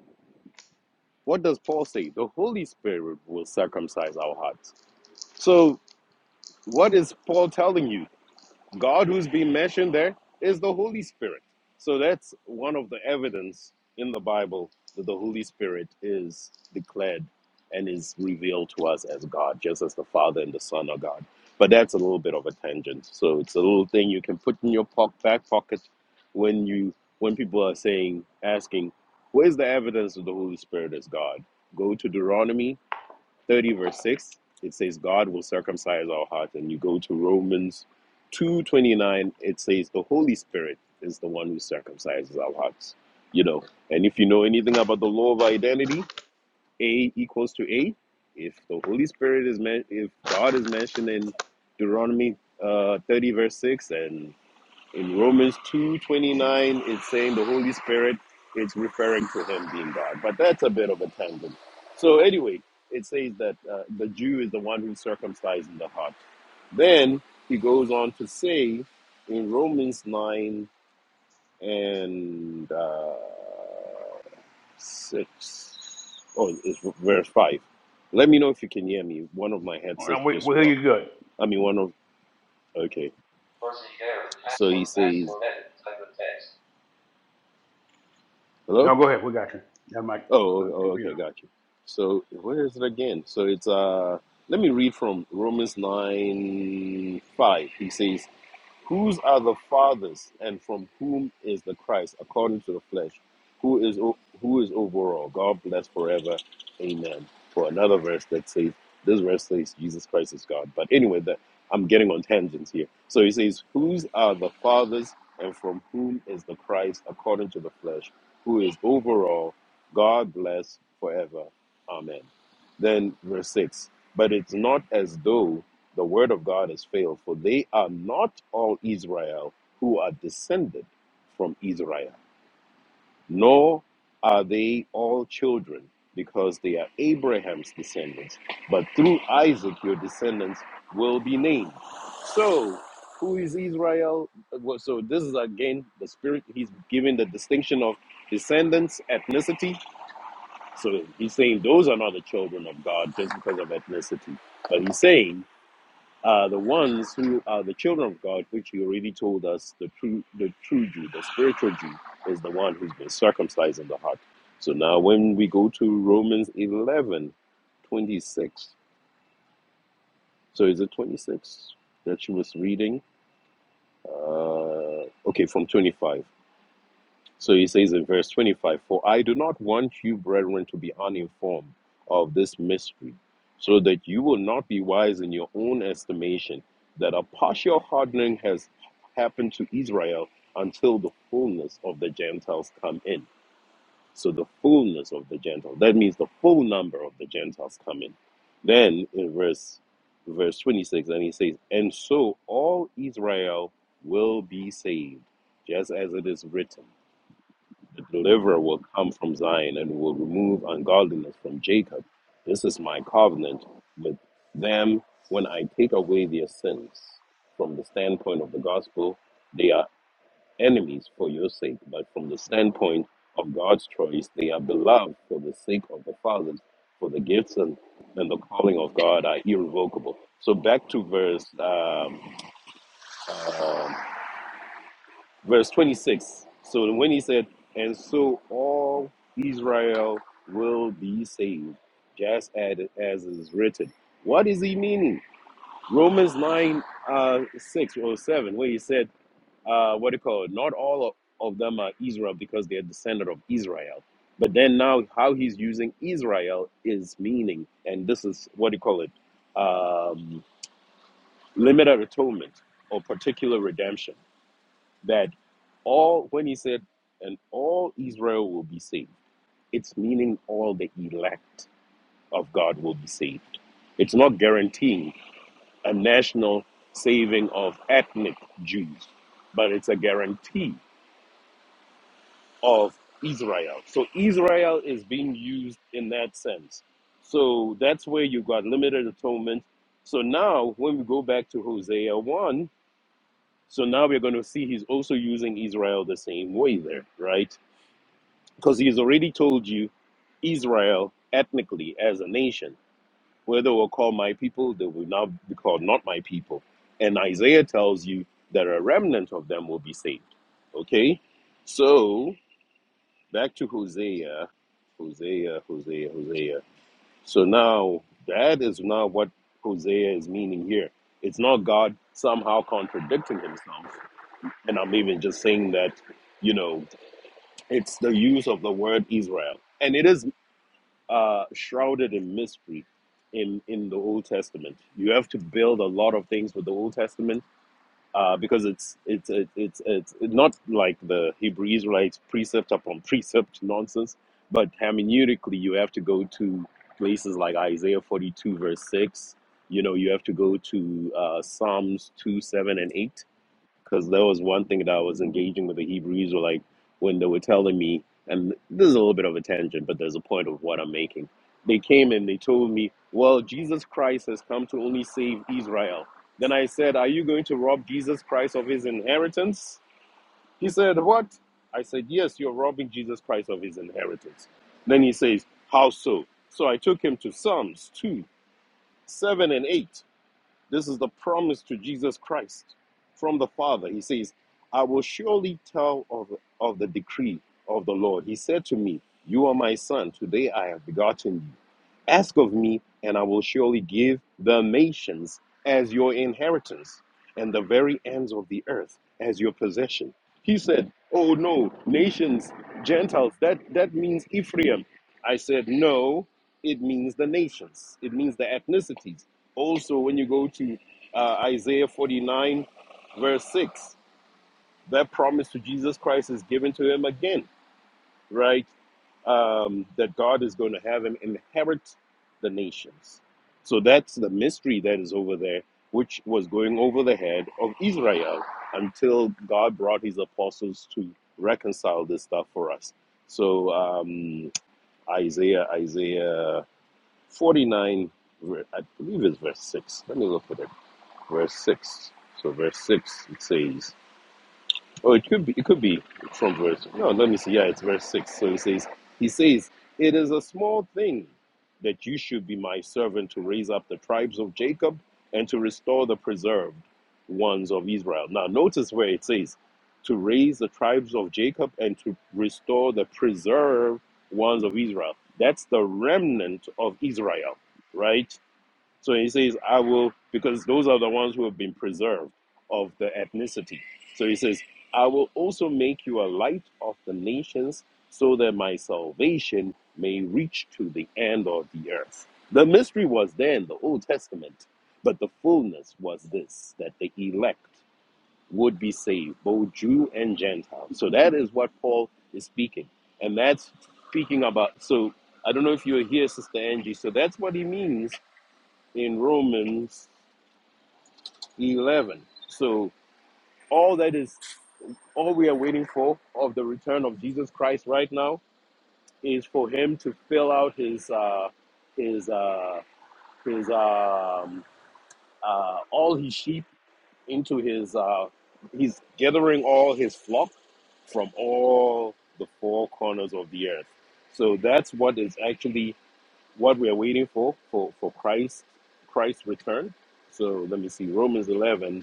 What does Paul say? The Holy Spirit will circumcise our hearts. So, what is Paul telling you? God who's been mentioned there is the Holy Spirit. So that's one of the evidence in the Bible that the Holy Spirit is declared and is revealed to us as God, just as the Father and the Son are God. But that's a little bit of a tangent. So it's a little thing you can put in your po- back pocket when you when people are saying asking, where's the evidence that the Holy Spirit is God? Go to Deuteronomy 30 verse 6 it says god will circumcise our heart and you go to romans 2.29 it says the holy spirit is the one who circumcises our hearts you know and if you know anything about the law of identity a equals to a if the holy spirit is men- if god is mentioned in deuteronomy uh, 30 verse 6 and in Romans 2:29, it's saying the Holy Spirit it's referring to him being God. But that's a bit of a tangent. So anyway, it says that uh, the Jew is the one who circumcises the heart. Then he goes on to say in Romans 9 and uh, 6, oh, it's verse 5. Let me know if you can hear me. One of my
All
headsets
right, We, we
just
hear
dropped.
you good.
I mean, one of, okay. So he says, hello?
No, go ahead. We got you. That's my,
Oh,
my
oh, oh, okay,
computer.
got you. So where is it again? So it's uh, let me read from Romans nine five. He says, Whose are the fathers, and from whom is the Christ, according to the flesh, who is o- who is over all? God bless forever, Amen. For another verse that says, this verse says Jesus Christ is God. But anyway, that I'm getting on tangents here. So he says, whose are the fathers, and from whom is the Christ, according to the flesh, who is over all? God bless forever, Amen. Then verse six. But it's not as though the word of God has failed, for they are not all Israel who are descended from Israel, nor are they all children, because they are Abraham's descendants. But through Isaac your descendants will be named. So, who is Israel? Well, So, this is again the spirit, he's giving the distinction of descendants, ethnicity. So, he's saying those are not the children of God just because of ethnicity. But he's saying are the ones who are the children of God, which He already told us the true, the true Jew, the spiritual Jew, is the one who's been circumcised in the heart. So now, when we go to Romans 11, 26. so is it 26 that she was reading? Uh, okay, from 25. So he says in verse 25, For I do not want you, brethren, to be uninformed of this mystery, so that you will not be wise in your own estimation, that a partial hardening has happened to Israel until the fullness of the Gentiles come in. So the fullness of the Gentiles, that means the full number of the Gentiles come in. Then in verse verse 26, and he says, And so all Israel will be saved, just as it is written. The deliverer will come from Zion and will remove ungodliness from Jacob. This is my covenant with them when I take away their sins. From the standpoint of the gospel, they are enemies for your sake, but from the standpoint of God's choice, they are beloved for the sake of the fathers, for the gifts and, and the calling of God are irrevocable. So back to verse um, uh, verse 26. So when he said, And so all Israel will be saved, just as, as is written. What is he meaning? Romans 9 uh, 6 or 7, where he said, uh, What do you call it? Not all of them are Israel because they are descendant of Israel. But then now, how he's using Israel is meaning, and this is what do you call it? Um, limited atonement or particular redemption that all when he said and all israel will be saved it's meaning all the elect of god will be saved it's not guaranteeing a national saving of ethnic jews but it's a guarantee of israel so israel is being used in that sense so that's where you got limited atonement so now when we go back to hosea 1 so now we're going to see he's also using israel the same way there right because he's already told you Israel ethnically as a nation, where they were called my people, they will now be called not my people. And Isaiah tells you that a remnant of them will be saved. Okay? So back to Hosea, Hosea, Hosea, Hosea. So now that is not what Hosea is meaning here. It's not God somehow contradicting himself. And I'm even just saying that, you know, it's the use of the word Israel. And it is uh, shrouded in mystery in in the Old Testament. You have to build a lot of things with the Old Testament uh, because it's it's it's it's it's not like the Hebrew Israelites precept upon [LAUGHS] precept nonsense, but hermeneutically you have to go to places like Isaiah forty two verse six. You know you have to go to uh, Psalms two seven and eight because there was one thing that I was engaging with the Hebrew Israelite when they were telling me, and this is a little bit of a tangent, but there's a point of what I'm making. They came and they told me, well, Jesus Christ has come to only save Israel. Then I said, are you going to rob Jesus Christ of his inheritance? He said, what? I said, yes, you're robbing Jesus Christ of his inheritance. Then he says, how so? So I took him to Psalms 2, 7 and 8. This is the promise to Jesus Christ from the Father. He says, I will surely tell of, of the decree of the Lord. He said to me, You are my son. Today I have begotten you. Ask of me, and I will surely give the nations as your inheritance and the very ends of the earth as your possession. He said, Oh no, nations, Gentiles, that, that means Ephraim. I said, No, it means the nations, it means the ethnicities. Also, when you go to uh, Isaiah 49, verse 6, that promise to Jesus Christ is given to him again, right? Um, that God is going to have him inherit the nations. So that's the mystery that is over there, which was going over the head of Israel until God brought his apostles to reconcile this stuff for us. So um, Isaiah, Isaiah 49, I believe it's verse 6. Let me look at it verse six. So verse six it says, oh, it could be, it could be from verse. No, let me see. Yeah, it's verse six. So it says, he says, it is a small thing that you should be my servant to raise up the tribes of Jacob and to restore the preserved ones of Israel. Now notice where it says, to raise the tribes of Jacob and to restore the preserved ones of Israel. That's the remnant of Israel, right? So he says, I will, because those are the ones who have been preserved of the ethnicity. So he says, I will also make you a light of the nations so that my salvation may reach to the end of the earth. The mystery was there in the Old Testament, but the fullness was this that the elect would be saved, both Jew and Gentile. So that is what Paul is speaking. And that's speaking about, so I don't know if you're here, Sister Angie. So that's what he means in Romans 11. So all that is, all we are waiting for of the return of Jesus Christ right now is for him to fill out his, uh, his, uh, his, um, uh, all his sheep into his, uh, he's gathering all his flock from all the four corners of the earth. So that's what is actually what we are waiting for, for, for Christ, Christ's return. So let me see, Romans 11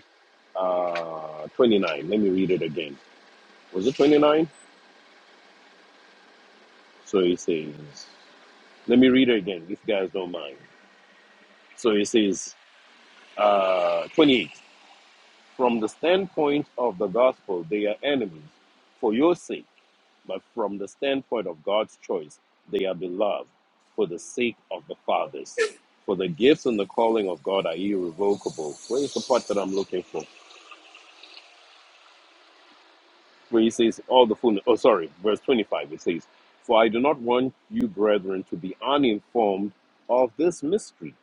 uh, 29. Let me read it again. Was it 29? So he says, let me read it again, if you guys don't mind. So he says, uh, 28. From the standpoint of the gospel, they are enemies for your sake, but from the standpoint of God's choice, they are beloved for the sake of the fathers. For the gifts and the calling of God are irrevocable. Where's the part that I'm looking for? where he says, All the fullness, oh, sorry, verse 25, it says, For I do not want you, brethren, to be uninformed of this mystery,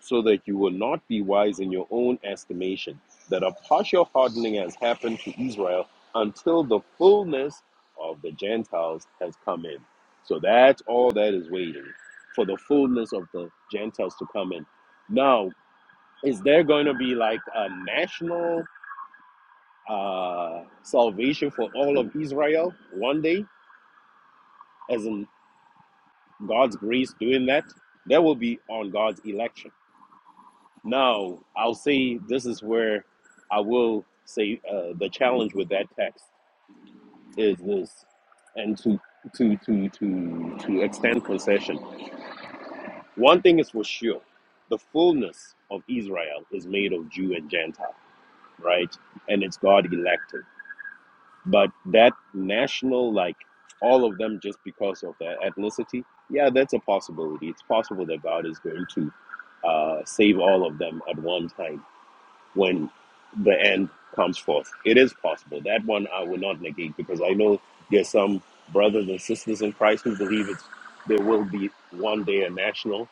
so that you will not be wise in your own estimation, that a partial hardening has happened to Israel until the fullness of the Gentiles has come in. So that's all that is waiting for the fullness of the Gentiles to come in. Now, is there going to be like a national uh, salvation for all of Israel one day, as in God's grace doing that, that will be on God's election. Now, I'll say this is where I will say uh, the challenge with that text is this, and to to to to to extend concession. One thing is for sure, the fullness of Israel is made of Jew and Gentile, right? And it's God elected. But that national, like all of them, just because of their ethnicity, yeah, that's a possibility. It's possible that God is going to uh, save all of them at one time when the end comes forth. It is possible. That one I will not negate because I know there's some brothers and sisters in Christ who believe it's there will be one day a national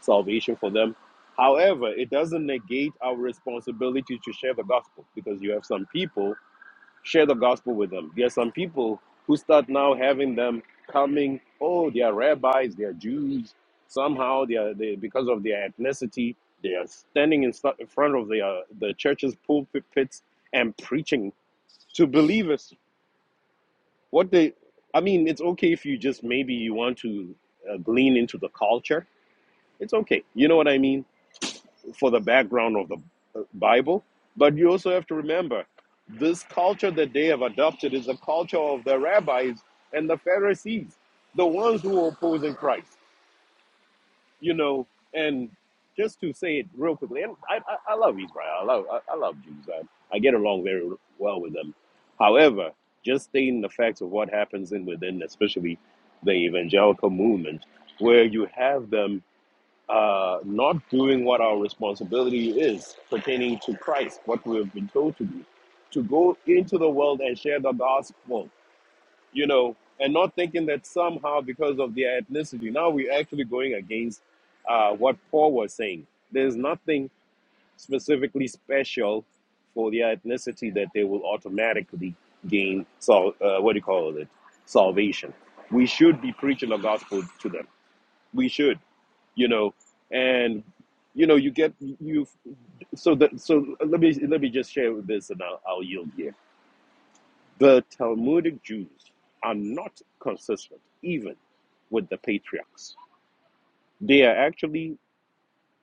salvation for them. However, it doesn't negate our responsibility to share the gospel because you have some people share the gospel with them. There are some people who start now having them coming, oh, they are rabbis, they are Jews. Somehow, they are they, because of their ethnicity, they are standing in, st- in front of the, uh, the church's pulpits and preaching to believers. What they, I mean, it's okay if you just maybe you want to uh, glean into the culture. It's okay. You know what I mean? for the background of the uh, Bible, but you also have to remember this culture that they have adopted is the culture of the rabbis and the Pharisees, the ones who are opposing Christ. You know, and just to say it real quickly, and I, I, I love Israel. I love I, I love Jews. I, I get along very well with them. However, just stating the facts of what happens in within, especially the evangelical movement, where you have them uh, not doing what our responsibility is pertaining to Christ, what we have been told to do, to go into the world and share the gospel, you know, and not thinking that somehow because of their ethnicity, now we're actually going against uh, what Paul was saying. There's nothing specifically special for their ethnicity that they will automatically gain, so, uh, what do you call it, salvation. We should be preaching the gospel to them. We should you know and you know you get you so that so let me let me just share with this and I'll, I'll yield here the talmudic jews are not consistent even with the patriarchs they are actually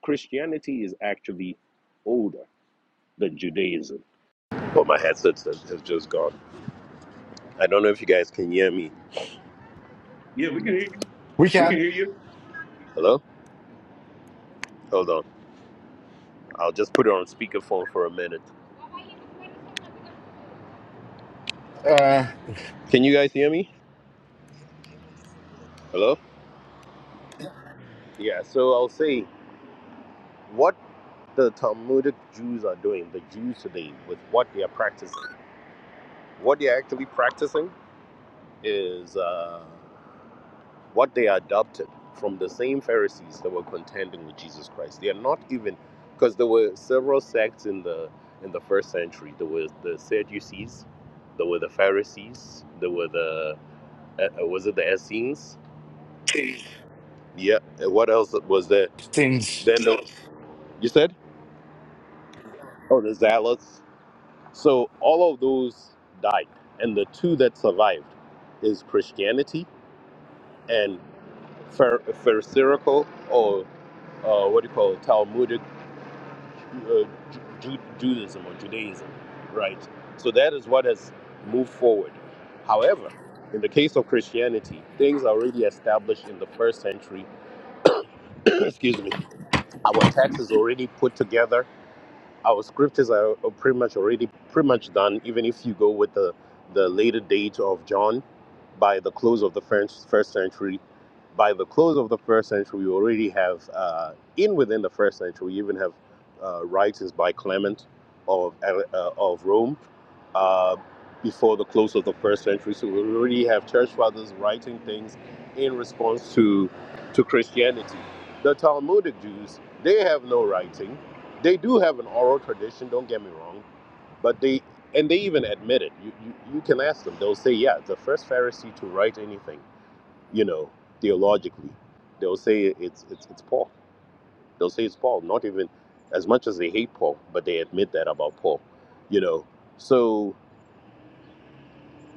christianity is actually older than judaism Oh, my headset has has just gone. I don't know if you guys can hear me.
Yeah, we can hear you.
We
We can
can
hear you.
Hello? Hold on. I'll just put it on speakerphone for a minute.
uh,
Can you guys hear me? Hello? Yeah, so I'll say, the Talmudic Jews are doing, the Jews today, with what they are practicing. What they are actually practicing is uh, what they adopted from the same Pharisees that were contending with Jesus Christ. They are not even because there were several sects in the in the first century. There was the Sadducees, there were the Pharisees, there were the uh, uh, was it the Essenes? Yeah. What else was there?
things.
Then the, you said? Oh, the Zealots. So all of those died, and the two that survived is Christianity and Phar- Pharisaical or uh, what do you call it, Talmudic uh, Ju- Judaism or Judaism, right? So that is what has moved forward. However, in the case of Christianity, things are already established in the first century. [CLEARS THROAT] Excuse me. Our text is already put together our scriptures are, are pretty much already pretty much done even if you go with the the later date of john by the close of the first first century by the close of the first century we already have uh, in within the first century we even have uh, writings by clement of uh, of rome uh, before the close of the first century so we already have church fathers writing things in response to to christianity the talmudic jews they have no writing they do have an oral tradition, don't get me wrong, but they and they even admit it. You, you you can ask them. They'll say, "Yeah, the first Pharisee to write anything, you know, theologically." They'll say it's it's it's Paul. They'll say it's Paul. Not even as much as they hate Paul, but they admit that about Paul, you know. So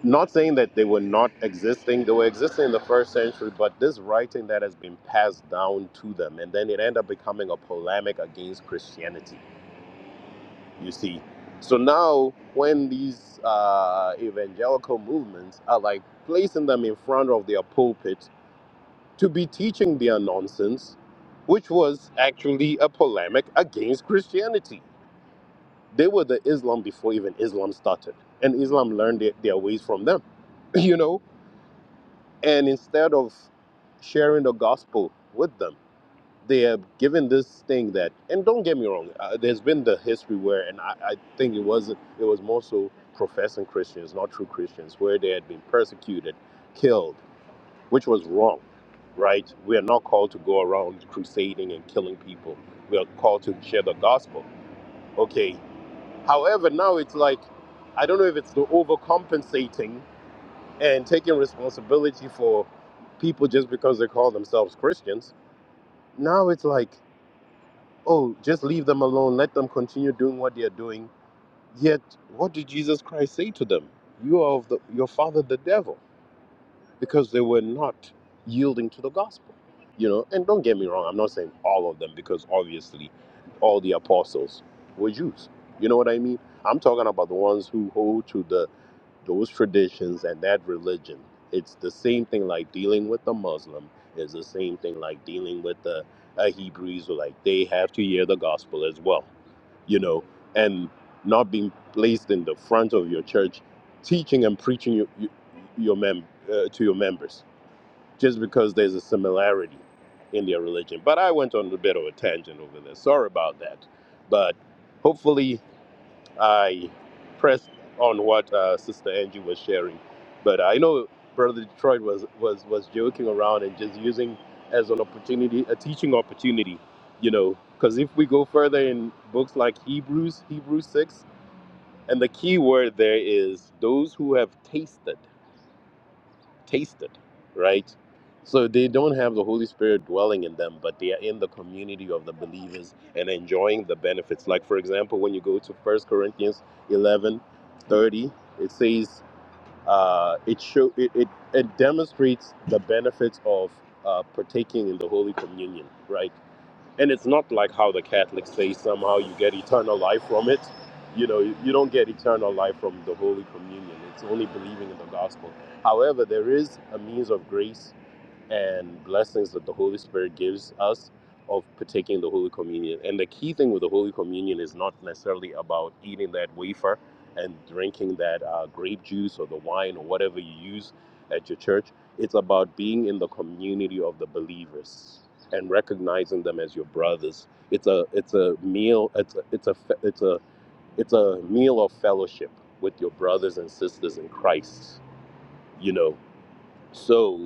not saying that they were not existing they were existing in the first century but this writing that has been passed down to them and then it ended up becoming a polemic against christianity you see so now when these uh, evangelical movements are like placing them in front of their pulpit to be teaching their nonsense which was actually a polemic against christianity they were the islam before even islam started and islam learned their, their ways from them [LAUGHS] you know and instead of sharing the gospel with them they have given this thing that, and don't get me wrong, uh, there's been the history where, and I, I think it was it was more so professing Christians, not true Christians, where they had been persecuted, killed, which was wrong, right? We are not called to go around crusading and killing people. We are called to share the gospel. Okay. However, now it's like, I don't know if it's the overcompensating and taking responsibility for people just because they call themselves Christians. Now it's like. oh, just leave them alone, let them continue doing what they are doing. Yet, what did Jesus Christ say to them? You are of the, your father, the devil, because they were not yielding to the gospel. You know, and don't get me wrong, I'm not saying all of them, because obviously all the apostles were Jews. You know what I mean? I'm talking about the ones who hold to the those traditions and that religion. It's the same thing like dealing with a Muslim. is the same thing like dealing with a, a Hebrew Israelite. They have to hear the gospel as well, you know, and not being placed in the front of your church, teaching and preaching your, your your mem- uh, to your members just because there's a similarity in their religion. But I went on a bit of a tangent over there. Sorry about that. But hopefully I pressed on what uh, Sister Angie was sharing, but I know Brother Detroit was was was joking around and just using as an opportunity, a teaching opportunity, you know. Because if we go further in books like Hebrews, Hebrews six, and the key word there is those who have tasted tasted, right? So they don't have the Holy Spirit dwelling in them, but they are in the community of the believers and enjoying the benefits. Like, for example, when you go to First Corinthians 11 30, it says, uh, it, show, it, it, it demonstrates the benefits of uh, partaking in the Holy Communion, right? And it's not like how the Catholics say somehow you get eternal life from it. You know, you don't get eternal life from the Holy Communion. It's only believing in the gospel. However, there is a means of grace and blessings that the Holy Spirit gives us of partaking the Holy Communion. And the key thing with the Holy Communion is not necessarily about eating that wafer and drinking that uh, grape juice or the wine or whatever you use at your church. It's about being in the community of the believers and recognizing them as your brothers. It's a it's a meal. It's a it's a fe- it's a it's a meal of fellowship with your brothers and sisters in Christ. You know, so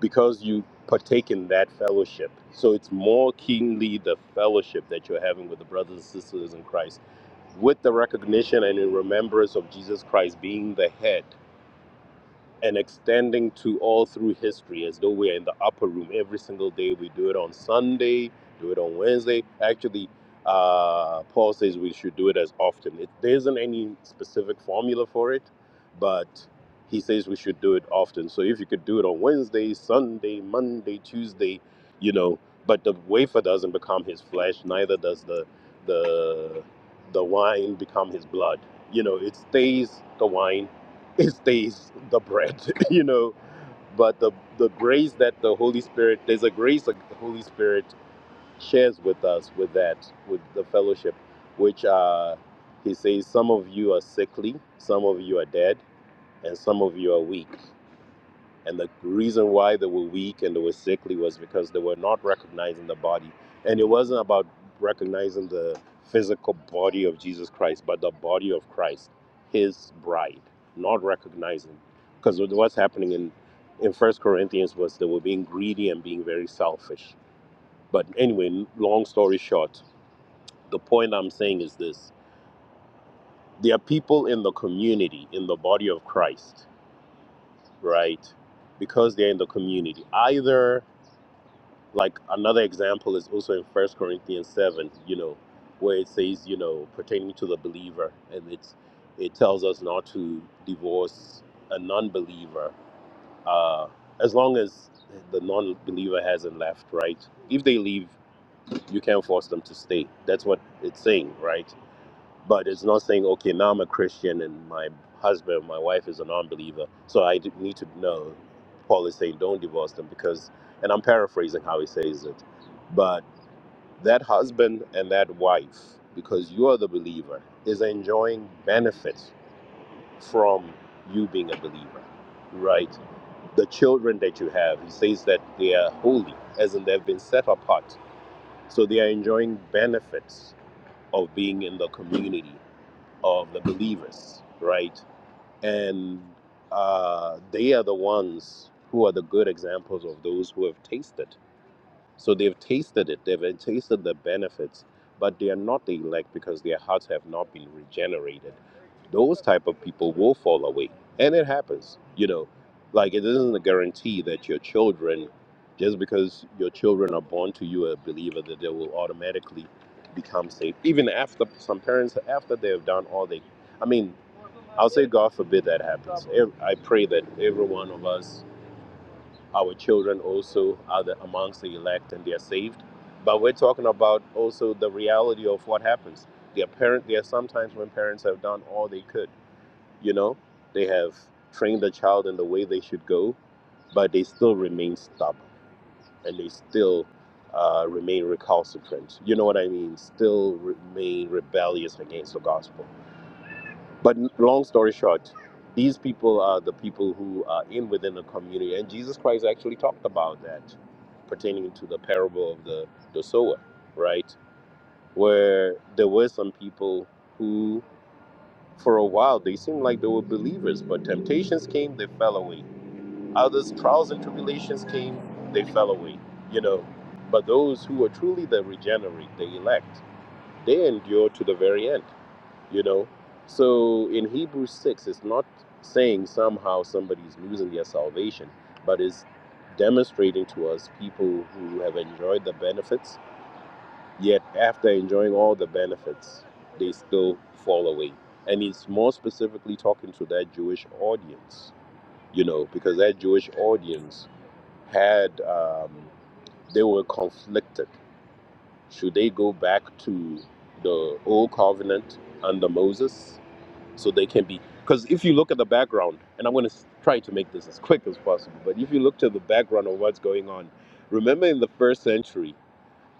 because you partake in that fellowship. So it's more keenly the fellowship that you're having with the brothers and sisters in Christ, with the recognition and in remembrance of Jesus Christ being the head and extending to all through history as though we're in the upper room every single day. We do it on Sunday, do it on Wednesday. Actually, uh, Paul says we should do it as often. It, there isn't any specific formula for it, but he says we should do it often. So if you could do it on Wednesday, Sunday, Monday, Tuesday, you know, but the wafer doesn't become his flesh, neither does the the the wine become his blood. You know, it stays the wine it stays the bread, [LAUGHS] you know. But the the grace that the Holy Spirit, there's a grace that the Holy Spirit shares with us, with that, with the fellowship, which uh, He says, some of you are sickly, some of you are dead, and some of you are weak. And the reason why they were weak and they were sickly was because they were not recognizing the body. And it wasn't about recognizing the physical body of Jesus Christ, but the body of Christ, his bride, not recognizing. Because what's happening in, in First Corinthians was they were being greedy and being very selfish. But anyway, long story short, the point I'm saying is this there are people in the community, in the body of Christ, right? Because they're in the community. Either like another example is also in first corinthians 7 you know where it says you know pertaining to the believer and it's it tells us not to divorce a non-believer uh as long as the non-believer hasn't left right if they leave you can't force them to stay that's what it's saying right but it's not saying okay now i'm a christian and my husband my wife is a non-believer so i d- need to know paul is saying don't divorce them because and i'm paraphrasing how he says it but that husband and that wife because you are the believer is enjoying benefits from you being a believer right the children that you have he says that they are holy as in they've been set apart so they are enjoying benefits of being in the community of the believers, right? And uh, they are the ones who are the good examples of those who have tasted. So they've tasted it, they've tasted the benefits, but they are not the elect because their hearts have not been regenerated. Those type of people will fall away, and it happens. You know, like it isn't a guarantee that your children, just because your children are born to you a believer, that they will automatically become saved. Even after some parents, after they have done all they, I mean, I'll say, God forbid that happens. I pray that every one of us, our children also, are the, amongst the elect and they are saved. But we're talking about also the reality of what happens. Their parent, there are sometimes when parents have done all they could. You know, they have trained the child in the way they should go, but they still remain stubborn and they still uh, remain recalcitrant. You know what I mean? Still remain rebellious against the gospel. But long story short, these people are the people who are in within the community, and Jesus Christ actually talked about that pertaining to the parable of the the sower, right? Where there were some people who, for a while, they seemed like they were believers, but temptations came, they fell away. Others, trials and tribulations came, they fell away. You know, but those who are truly the regenerate, the elect, they endure to the very end you know so in hebrews 6 it's not saying somehow somebody's losing their salvation but is demonstrating to us people who have enjoyed the benefits yet after enjoying all the benefits they still fall away and it's more specifically talking to that jewish audience you know because that jewish audience had um, they were conflicted should they go back to the old covenant under moses so they can be because if you look at the background and i'm going to try to make this as quick as possible but if you look to the background of what's going on remember in the first century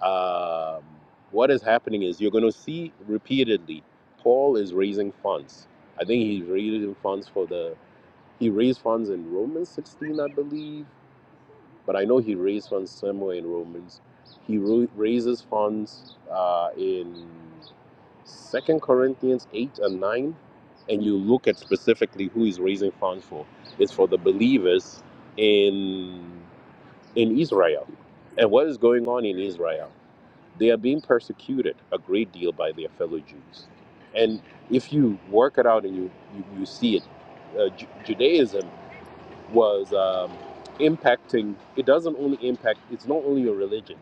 um, what is happening is you're going to see repeatedly paul is raising funds i think he's raising funds for the he raised funds in romans 16 i believe but I know he raised funds somewhere in Romans. He raises funds uh, in Second Corinthians eight and nine, and you look at specifically who he's raising funds for. It's for the believers in in Israel, and what is going on in Israel? They are being persecuted a great deal by their fellow Jews, and if you work it out and you you, you see it, uh, Ju- Judaism was um, impacting it doesn't only impact it's not only your religion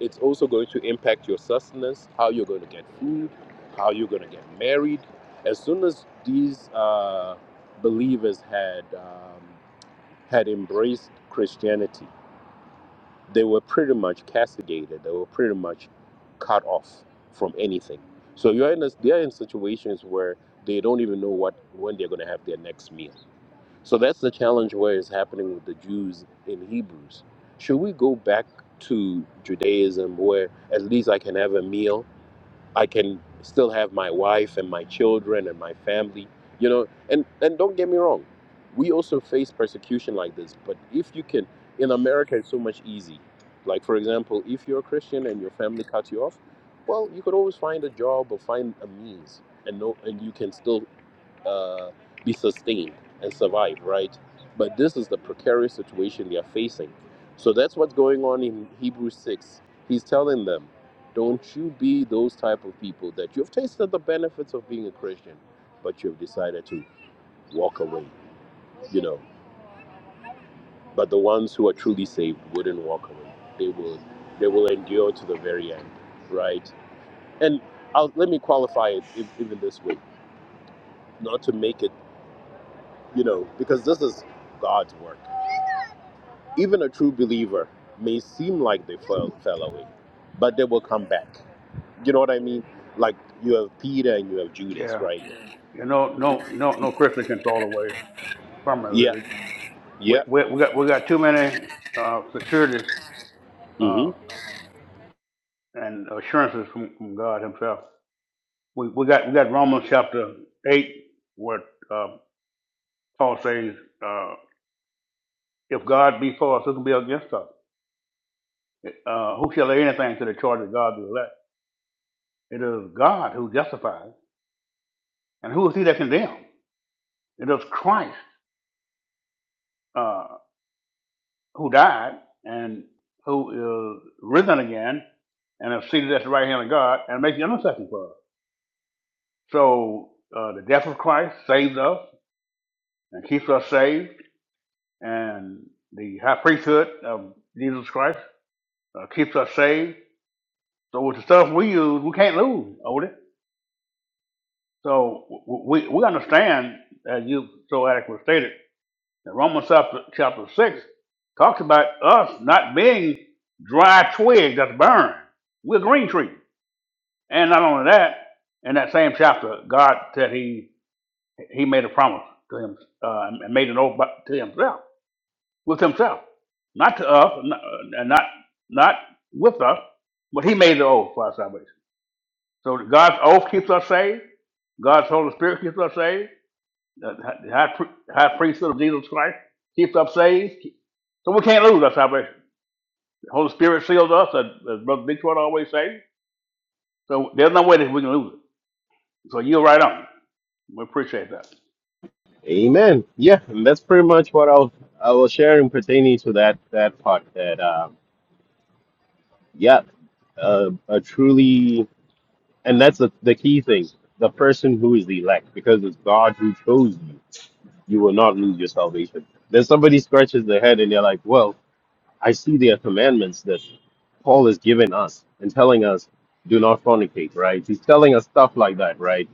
it's also going to impact your sustenance how you're going to get food how you're going to get married as soon as these uh, believers had um, had embraced christianity they were pretty much castigated they were pretty much cut off from anything so you're in a, they're in situations where they don't even know what when they're going to have their next meal so that's the challenge where it's happening with the Jews in Hebrews. Should we go back to Judaism where at least I can have a meal? I can still have my wife and my children and my family, you know? And and don't get me wrong, we also face persecution like this, but if you can in America it's so much easy. Like for example, if you're a Christian and your family cuts you off, well, you could always find a job or find a means and no and you can still uh, be sustained and survive, right? But this is the precarious situation they are facing. So that's what's going on in Hebrews 6. He's telling them, don't you be those type of people that you've tasted the benefits of being a Christian, but you've decided to walk away, you know. But the ones who are truly saved wouldn't walk away. They will they will endure to the very end, right? And I'll, let me qualify it ev- even this way, not to make it, you know, because this is God's work Even a true believer may seem like they fell, fell away, but they will come back. You know what I mean? Like you have Peter and you have Judas,
Yeah.
right?
Yeah, no, no, no, no Christian can fall away
Yeah,
permanently. we,
yeah.
we, we got we got too many uh, security
hmm
uh, and assurances from, from God Himself. We, we got we got Romans chapter eight where uh, Paul says, uh, "If God be for us, who can be against us? Uh, who shall lay anything to the charge of God the elect? It is God who justifies, and who is he that condemns? It is Christ uh, who died and who is risen again and is seated at the right hand of God and makes intercession for us." So uh, the death of Christ saves us and keeps us saved, and the high priesthood of Jesus Christ uh, keeps us saved. So with the stuff we use, we can't lose, Odie. So w- we we understand, as you so adequately stated, that Romans chapter, chapter six talks about us not being dry twigs that's burned. We're a green tree, and not only that, in that same chapter, God said He He made a promise to Him uh, and made an oath by- to Himself with himself, not to us, n- and not not with us, but he made the oath for our salvation. So God's oath keeps us saved. God's Holy Spirit keeps us saved. The high, pri- high priesthood of Jesus Christ keeps us saved. So we can't lose our salvation. The Holy Spirit seals us, as, as Brother Detroit always says. So there's no way that we can lose it. So you're right on. We appreciate that.
Amen. Yeah, and that's pretty much what I was, I was sharing pertaining to that that part. That uh, yeah, uh, a truly, and that's the, the key thing. The person who is the elect, because it's God who chose you. You will not lose your salvation. Then somebody scratches their head and they're like, "Well." I see the commandments that Paul is giving us and telling us, do not fornicate, right? He's telling us stuff like that, right?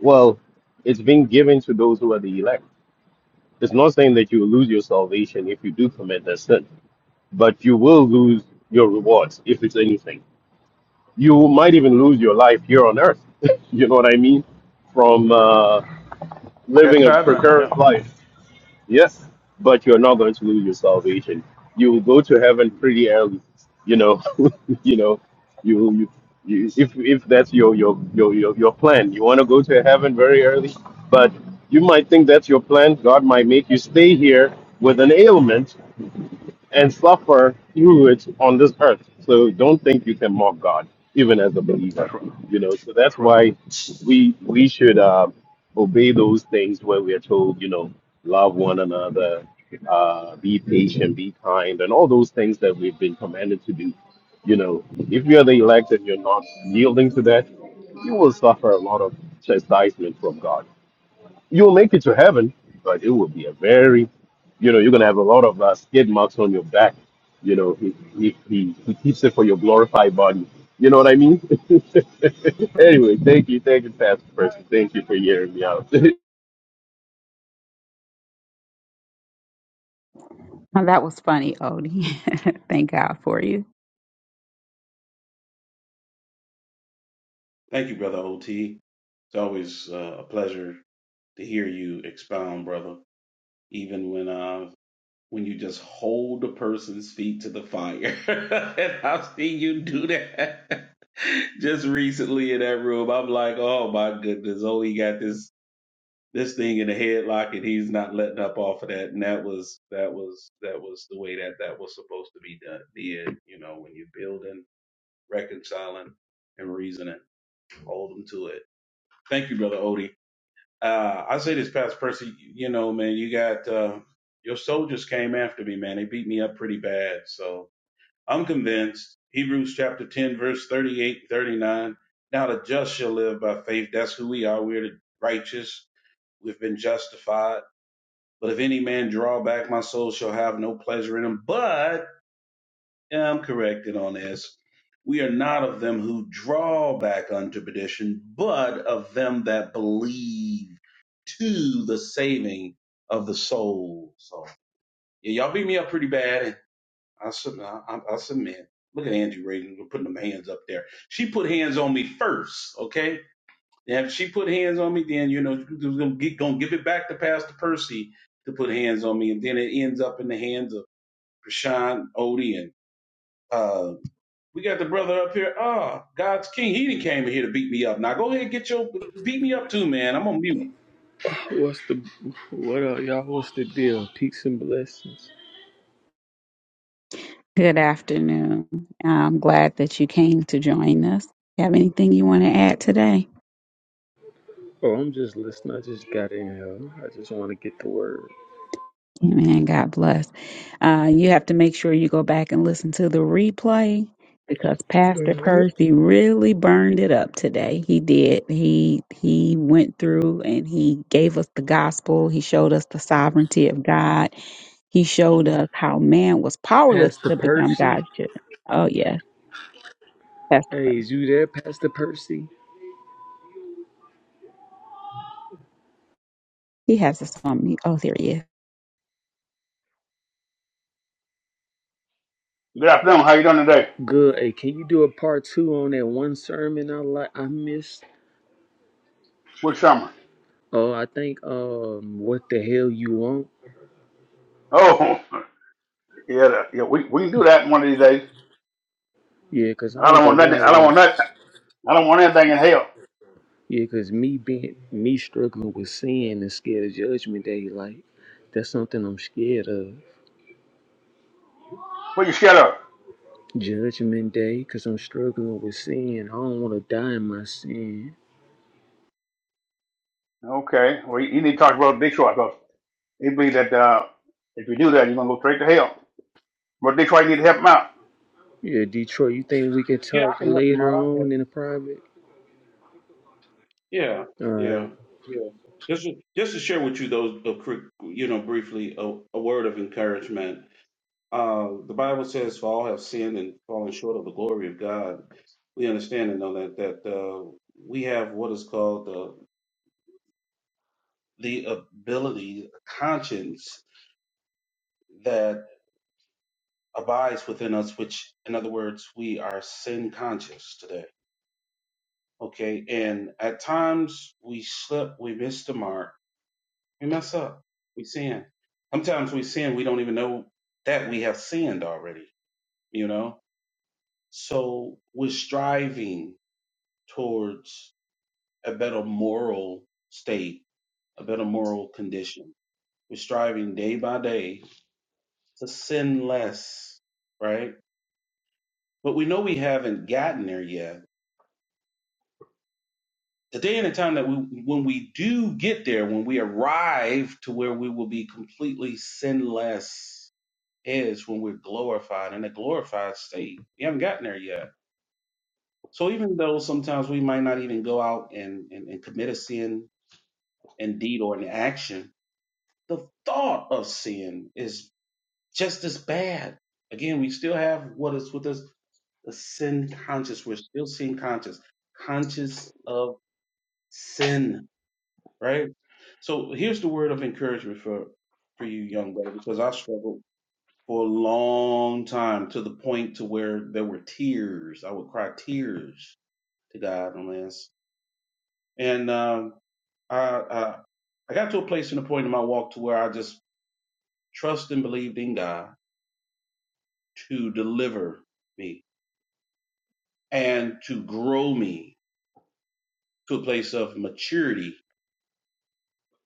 Well, it's being given to those who are the elect. It's not saying that you will lose your salvation if you do commit that sin, but you will lose your rewards, if it's anything. You might even lose your life here on earth. [LAUGHS] you know what I mean? From uh, living a
Chastisement,
precarious
yeah.
life. Yes, but you're not going to lose your salvation. You will go to heaven
Mhm.
pretty early, you know. [LAUGHS] you know, you you, you if if that's your your your your, your plan, you want to go to heaven very early, but you might think that's your plan. God might make you stay here with an ailment and suffer through it on this earth. So don't think you can mock God, even as a believer.
That's right.
You know, so that's
That's right.
why we we should uh, obey those things where we are told, you know, love one another, uh, be patient, be kind, and all those things that we've been commanded to do. You know, if you're the elect and you're not yielding to that, you will suffer a lot of chastisement from God. You'll make it to heaven, but it will be a very, you know, you're going to have a lot of uh, skid marks on your back. You know, he, he, he, he keeps it for your glorified body. You know what I mean? [LAUGHS] anyway, thank you. Thank you, Pastor Percy. Thank you for hearing me out.
Well, that was funny, Odie. [LAUGHS] Thank God for you.
Thank you, brother OT. It's always uh, a pleasure to hear you expound, brother. Even when uh when you just hold a person's feet to the fire, [LAUGHS] and I've seen you do that. [LAUGHS] Just recently in that room, I'm like, oh my goodness, Odie got this this thing in the headlock and he's not letting up off of that. And that was that was that was the way that that was supposed to be done. Did you know when you're building, reconciling, and reasoning, hold them to it. Thank you, brother Odie. Uh, I say this, Pastor Percy. You know, man, you got uh, your soldiers came after me, man. They beat me up pretty bad. So I'm convinced. Hebrews chapter 10, verse 38 39. Now the just shall live by faith. That's who we are. We're the righteous. We've been justified but if any man draw back, my soul shall have no pleasure in him. But and I'm corrected on this. We are not of them who draw back unto perdition, but of them that believe to the saving of the soul. So yeah, y'all beat me up pretty bad. I, sub- I, I I submit. Look at Angie Reagan putting them hands up there. She put hands on me first, okay? Now, if she put hands on me, then you know she gonna give it back to Pastor Percy to put hands on me, and then it ends up in the hands of Prashant Odie and uh, we got the brother up here. Ah, oh, God's King. He didn't came here to beat me up. Now go ahead and get your beat me up too, man. I'm on mute.
What's the what up, y'all? What's the deal? Peace and blessings.
Good afternoon. I'm glad that you came to join us. have anything you want to add today?
Oh, I'm just listening. I just got in here. I just want to get the word.
Amen. God bless. Uh, you have to make sure you go back and listen to the replay because Pastor Percy really burned it up today. He did. He he went through and he gave us the gospel. He showed us the sovereignty of God. He showed us how man was powerless
Pastor
to become
Percy,
God's children. Oh yes, Pastor
hey,
Percy.
is you there, Pastor Percy?
He has us on mute. Oh, there he is.
Good afternoon. How you doing today?
Good. Hey, can you do a part two on that one sermon I like I missed?
Good summer.
Oh, I think um, what the hell you want?
Oh, [LAUGHS] Yeah, that- yeah, we, we can do that one of these days.
Yeah, cause I
I
ain't
don't
gonna
want nothing.
lie,
I don't
like
want nothing. I don't want anything in hell.
yeah, cause me being me struggling with sin and scared of judgment day, like that's something I'm scared of.
Will you shut up?
Judgment Day, because I'm struggling with sin. I don't want to die in my sin.
Okay. Well, you, you need to talk about Big short. because he believes that uh, if you do that, you're gonna go straight to hell. But Detroit need to help him out.
Yeah, Detroit, you think we can
Yeah, I
talk
can help him
later
out. I can
on
help
in
him.
a private?
Yeah,
All
yeah,
right.
yeah. Just just to share with you those, uh, cri- you know, briefly a, a word of encouragement Uh, the Bible says, "For all have sinned and fallen short of the glory of God." We understand and know that that uh, we have what is called the the ability, conscience that abides within us, which, in other words, we are sin conscious today. Okay, and at times we slip, we miss the mark, we mess up, we sin. Sometimes we sin, we don't even know that we have sinned already. You know, so we're striving towards a better moral state, a better moral condition. We're striving day by day to sin less, right? But we know we haven't gotten there yet. The day and the time that we, when we do get there, when we arrive to where we will be completely sinless, is when we're glorified in a glorified state. We haven't gotten there yet. So even though sometimes we might not even go out and, and, and commit a sin in deed or in action, the thought of sin is just as bad. Again, we still have what is with us the sin conscious. We're still sin conscious, conscious of sin, right? So here's the word of encouragement for for you, young brother, because I struggled for a long time to the point to where there were tears. I would cry tears to God on this, and um, I, I I got to a place in the point in my walk to where I just trust and believed in God to deliver me and to grow me to a place of maturity,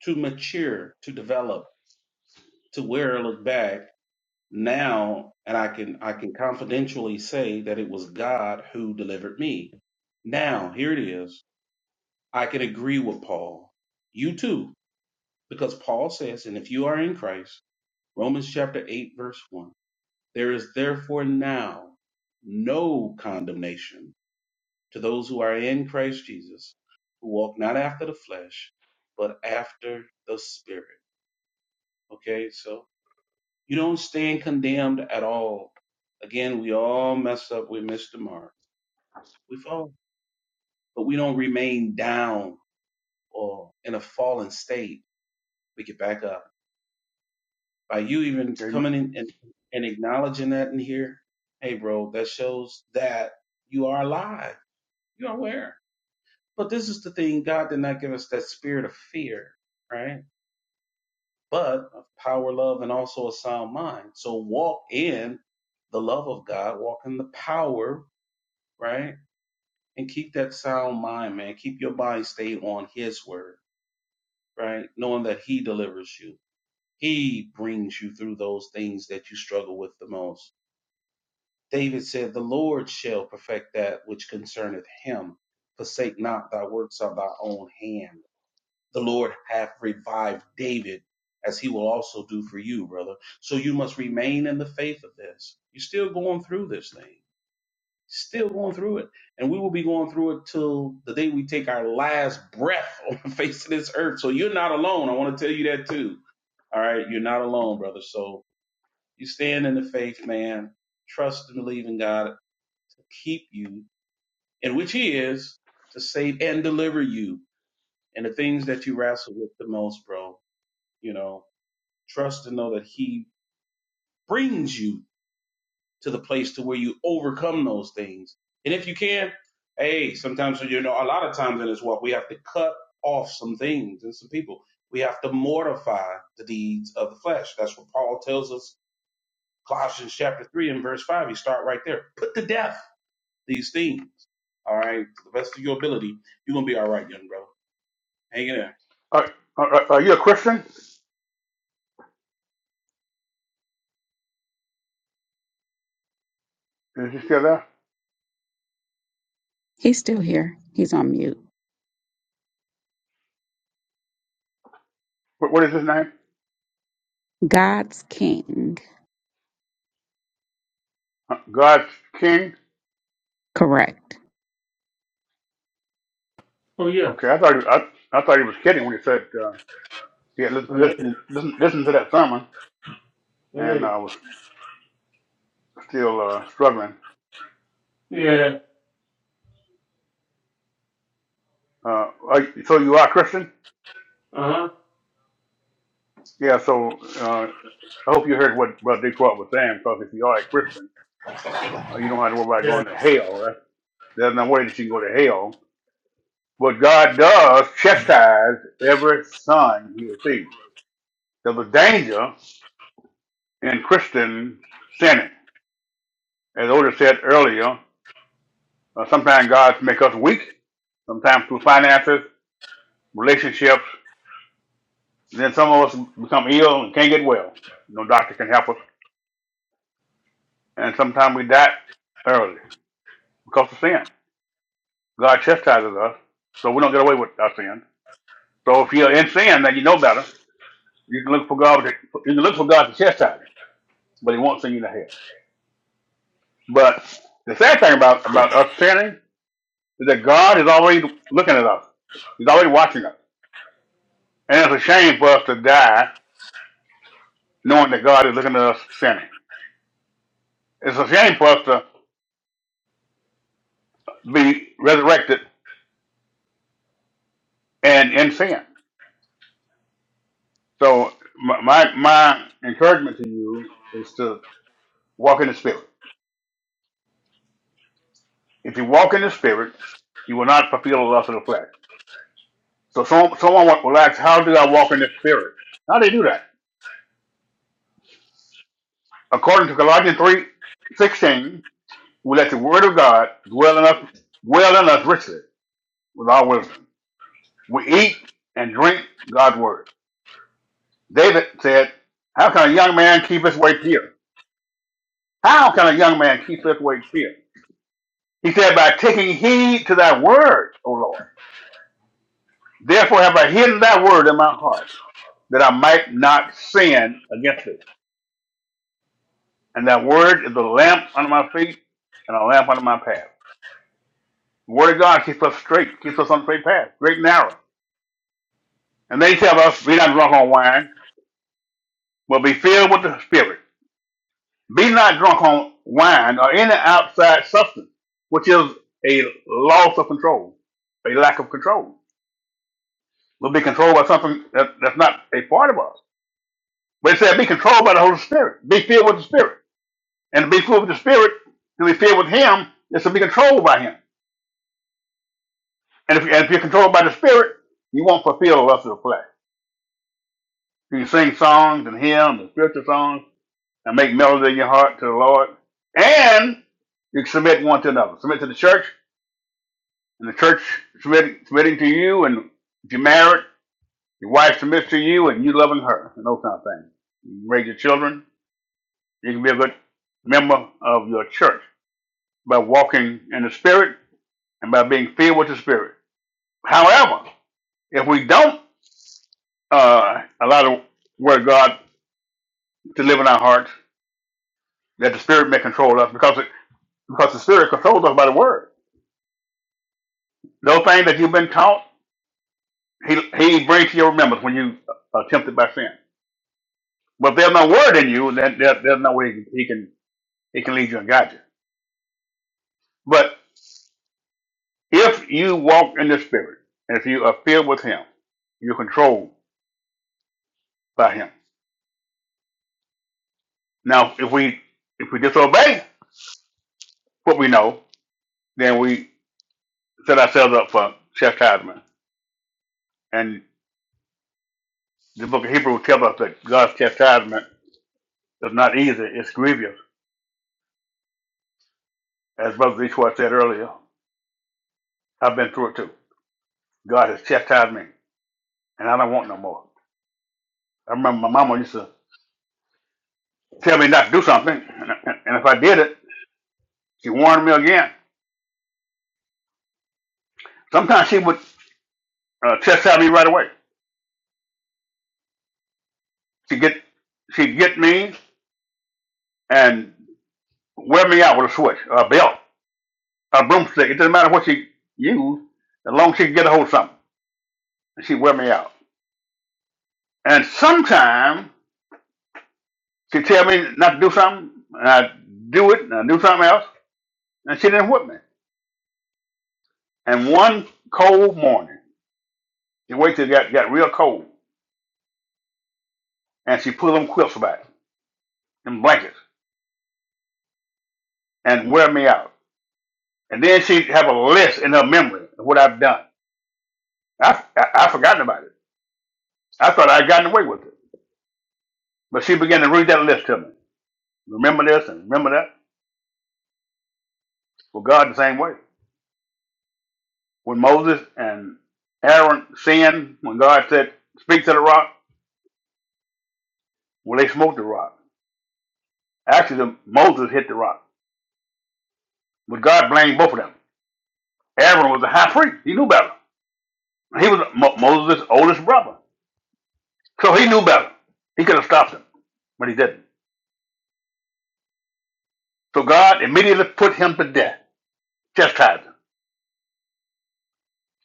to mature, to develop, to where I look back now and I can I can confidentially say that it was God who delivered me. Now, here it is. I can agree with Paul. You too, because Paul says, and if you are in Christ, Romans chapter 8 verse 1, there is therefore now no condemnation to those who are in Christ Jesus, who walk not after the flesh, but after the Spirit. Okay, so you don't stand condemned at all. Again, we all mess up, we miss the mark, we fall, but we don't remain down or in a fallen state. We get back up. By you even
Amen.
coming in and, and acknowledging that in here, hey, bro, that shows that you are alive, you're aware. But this is the thing God did not give us that spirit of fear, right? but of power, love, and also a sound mind. So walk in the love of God, walk in the power, right? And keep that sound mind, man. Keep your mind stayed on His word, right? Knowing that He delivers you, He brings you through those things that you struggle with the most. David said, The Lord shall perfect that which concerneth Him. Forsake not thy works of thy own hand the Lord hath revived David, as he will also do for you, brother. So you must remain in the faith of this. You're still going through this thing, still going through it. And we will be going through it till the day we take our last breath [LAUGHS] on the face of this earth. So you're not alone. I want to tell you that too. All right. You're not alone, brother. So you stand in the faith, man. Trust and believe in God to keep you, and which He is to save and deliver you and the things that you wrestle with the most, bro you know trust and know that he brings you to the place to where you overcome those things and if you can hey sometimes you know a lot of times in this walk we have to cut off some things and some people we have to mortify the deeds of the flesh that's what paul tells us colossians chapter 3 and verse 5 you start right there put to death these things all right to the best of your ability you're gonna be all right young brother hang in there
Are, are, are you a Christian? Is he still there?
He's still here. He's on mute.
What, what is his name?
God's King.
Uh, God's King.
Correct.
Yeah.
Okay. I thought he, I, I thought he was kidding when he said uh, he had lis-
All right.
listen, listen listen to that sermon and I was still uh, struggling.
Yeah.
Uh, are, so you are Christian?
Uh huh.
Yeah. So. uh, I hope you heard what Brother Detroit was saying, because if you are a Christian, uh, you don't have to worry about
Yeah.
going to hell. That's, there's no way that you can go to hell. But God does chastise every son he receives. There's a danger in Christians sinning. As Oda said earlier, uh, sometimes God makes us weak, sometimes through finances, relationships. Then some of us become ill and can't get well. No doctor can help us. And sometimes we die early because of sin. God chastises us, so we don't get away with our sin. So if you're in sin, then you know better. You can look for God. To, you can look for God to chastise, you, but He won't send you to hell. But the sad thing about about us sinning is that God is already looking at us. He's already watching us, and it's a shame for us to die knowing that God is looking at us sinning. It's a shame for us to be resurrected and in sin. So my my, my encouragement to you is to walk in the Spirit. If you walk in the Spirit, you will not fulfill the lust of the flesh. So some, someone will ask, how do I walk in the Spirit? How do you do that? According to Colossians three sixteen, we let the Word of God dwell in us, dwell in us richly with all wisdom. We eat and drink God's Word. David said, how can a young man keep his way pure? How can a young man keep his way pure? He said, by taking heed to thy word, O Lord. Therefore have I hidden thy word in my heart, that I might not sin against thee. And that word is a lamp under my feet and a lamp under my path. The word of God keeps us straight, keeps us on the straight path, straight and narrow. And they tell us, be not drunk on wine, but be filled with the Spirit. Be not drunk on wine or any outside substance, which is a loss of control, a lack of control. We'll be controlled by something that, that's not a part of us. But it said, be controlled by the Holy Spirit. Be filled with the Spirit. And to be filled with the Spirit, to be filled with Him, is to be controlled by Him. And if, if you're controlled by the Spirit, you won't fulfill the lust of the flesh. So You can sing songs and hymns and spiritual songs and make melody in your heart to the Lord. And you can submit one to another. Submit to the church, and the church submitting, submitting to you. And if you're married, your wife submits to you, and you loving her, and those kind of things. You raise your children. You can be a good member of your church by walking in the Spirit and by being filled with the Spirit. However, if we don't uh, allow the Word of God to live in our hearts, that the Spirit may control us, because it, because the Spirit controls us by the Word. Those things that you've been taught, He He brings to your remembrance when you are tempted by sin. But if there's no Word in you, then there, there's no way He can He can lead you and guide you. But if you walk in the Spirit, and if you are filled with Him, you're controlled by Him. Now, if we if we disobey what we know, then we set ourselves up for chastisement. And the Book of Hebrews tells us that God's chastisement It's not easy. It's grievous. As Brother Detroit said earlier, I've been through it too. God has chastised me, and I don't want no more. I remember my mama used to tell me not to do something, and, and if I did it, she warned me again. Sometimes she would uh, chastise me right away. She get she'd get me and wear me out with a switch, or a belt, or a broomstick. It doesn't matter what she used, as long as she could get a hold of something, and she'd wear me out. And sometimes she'd tell me not to do something, and I'd do it, and I'd do something else And she didn't whip me. And one cold morning, she waited got, got real cold. And she pulled them quilts back, them blankets, and wear me out. And then she'd have a list in her memory of what I've done. I, I, I forgotten about it. I thought I'd gotten away with it. But she began to read that list to me. Remember this and remember that. Well, God the same way. When Moses and Aaron sinned, when God said, speak to the rock, well, they smoked the rock. Actually, the, Moses hit the rock. But God blamed both of them. Aaron was a high priest. He knew better. He was Mo- Moses' oldest brother. So he knew better. He could have stopped him, but he didn't. So God immediately put him to death, chastised him.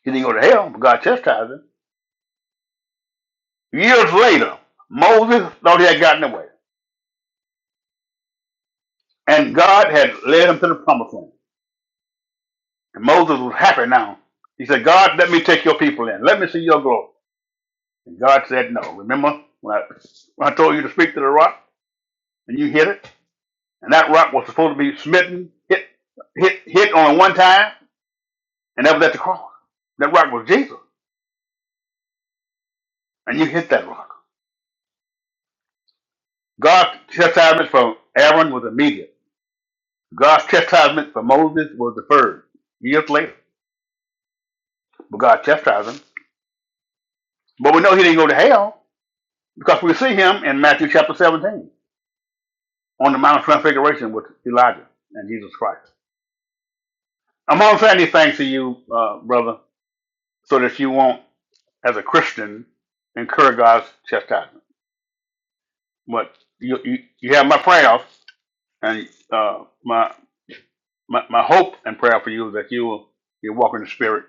He didn't go to hell, but God chastised him. Years later, Moses thought he had gotten away, and God had led him to the promised land. And Moses was happy now. He said, God, let me take your people in. Let me see your glory. And God said, no. Remember when I, when I told you to speak to the rock and you hit it? And that rock was supposed to be smitten, hit, hit, hit on one time. And that was at the cross. That rock was Jesus. And you hit that rock. God's chastisement for Aaron was immediate. God's chastisement for Moses was deferred years later. But God chastised him. But we know he didn't go to hell because we see him in Matthew chapter 17 on the Mount of Transfiguration with Elijah and Jesus Christ. I'm only saying these things to you, uh, brother, so that you won't, as a Christian, incur God's chastisement. But you, you, you have my prayers and uh, my my, my hope and prayer for you is that you will you walk in the spirit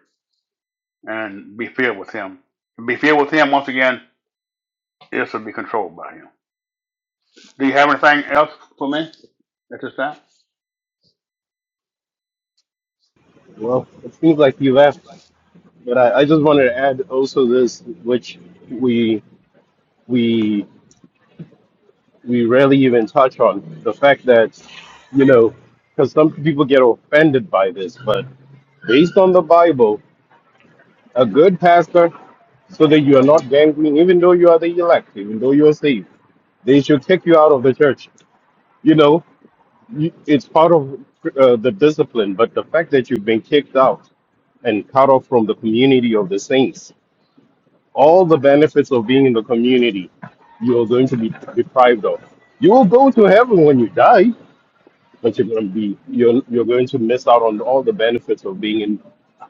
and be filled with him. Be filled with him once again, this to be controlled by him. Do you have anything else for me at this time?
[LAUGHS] well, it seems like he left, but I, I just wanted to add also this, which we, we, we rarely even touch on the fact that, you know, because some people get offended by this, but based on the Bible. A good pastor, so that you are not dangling, even though you are the elect, even though you are saved. They should kick you out of the church. You know, you- it's part of uh, the discipline, but the fact that you've been kicked out and cut off from the community of the saints, all the benefits of being in the community, you are going to be deprived of. You will go to heaven when you die, but you're going to be you're you're going to miss out on all the benefits of being in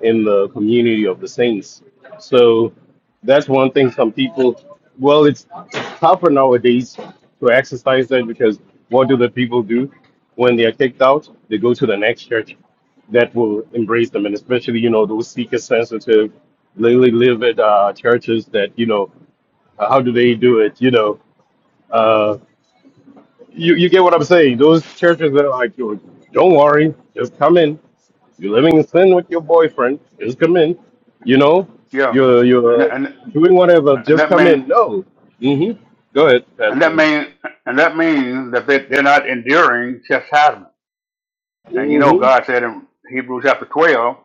in the community of the saints. So that's one thing some people well it's tougher nowadays to exercise that because what do the people do when they are kicked out? They go to the next church that will embrace them and especially you know those seeker sensitive lily live at uh, churches that you know uh, how do they do it you know uh, you you get what I'm saying? Those churches that are like, "Yo, don't worry, just come in. You're living in sin with your boyfriend. Just come in. You know,
Yeah.
you're
And
you're
and,
doing whatever.
and
Just
that
come
means
in. No. hmm Go ahead, Pat.
and that
Please.
means and that means that they, they're not enduring chastisement. And you know
hmm
God said in Hebrews chapter twelve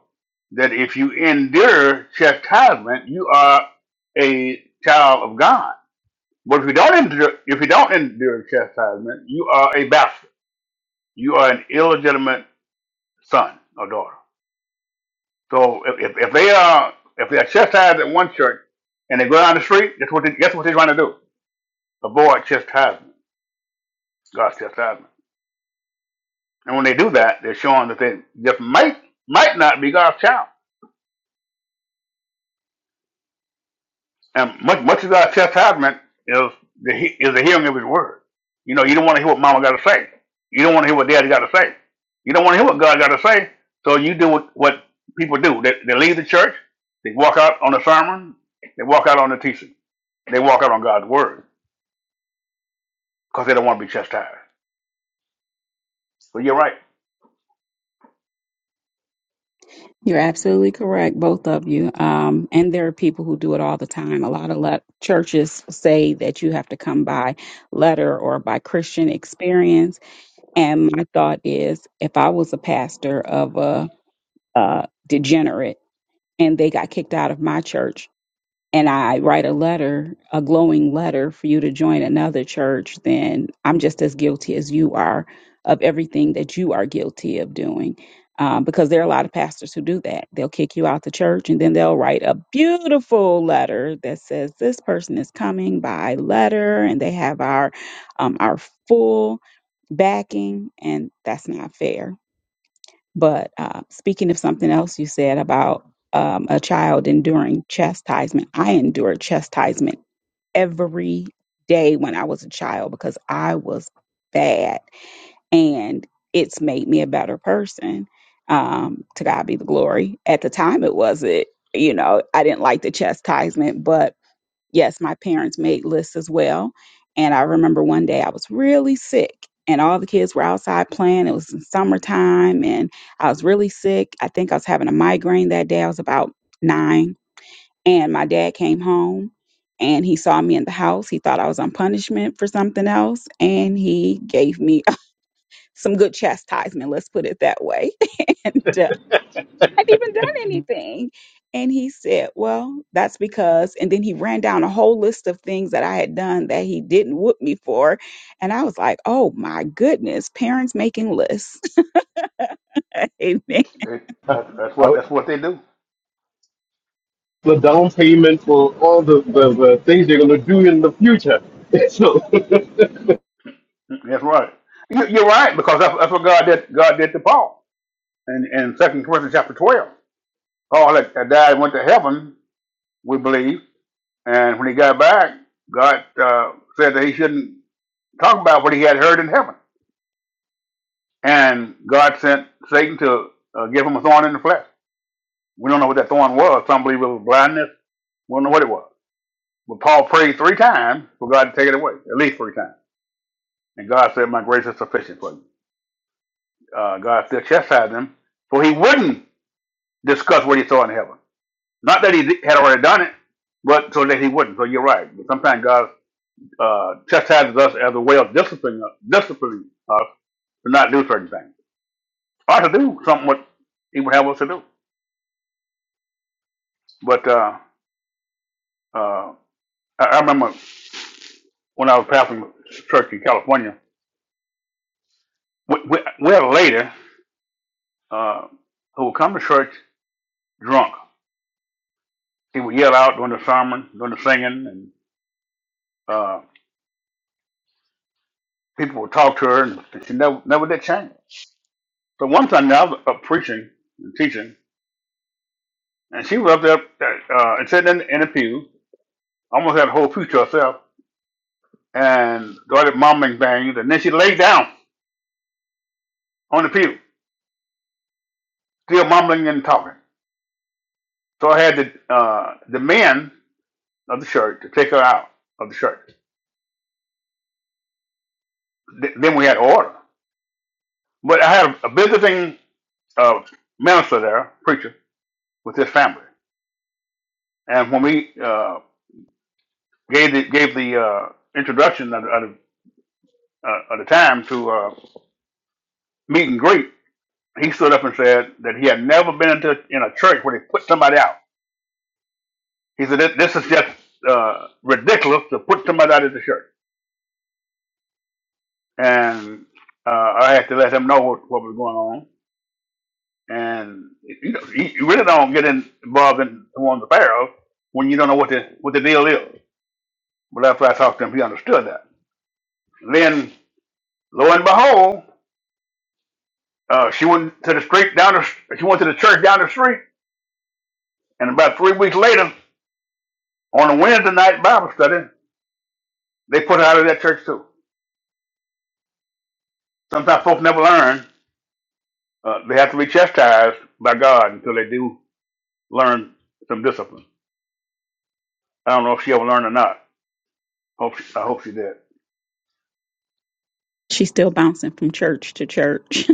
that if you endure chastisement, you are a child of God. But if you don't endure, if you don't endure chastisement, you are a bastard. You are an illegitimate son or daughter. So if, if, if they are if they are chastised at one church and they go down the street, that's what they, that's what they're trying to do. Avoid chastisement, God's chastisement. And when they do that, they're showing that they just might might not be God's child. And much much of our chastisement is the he- is the hearing of His word. You know, you don't want to hear what Mama got to say. You don't want to hear what Daddy got to say. You don't want to hear what God got to say. So you do what, what people do. They, they leave the church. They walk out on the sermon. They walk out on the teaching. They walk out on God's word because they don't want to be chastised. But you're right.
You're absolutely correct, both of you. Um, and there are people who do it all the time. A lot of let- churches say that you have to come by letter or by Christian experience. And my thought is, if I was a pastor of a, uh degenerate and they got kicked out of my church, and I write a letter, a glowing letter for you to join another church, then I'm just as guilty as you are of everything that you are guilty of doing. Um, because there are a lot of pastors who do that. They'll kick you out the church and then they'll write a beautiful letter that says, This person is coming by letter and they have our um, our full backing, and that's not fair but uh, speaking of something else you said about um, a child enduring chastisement, I endured chastisement every day when I was a child because I was bad, and it's made me a better person. Um, to God be the glory. At the time, it wasn't. You know, I didn't like the chastisement, but yes, my parents made lists as well. And I remember one day I was really sick and all the kids were outside playing. It was in summertime and I was really sick. I think I was having a migraine that day. I was about nine. And my dad came home and he saw me in the house. He thought I was on punishment for something else. And he gave me [LAUGHS] some good chastisement, let's put it that way. [LAUGHS] hadn't even done anything. And he said, Well, that's because, and then he ran down a whole list of things that I had done that he didn't whoop me for. And I was like, Oh my goodness, parents making lists. [LAUGHS] Amen.
They, that's, that's what that's what they do.
The down payment for all the, the, the things you're gonna do in the future. [LAUGHS] so.
That's right. You, you're right because that's, that's what God did. God did to Paul in in Second Corinthians chapter twelve. Paul had, had died and went to heaven. We believe And when he got back, God uh, said that he shouldn't talk about what he had heard in heaven. And God sent Satan to uh, give him a thorn in the flesh. We don't know what that thorn was. Some believe it was blindness. We don't know what it was. But Paul prayed three times for God to take it away, at least three times. And God said, My grace is sufficient for you. Uh, God still chastised him, for he wouldn't discuss what he saw in heaven. Not that he di- had already done it, but so that he wouldn't. So you're right. But sometimes God uh, chastises us as a way of disciplining us, disciplining us to not do certain things, or to do something what he would have us to do. But uh, uh, I, I remember when I was pastoring a church in California, we, we, we had a lady uh, who would come to church drunk. She would yell out during the sermon, during the singing, and uh, people would talk to her, and she never, never did change. So one Sunday I was up preaching and teaching, and she was up there uh, and sitting in, in the pew, almost had a whole pew to herself, and started mumbling things, and then she laid down on the pew, still mumbling and talking. So I had the uh, the men of the church to take her out of the church. Th- then we had order. But I had a visiting uh, minister there, preacher, with his family. And when we uh, gave the gave the uh, introduction at, at, uh, at the time to uh, meet and greet, he stood up and said that he had never been into in a church where they put somebody out. He said, "This this is just uh, ridiculous to put somebody out of the church." and uh, I had to let him know what, what was going on. And you know, you you really don't get in, involved in the ones affair of when you don't know what the what the deal is. But after I talked to him, he understood that. Then, lo and behold, uh, she went to the street down the st- she went to the church down the street, and about three weeks later, on a Wednesday night Bible study, they put her out of that church too. Sometimes folks never learn; uh, they have to be chastised by God until they do learn some discipline. I don't know if she ever learned or not Hope she, I hope she did.
She's still bouncing from church to church.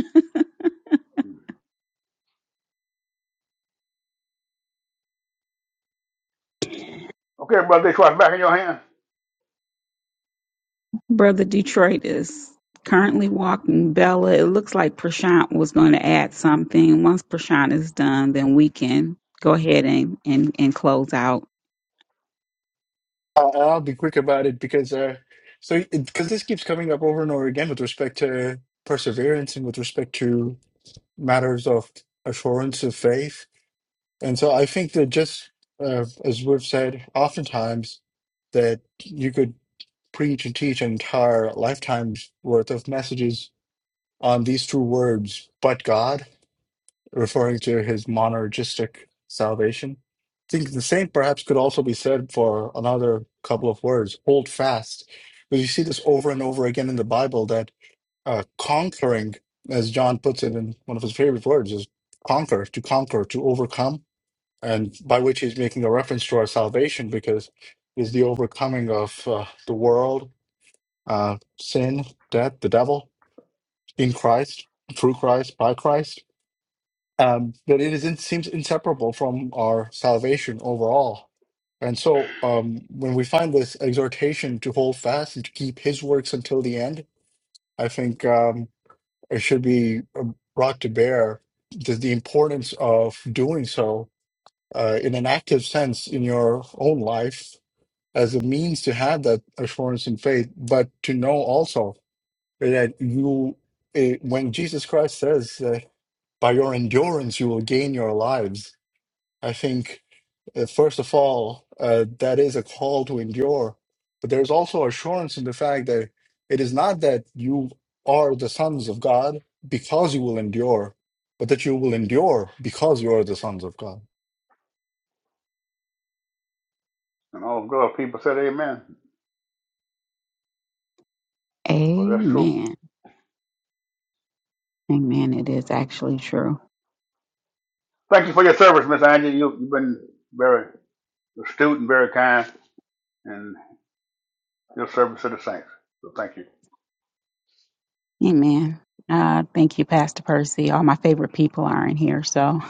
Okay, Brother Detroit, back in your hands.
[LAUGHS] Brother Detroit is currently walking Bella. It looks like Prashant was going to add something. Once Prashant is done, then we can go ahead and, and, and close out.
Uh, I'll be quick about it because uh, so because this keeps coming up over and over again with respect to perseverance and with respect to matters of assurance of faith. And so I think that just uh, as we've said, oftentimes that you could. preach and teach an entire lifetime's worth of messages on these two words, but God, referring to his monergistic salvation. I think the same perhaps could also be said for another couple of words, hold fast. But you see this over and over again in the Bible that uh, conquering, as John puts it in one of his favorite words, is conquer, to conquer, to overcome, and by which he's making a reference to our salvation because it's the overcoming of uh, the world uh, sin, death, the devil, in Christ, through Christ, by Christ. Um, but it is in, seems inseparable from our salvation overall. And so um, when we find this exhortation to hold fast and to keep his works until the end, I think um, it should be uh, brought to bear the, the importance of doing so uh, in an active sense in your own life as a means to have that assurance in faith, but to know also that you eh, when jesus christ says uh, by your endurance you will gain your lives i think uh, first of all uh, that is a call to endure but there's also assurance in the fact that it is not that you are the sons of god because you will endure but that you will endure because you are the sons of god
And all the good people said amen. Well, that's true.
Amen. Amen. It is actually true.
Thank you for your service, Miss Angie. You, you've been very astute and very kind in your service to the saints. So thank you.
Amen. Uh, thank you, Pastor Percy. All my favorite people are in here. So,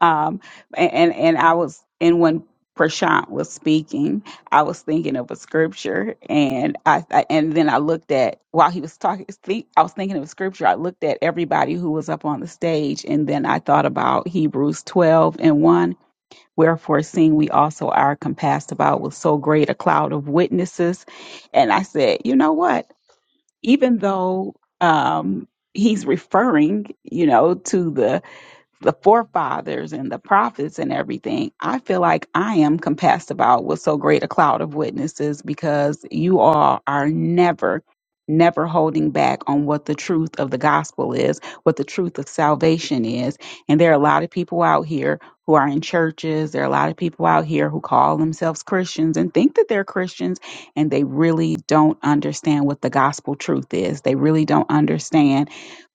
um, and and I was, and when Prashant was speaking, I was thinking of a scripture, and I, I and then I looked at while he was talking, think, I was thinking of a scripture. I looked at everybody who was up on the stage, and then I thought about Hebrews twelve and one. Wherefore, seeing we also are compassed about with so great a cloud of witnesses, and I said, you know what? even though um, he's referring, you know, to the the forefathers and the prophets and everything, I feel like I am compassed about with so great a cloud of witnesses because you all are never, never holding back on what the truth of the gospel is, what the truth of salvation is. And there are a lot of people out here who are in churches. There are a lot of people out here who call themselves Christians and think that they're Christians and they really don't understand what the gospel truth is. They really don't understand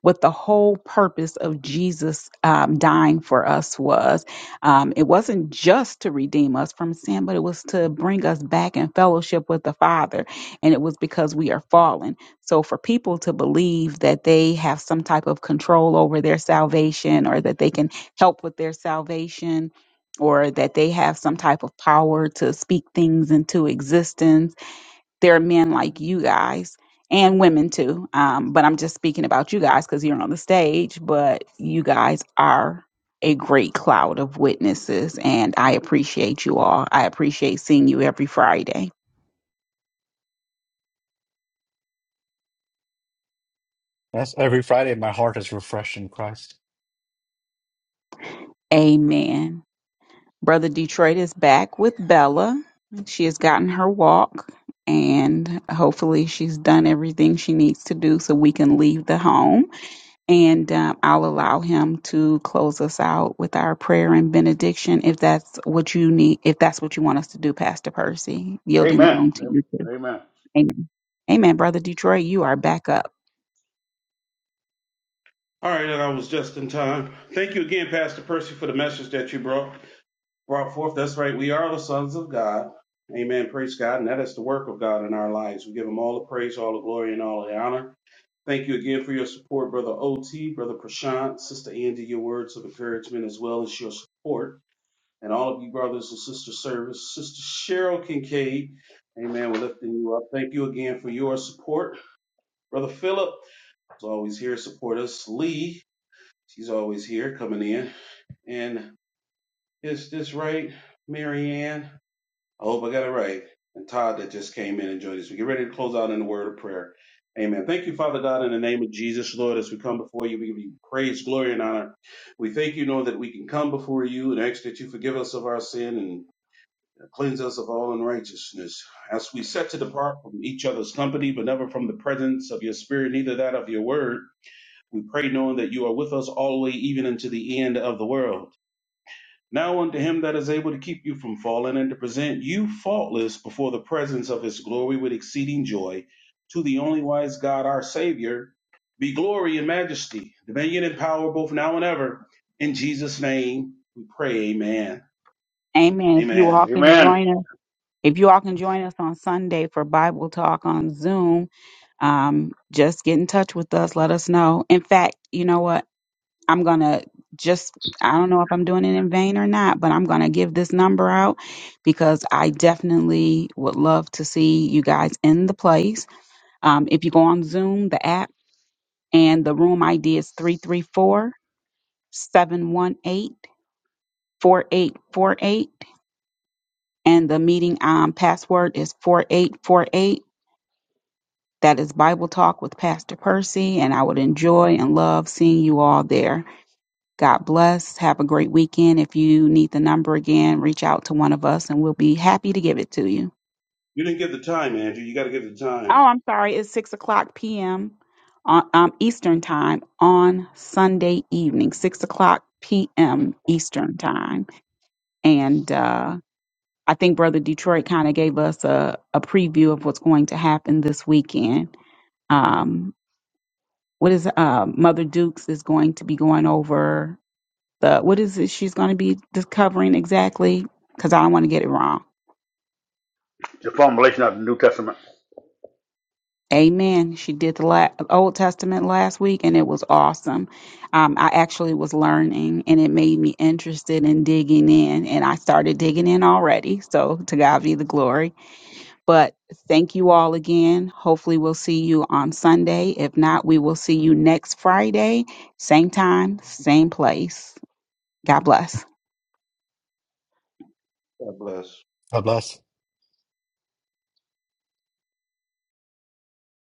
what the whole purpose of Jesus um, dying for us was. Um, it wasn't just to redeem us from sin, but it was to bring us back in fellowship with the Father. And it was because we are fallen. So for people to believe that they have some type of control over their salvation or that they can help with their salvation or that they have some type of power to speak things into existence there are men like you guys and women too. Um, but I'm just speaking about you guys because you're on the stage, but you guys are a great cloud of witnesses. And I appreciate you all. I appreciate seeing you every Friday.
that's every friday my heart is refreshed in christ
Amen. Brother Detroit is back with Bella. She has gotten her walk and hopefully she's done everything she needs to do so we can leave the home. And um, I'll allow him to close us out with our prayer and benediction if that's what you need, if that's what you want us to do, Pastor Percy, yielding the
Amen.
room to you too.
Amen.
Amen. Amen. Brother Detroit, you are back up.
all right, and I was just in time. Thank you again, Pastor Percy, for the message that you brought. brought forth. That's right. We are the sons of God. Amen. Praise God. And that is the work of God in our lives. We give him all the praise, all the glory, and all the honor. Thank you again for your support, Brother OT, Brother Prashant, Sister Andy, your words of encouragement, as well as your support. And all of you brothers and sisters service, Sister Cheryl Kincaid. Amen. We're lifting you up. Thank you again for your support. Brother Philip is always here to support us. Lee, she's always here coming in. And is this right, Marianne? I hope I got it right. And Todd that just came in and joined us. We get ready to close out in the word of prayer. Amen. Thank you, Father God, in the name of Jesus, Lord, as we come before you, we give you praise, glory, and honor. We thank you, Lord, that we can come before you and ask that you forgive us of our sin and cleanse us of all unrighteousness. As we set to depart from each other's company, but never from the presence of your spirit, neither that of your word, we pray knowing that you are with us all the way, even unto the end of the world. Now unto him that is able to keep you from falling and to present you faultless before the presence of his glory with exceeding joy, to the only wise God our Savior, be glory and majesty, dominion and power both now and ever. In Jesus' name we pray, amen.
Amen. If you
Amen.
all can
Amen.
join us, if you all can join us on Sunday for Bible Talk on Zoom, um, just get in touch with us. Let us know. In fact, you know what? I'm gonna just I don't know if I'm doing it in vain or not, but I'm gonna give this number out because I definitely would love to see you guys in the place. Um, if you go on Zoom, the app, and the room ID is three three four seven one eight four eight four eight, and the meeting um, password is 4848. That is Bible Talk with Pastor Percy, and I would enjoy and love seeing you all there. God bless. Have a great weekend. If you need the number again, reach out to one of us and we'll be happy to give it to you.
You didn't give the time, Andrew. You got to give the
Oh,
time.
I'm sorry. It's 6 o'clock p.m. On, um, Eastern Time on Sunday evening, 6 o'clock p.m. Eastern Time. And uh, I think Brother Detroit kind of gave us a, a preview of what's going to happen this weekend. Um, what is uh, Mother Dukes is going to be going over the what is it she's going to be discovering exactly because i don't want to get it wrong
The formulation of the New Testament.
amen she did the la- old testament last week and it was awesome um, i actually was learning and it made me interested in digging in and i started digging in already so to god be the glory but thank you all again hopefully we'll see you on sunday if not we will see you next friday same time same place god bless
God bless.
god bless